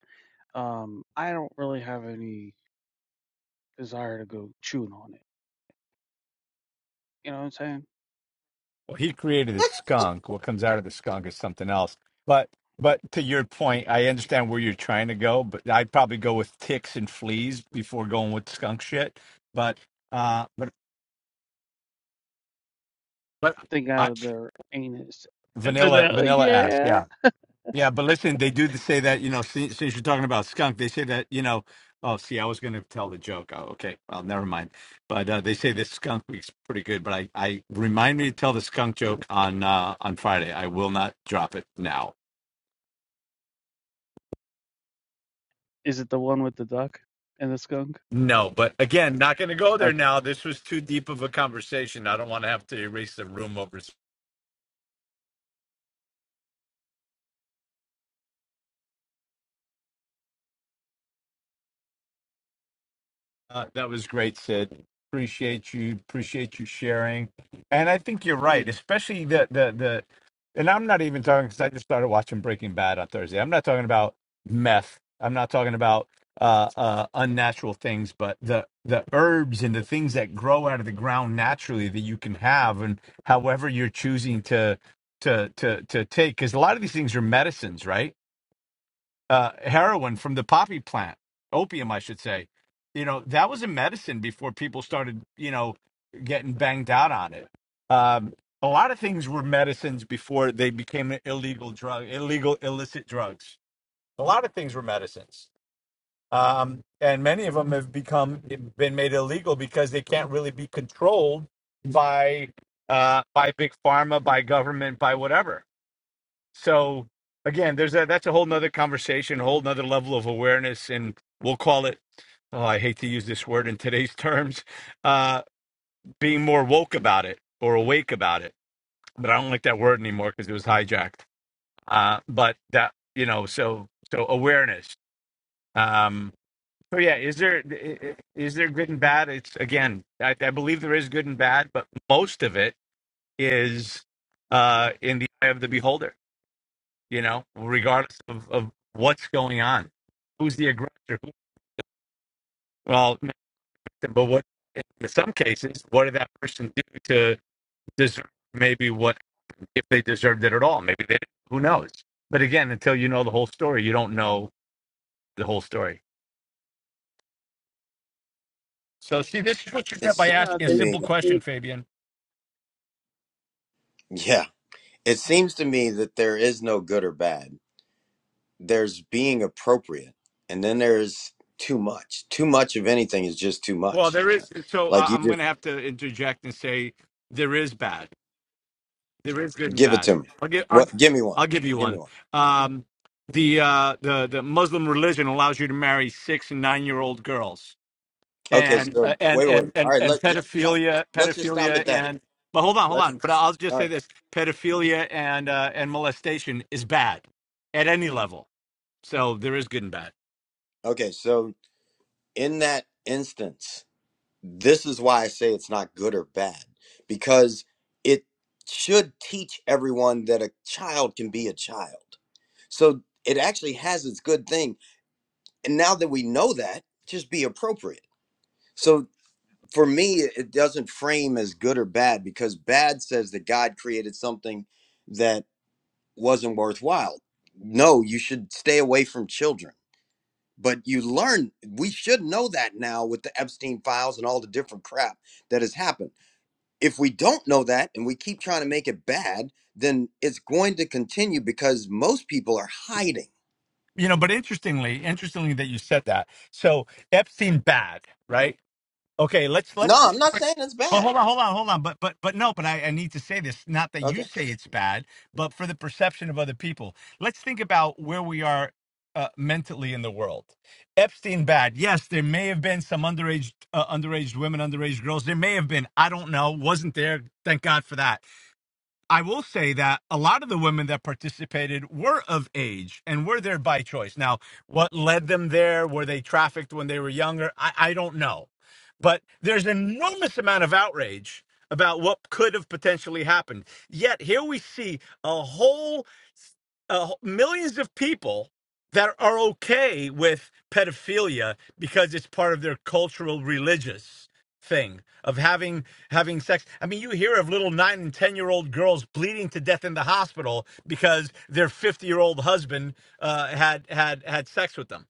[SPEAKER 2] Um, I don't really have any desire to go chewing on it. You know what I'm saying?
[SPEAKER 6] Well, he created a skunk. What comes out of the skunk is something else. But but to your point, I understand where you're trying to go, but I'd probably go with ticks and fleas before going with skunk shit. But uh but but
[SPEAKER 2] Thing out
[SPEAKER 6] I,
[SPEAKER 2] of their anus. But
[SPEAKER 6] vanilla
[SPEAKER 2] uh,
[SPEAKER 6] vanilla ass,
[SPEAKER 2] yeah,
[SPEAKER 6] yeah. Yeah, but listen, they do say that, you know, since, since you're talking about skunk, they say that, you know, oh, see, I was going to tell the joke. Oh, okay. Well, never mind. But uh, they say this skunk week's pretty good, but I, I remind me to tell the skunk joke on uh, on Friday. I will not drop it now.
[SPEAKER 2] is it the one with the duck and the skunk?
[SPEAKER 6] No, but again, not going to go
[SPEAKER 2] Okay.
[SPEAKER 6] there now. This was too deep of a conversation. I don't want to have to erase the room over Uh, that was great, Sid. Appreciate you. Appreciate you sharing. And I think you're right, especially the the the. And I'm not even talking because I just started watching Breaking Bad on Thursday. I'm not talking about meth. I'm not talking about uh, uh, unnatural things, but the the herbs and the things that grow out of the ground naturally that you can have, and however you're choosing to to to to take. Because a lot of these things are medicines, right? uh, heroin from the poppy plant, opium, I should say. You know, that was a medicine before people started, you know, getting banged out on it. Um, a lot of things were medicines before they became illegal drug, illegal illicit drugs. A lot of things were medicines, um, and many of them have become been made illegal because they can't really be controlled by uh, by big pharma, by government, by whatever so again, there's a that's a whole nother conversation, a whole nother level of awareness, and we'll call it. Oh, I hate to use this word in today's terms. Uh, being more woke about it or awake about it, but I don't like that word anymore because it was hijacked. Uh, but that you know, so so awareness. Um, so yeah, is there i- i- is there good and bad? It's again, I, I believe there is good and bad, but most of it is uh, in the eye of the beholder you know, regardless of, of what's going on, who's the aggressor? Who, well, but what in some cases, what did that person do to deserve maybe what if they deserved it at all? Maybe they who knows. But again, until you know the whole story, you don't know the whole story. So, see, this is what you
[SPEAKER 7] It
[SPEAKER 6] get by
[SPEAKER 1] I
[SPEAKER 7] seems
[SPEAKER 1] know
[SPEAKER 6] asking
[SPEAKER 1] if
[SPEAKER 6] a
[SPEAKER 7] to
[SPEAKER 1] any
[SPEAKER 6] simple
[SPEAKER 1] of
[SPEAKER 7] me,
[SPEAKER 1] you
[SPEAKER 6] question, Fabian.
[SPEAKER 7] yeah, it seems to me that there is no good or bad. There's being appropriate, and then there's too much. Too much of anything is just too
[SPEAKER 6] Well,
[SPEAKER 7] much.
[SPEAKER 6] there is. So
[SPEAKER 7] Like
[SPEAKER 6] uh,
[SPEAKER 7] you
[SPEAKER 6] I'm going
[SPEAKER 7] just
[SPEAKER 6] to have to interject and say there is bad. There is good and
[SPEAKER 7] give it
[SPEAKER 6] bad.
[SPEAKER 7] to me.
[SPEAKER 6] I'll give I'll,
[SPEAKER 7] What? Give me one.
[SPEAKER 6] I'll give you
[SPEAKER 7] Give me
[SPEAKER 6] one.
[SPEAKER 7] one.
[SPEAKER 6] Um, the uh, the the Muslim religion allows you to marry six and nine year old girls,
[SPEAKER 7] Okay,
[SPEAKER 6] and
[SPEAKER 7] so
[SPEAKER 6] uh, and
[SPEAKER 7] wait, wait. wait.
[SPEAKER 6] and
[SPEAKER 7] All
[SPEAKER 6] and
[SPEAKER 7] right,
[SPEAKER 6] and
[SPEAKER 7] let just stop.
[SPEAKER 6] pedophilia,
[SPEAKER 7] Let's just stop at
[SPEAKER 6] pedophilia,
[SPEAKER 7] that.
[SPEAKER 6] and but hold on, hold
[SPEAKER 7] Let's.
[SPEAKER 6] on. But I'll just
[SPEAKER 7] All
[SPEAKER 6] say
[SPEAKER 7] right.
[SPEAKER 6] this: pedophilia and uh, and molestation is bad at any level. So there is good and bad.
[SPEAKER 7] Okay, so in that instance, this is why I say it's not good or bad because it should teach everyone that a child can be a child. So it actually has its good thing. And now that we know that, just be appropriate. So for me, it doesn't frame as good or bad because bad says that God created something that wasn't worthwhile. No, you should stay away from children. But you learn, we should know that now with the Epstein files and all the different crap that has happened if we don't know that and we keep trying to make it bad, then it's going to continue because most people are hiding.
[SPEAKER 6] You know, but interestingly, interestingly that you said that. So Epstein bad, right? Okay, let's
[SPEAKER 7] No,
[SPEAKER 6] let's
[SPEAKER 7] I'm
[SPEAKER 6] just
[SPEAKER 7] not saying it's
[SPEAKER 6] But
[SPEAKER 7] bad.
[SPEAKER 6] hold on, hold on, hold on. But but but no, but I, I need to say this. Not that
[SPEAKER 7] Okay.
[SPEAKER 6] you say it's bad, but for the perception of other people. Let's think about where we are uh, mentally in the world. Epstein bad. Yes, there may have been some underage uh, underage women, underage girls. There may have been. I don't know. Wasn't there. Thank God for that. I will say that a lot of the women that participated were of age and were there by choice. Now, what led them there? Were they trafficked when they were younger? I, I don't know. But there's an enormous amount of outrage about what could have potentially happened. Yet here we see a whole uh, millions of people that are okay with pedophilia because it's part of their cultural religious thing of having having sex i mean you hear of little 9 and 10 year old girls bleeding to death in the hospital because their 50 year old husband uh, had had had sex with them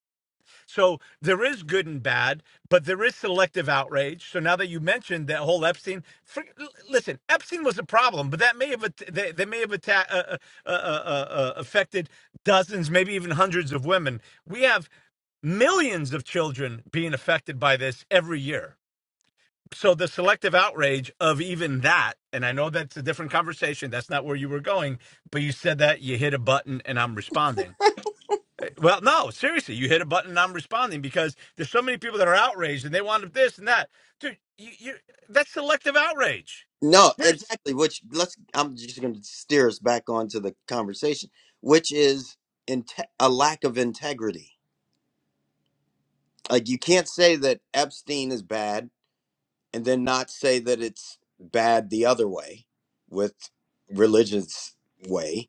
[SPEAKER 6] so there is good and bad, but there is selective outrage. So now that you mentioned that whole Epstein, for, l- listen, Epstein was a problem, but that may have att- they, they may have atta- uh, uh, uh, uh, uh, affected dozens, maybe even hundreds of women. We have millions of children being affected by this every year. So the selective outrage of even that, and I know that's a different conversation. That's not where you were going, but you said that you hit a button, and I'm responding well, no, seriously, you hit a button and I'm responding because there's so many people that are outraged and they want this and that. Dude, you, you, that's selective outrage.
[SPEAKER 7] No,
[SPEAKER 6] There's
[SPEAKER 7] exactly. Which let's, I'm just going to steer us back onto the conversation, which is inte- a lack of integrity. Like you can't say that Epstein is bad and then not say that it's bad the other way with religious way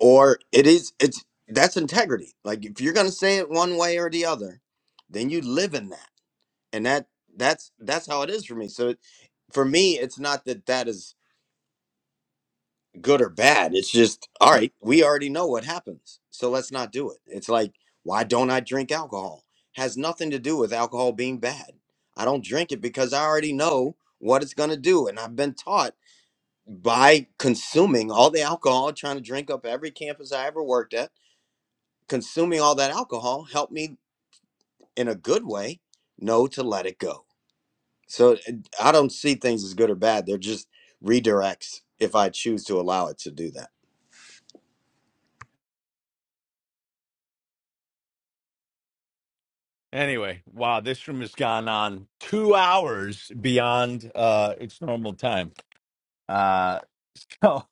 [SPEAKER 7] or it is it's that's integrity like if you're going to say it one way or the other then you live in that and that that's that's how it is for me so it, for me it's not that that is good or bad it's just all right we already know what happens so let's not do it it's like why don't i drink alcohol has nothing to do with alcohol being bad i don't drink it because i already know what it's going to do and i've been taught by consuming all the alcohol trying to drink up every campus i ever worked at consuming all that alcohol helped me in a good way know to let it go. So uh, I don't see things as good or bad. They're just redirects if I choose to allow it to do that.
[SPEAKER 6] anyway. Wow, this room has gone on two hours beyond uh, its normal time. Uh, so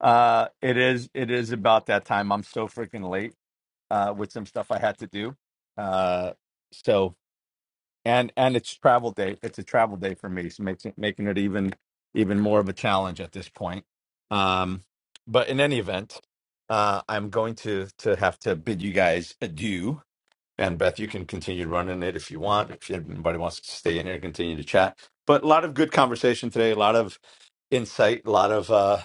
[SPEAKER 6] uh, it is it is about that time. I'm so freaking late uh, with some stuff I had to do. Uh, so. and and it's travel day. It's a travel day for me, so making making it even even more of a challenge at this point. Um, but in any event, uh, I'm going to to have to bid you guys adieu. And Beth, you can continue running it if you want. If anybody wants to stay in here, and continue to chat. But a lot of good conversation today. A lot of insight. A lot of uh,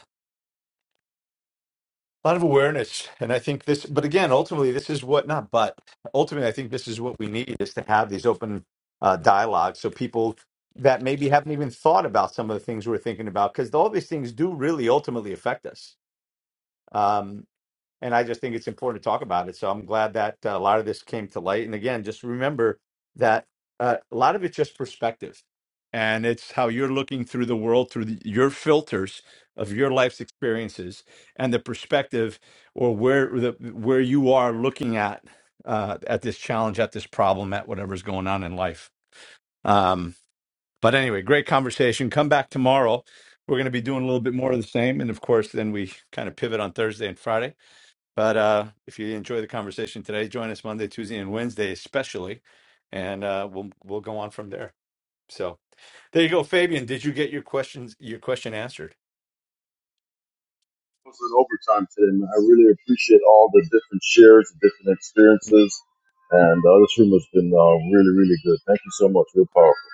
[SPEAKER 6] a lot of awareness and i think this but again ultimately this is what not but ultimately i think this is what we need is to have these open uh, dialogues so people that maybe haven't even thought about some of the things we're thinking about because all these things do really ultimately affect us Um, and I just think it's important to talk about it. So I'm glad that uh, a lot of this came to light. And again, just remember that uh, a lot of it's just perspective, and it's how you're looking through the world through the, your filters of your life's experiences and the perspective or where the where you are looking at uh, at this challenge, at this problem, at whatever's going on in life. Um, but anyway, great conversation. Come back tomorrow. We're going to be doing a little bit more of the same, and of course, then we kind of pivot on Thursday and Friday. But uh, if you enjoy the conversation today, join us Monday, Tuesday, and Wednesday, especially, and uh, we'll we'll go on from there. So there you go, Fabian. Did you get your questions your question answered?
[SPEAKER 12] was in overtime today, man. I really appreciate all the different shares, the different experiences. And uh, this room has been uh, really, really good. Thank you so much. Real powerful.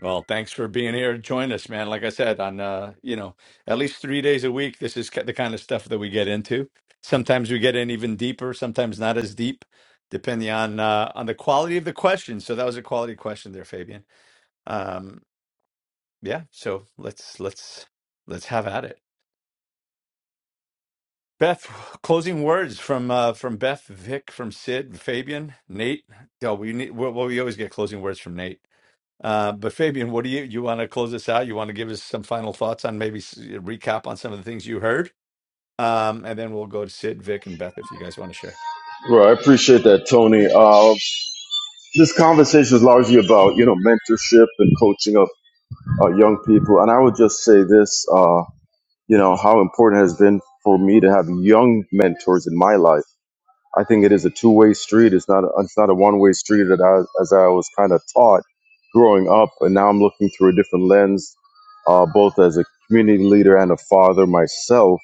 [SPEAKER 6] Well, thanks for being here. Join us, man. Like I said, on uh, you know at least three days a week. This is ki- the kind of stuff that we get into. Sometimes we get in even deeper. Sometimes not as deep, depending on uh, on the quality of the question. So that was a quality question there, Fabian. Um, yeah. So let's let's let's have at it. Beth, closing words from uh, from Beth, Vic, from Sid, Fabian, Nate. Yeah, we need. Well, well, we always get closing words from Nate. Uh, but Fabian, what do you you want to close this out? You want to give us some final thoughts on maybe s- recap on some of the things you heard, um, and then we'll go to Sid, Vic, and Beth if you guys want to share.
[SPEAKER 12] Well, I appreciate that, Tony. Uh, this conversation is largely about, you know, mentorship and coaching of uh, young people. And I would just say this, uh, you know, how important it has been for me to have young mentors in my life I think it is a two-way street. It's not a, it's not a one-way street that I, as I was kind of taught growing up, and now I'm looking through a different lens, uh, both as a community leader and a father myself.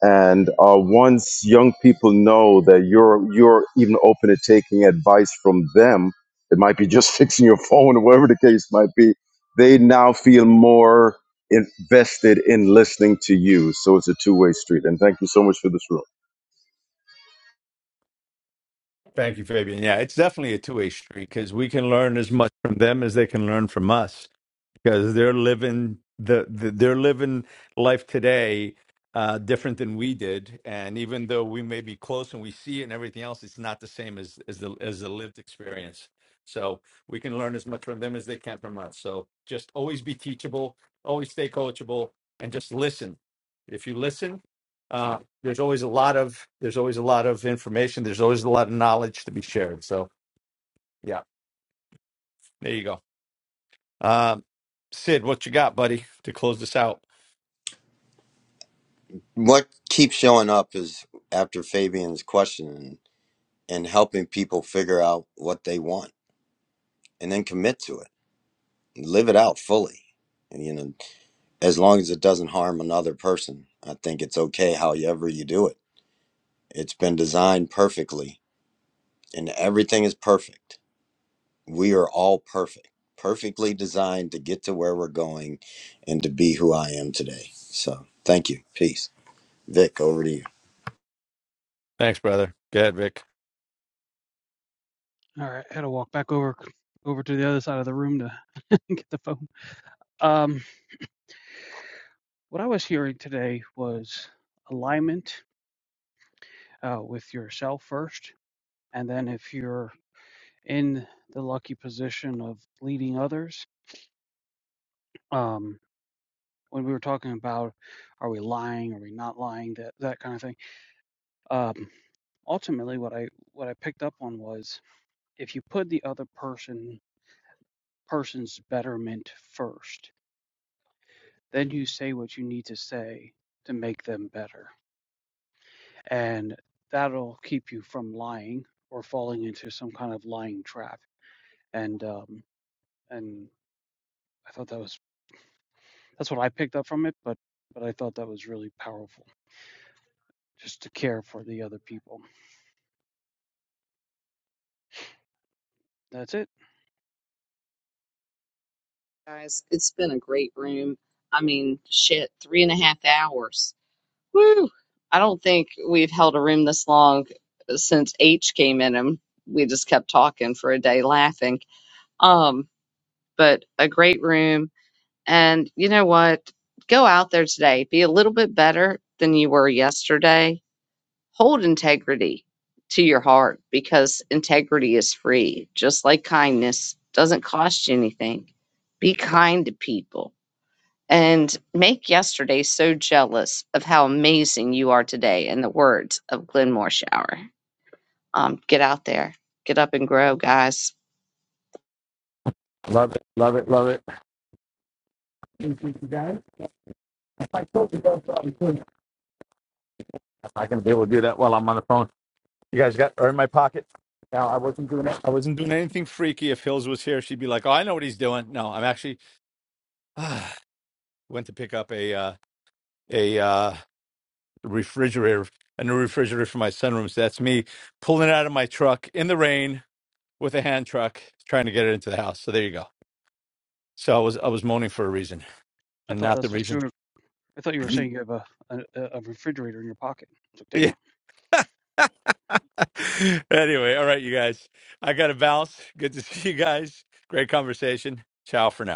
[SPEAKER 12] And uh, once young people know that you're you're even open to taking advice from them, it might be just fixing your phone or whatever the case might be. They now feel more invested in listening to you. So it's a two-way street. And thank you so much for this room.
[SPEAKER 6] Thank you, Fabian. Yeah, it's definitely a two way street because we can learn as much from them as they can learn from us. because they're living the, the they're living life today uh, different than we did, and even though we may be close and we see it and everything else, it's not the same as as the as the lived experience. So we can learn as much from them as they can from us. So just always be teachable, always stay coachable, and just listen. If you listen, uh, there's always a lot of there's always a lot of information. There's always a lot of knowledge to be shared. So yeah, there you go. Um, Sid, what you got, buddy, to close this out?
[SPEAKER 7] What keeps showing up is after Fabian's question and, and helping people figure out what they want and then commit to it, live it out fully. And, you know, as long as it doesn't harm another person, I think it's okay however you do it. It's been designed perfectly and everything is perfect we are all perfect, perfectly designed to get to where we're going and to be who I am today. So thank you. Peace. Vic, over to you.
[SPEAKER 6] Thanks, brother. Go ahead, Vic.
[SPEAKER 2] All right, I had to walk back over over to the other side of the room to get the phone. Um, what I was hearing today was alignment uh, with yourself first, and then if you're in the lucky position of leading others, um, when we were talking about are we lying, are we not lying, that that kind of thing. Um, ultimately, what I what I picked up on was if you put the other person person's betterment first Then you say what you need to say to make them better. And that'll keep you from lying or falling into some kind of lying trap. And, um, and I thought that was, that's what I picked up from it, but, but I thought that was really powerful just to care for the other people. That's it.
[SPEAKER 1] guys, it's been a great room. I mean, shit, three and a half hours. Woo! I don't think we've held a room this long since H came in and we just kept talking for a day laughing. Um, but a great room. And you know what? Go out there today. Be a little bit better than you were yesterday. Hold integrity to your heart because integrity is free, just like kindness doesn't cost you anything. Be kind to people and make yesterday so jealous of how amazing you are today in the words of Glenn Morshower. Um, get out there, get up and grow, guys.
[SPEAKER 6] Love it, love it, love it. Thank you, you guys. If I told you guys, I couldn't. I'm not gonna be able to do that while I'm on the phone. You guys got are in my pocket. No, I wasn't doing it. I wasn't doing anything freaky. If Hills was here, she'd be like, "Oh, I know what he's doing." No, I'm actually went to pick up a uh, a uh, refrigerator, a new refrigerator for my sunroom. So that's me pulling it out of my truck in the rain with a hand truck, trying to get it into the house. So there you go. So I was I was moaning for a reason,
[SPEAKER 2] I
[SPEAKER 6] and
[SPEAKER 2] thought
[SPEAKER 6] not the
[SPEAKER 2] that's what you
[SPEAKER 6] reason.
[SPEAKER 2] were, I thought you were saying you have a, a, a refrigerator in your pocket. I was like, damn.
[SPEAKER 6] anyway, all right, you guys. I got to bounce. Good to see you guys. Great conversation. Ciao for now.